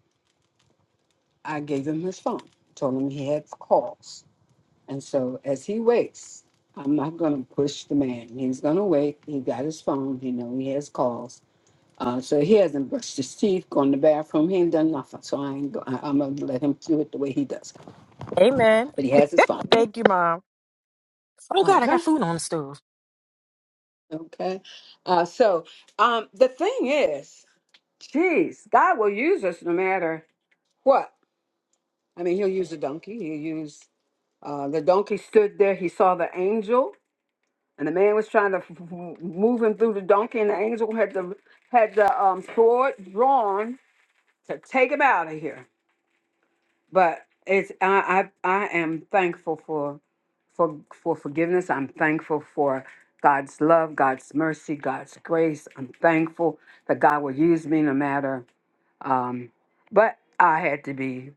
I gave him his phone, told him he had calls. And so as he wakes, I'm not going to push the man. He's going to wake. He got his phone. He know he has calls. Uh, so he hasn't brushed his teeth, gone to the bathroom. He ain't done nothing. So I ain't go, I, I'm going to let him do it the way he does.
Amen.
But he has his phone.
Thank you, Mom. Oh, God, I got
Okay.
food on the stove.
Okay. Uh, so um, the thing is, Jeez, God will use us no matter what. I mean, He'll use the donkey. He'll use uh, the donkey stood there. He saw the angel, and the man was trying to f- f- move him through the donkey, and the angel had the had the um, sword drawn to take him out of here. But it's I I, I am thankful for for for forgiveness. I'm thankful for God's love, God's mercy, God's grace. I'm thankful that God will use me no matter. Um, but I had to be.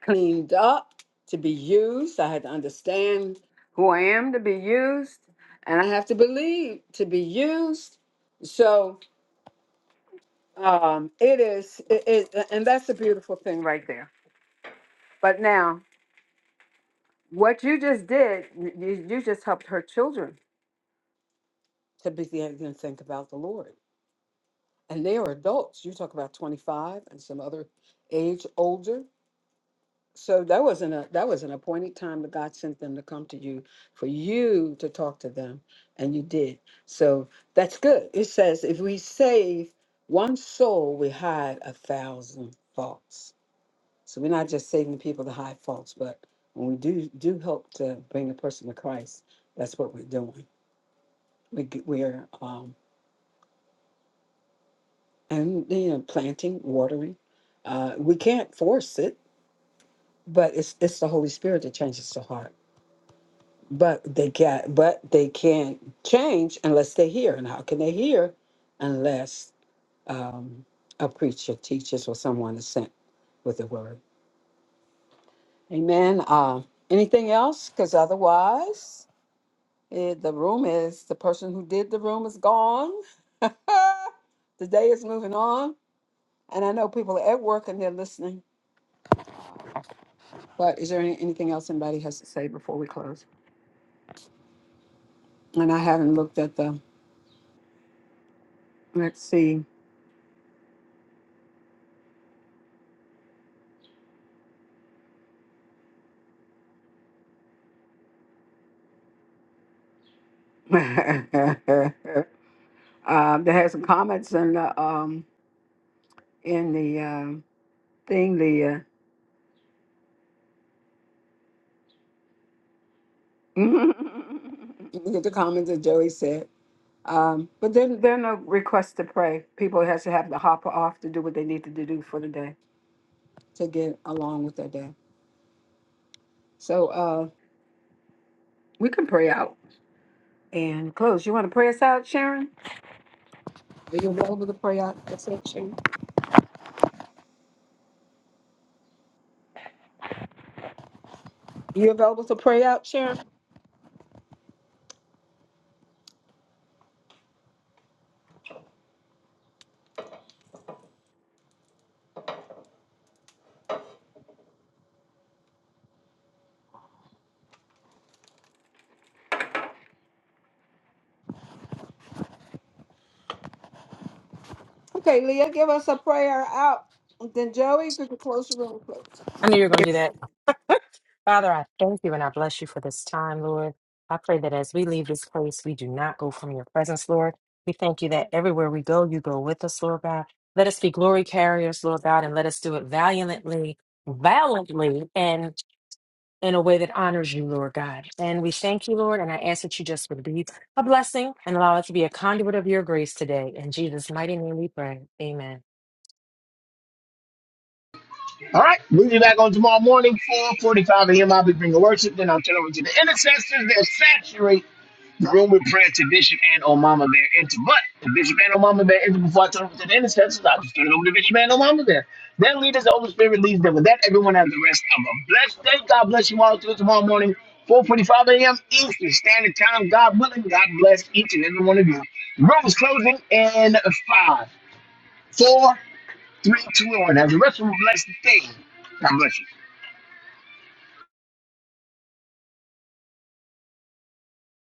cleaned up to be used. I had to understand who I am to be used, and I have to believe to be used. So um, it is, it, it, and that's a beautiful thing right there. But now, what you just did, you you just helped her children to begin to think about the Lord. And they are adults. You talk about 25 and some other age older. So that wasn't a that was an appointed time that God sent them to come to you for you to talk to them, and you did. So that's good. It says if we save one soul, we hide a thousand faults. So we're not just saving people to hide faults, but when we do do help to bring a person to Christ, that's what we're doing. We g- we're um and you know planting, watering. Uh, we can't force it, but it's it's the Holy Spirit that changes the heart. But they got but they can't change unless they hear. And how can they hear unless um, a preacher teaches or someone is sent with the word? Amen. Uh, anything else? Because otherwise, eh, the room is the person who did the room is gone. the day is moving on. And I know people are at work and they're listening. But is there any, anything else anybody has to say before we close? And I haven't looked at the, let's see. Um, they had some comments in the um in the um thing the uh, look at the comments that Joey said. Um, but then there are no requests to pray. People has to have the hopper off to do what they needed to do for the day to get along with their day. So uh, we can pray out and close. You want to pray us out, Sharon? Are you available to pray out? That's it, Sharon. You available to pray out, Sharon? Okay, Leah, give us a prayer out. then Joey, could you close the room, please?
I knew you were going to do that. Father, I thank you and I bless you for this time, Lord. I pray that as we leave this place, we do not go from your presence, Lord. We thank you that everywhere we go, you go with us, Lord God. Let us be glory carriers, Lord God, and let us do it valiantly, valiantly, and in a way that honors you, Lord God. And we thank you, Lord, and I ask that you just would be a blessing and allow us to be a conduit of your grace today. In Jesus' mighty name we pray. Amen.
All right, we'll be back on tomorrow morning, 4.45 a.m. I'll be bringing worship. Then I'll turn over to the intercessors. They'll saturate the room with prayer to Bishop and O Mama Bear. Into, but if Bishop and O Mama Bear enter before I turn over to the intercessors, I'll just turn it over to Bishop and O Mama Bear. Then lead us, the Holy Spirit leads them. With that, everyone has the rest of a blessed day. God bless you all. Till tomorrow morning, 4.45 a.m. Eastern Standard Time. God willing, God bless each and every one of you. The Room is closing in five, four. Three, two, and one. Have the rest of a blessed day. God bless you.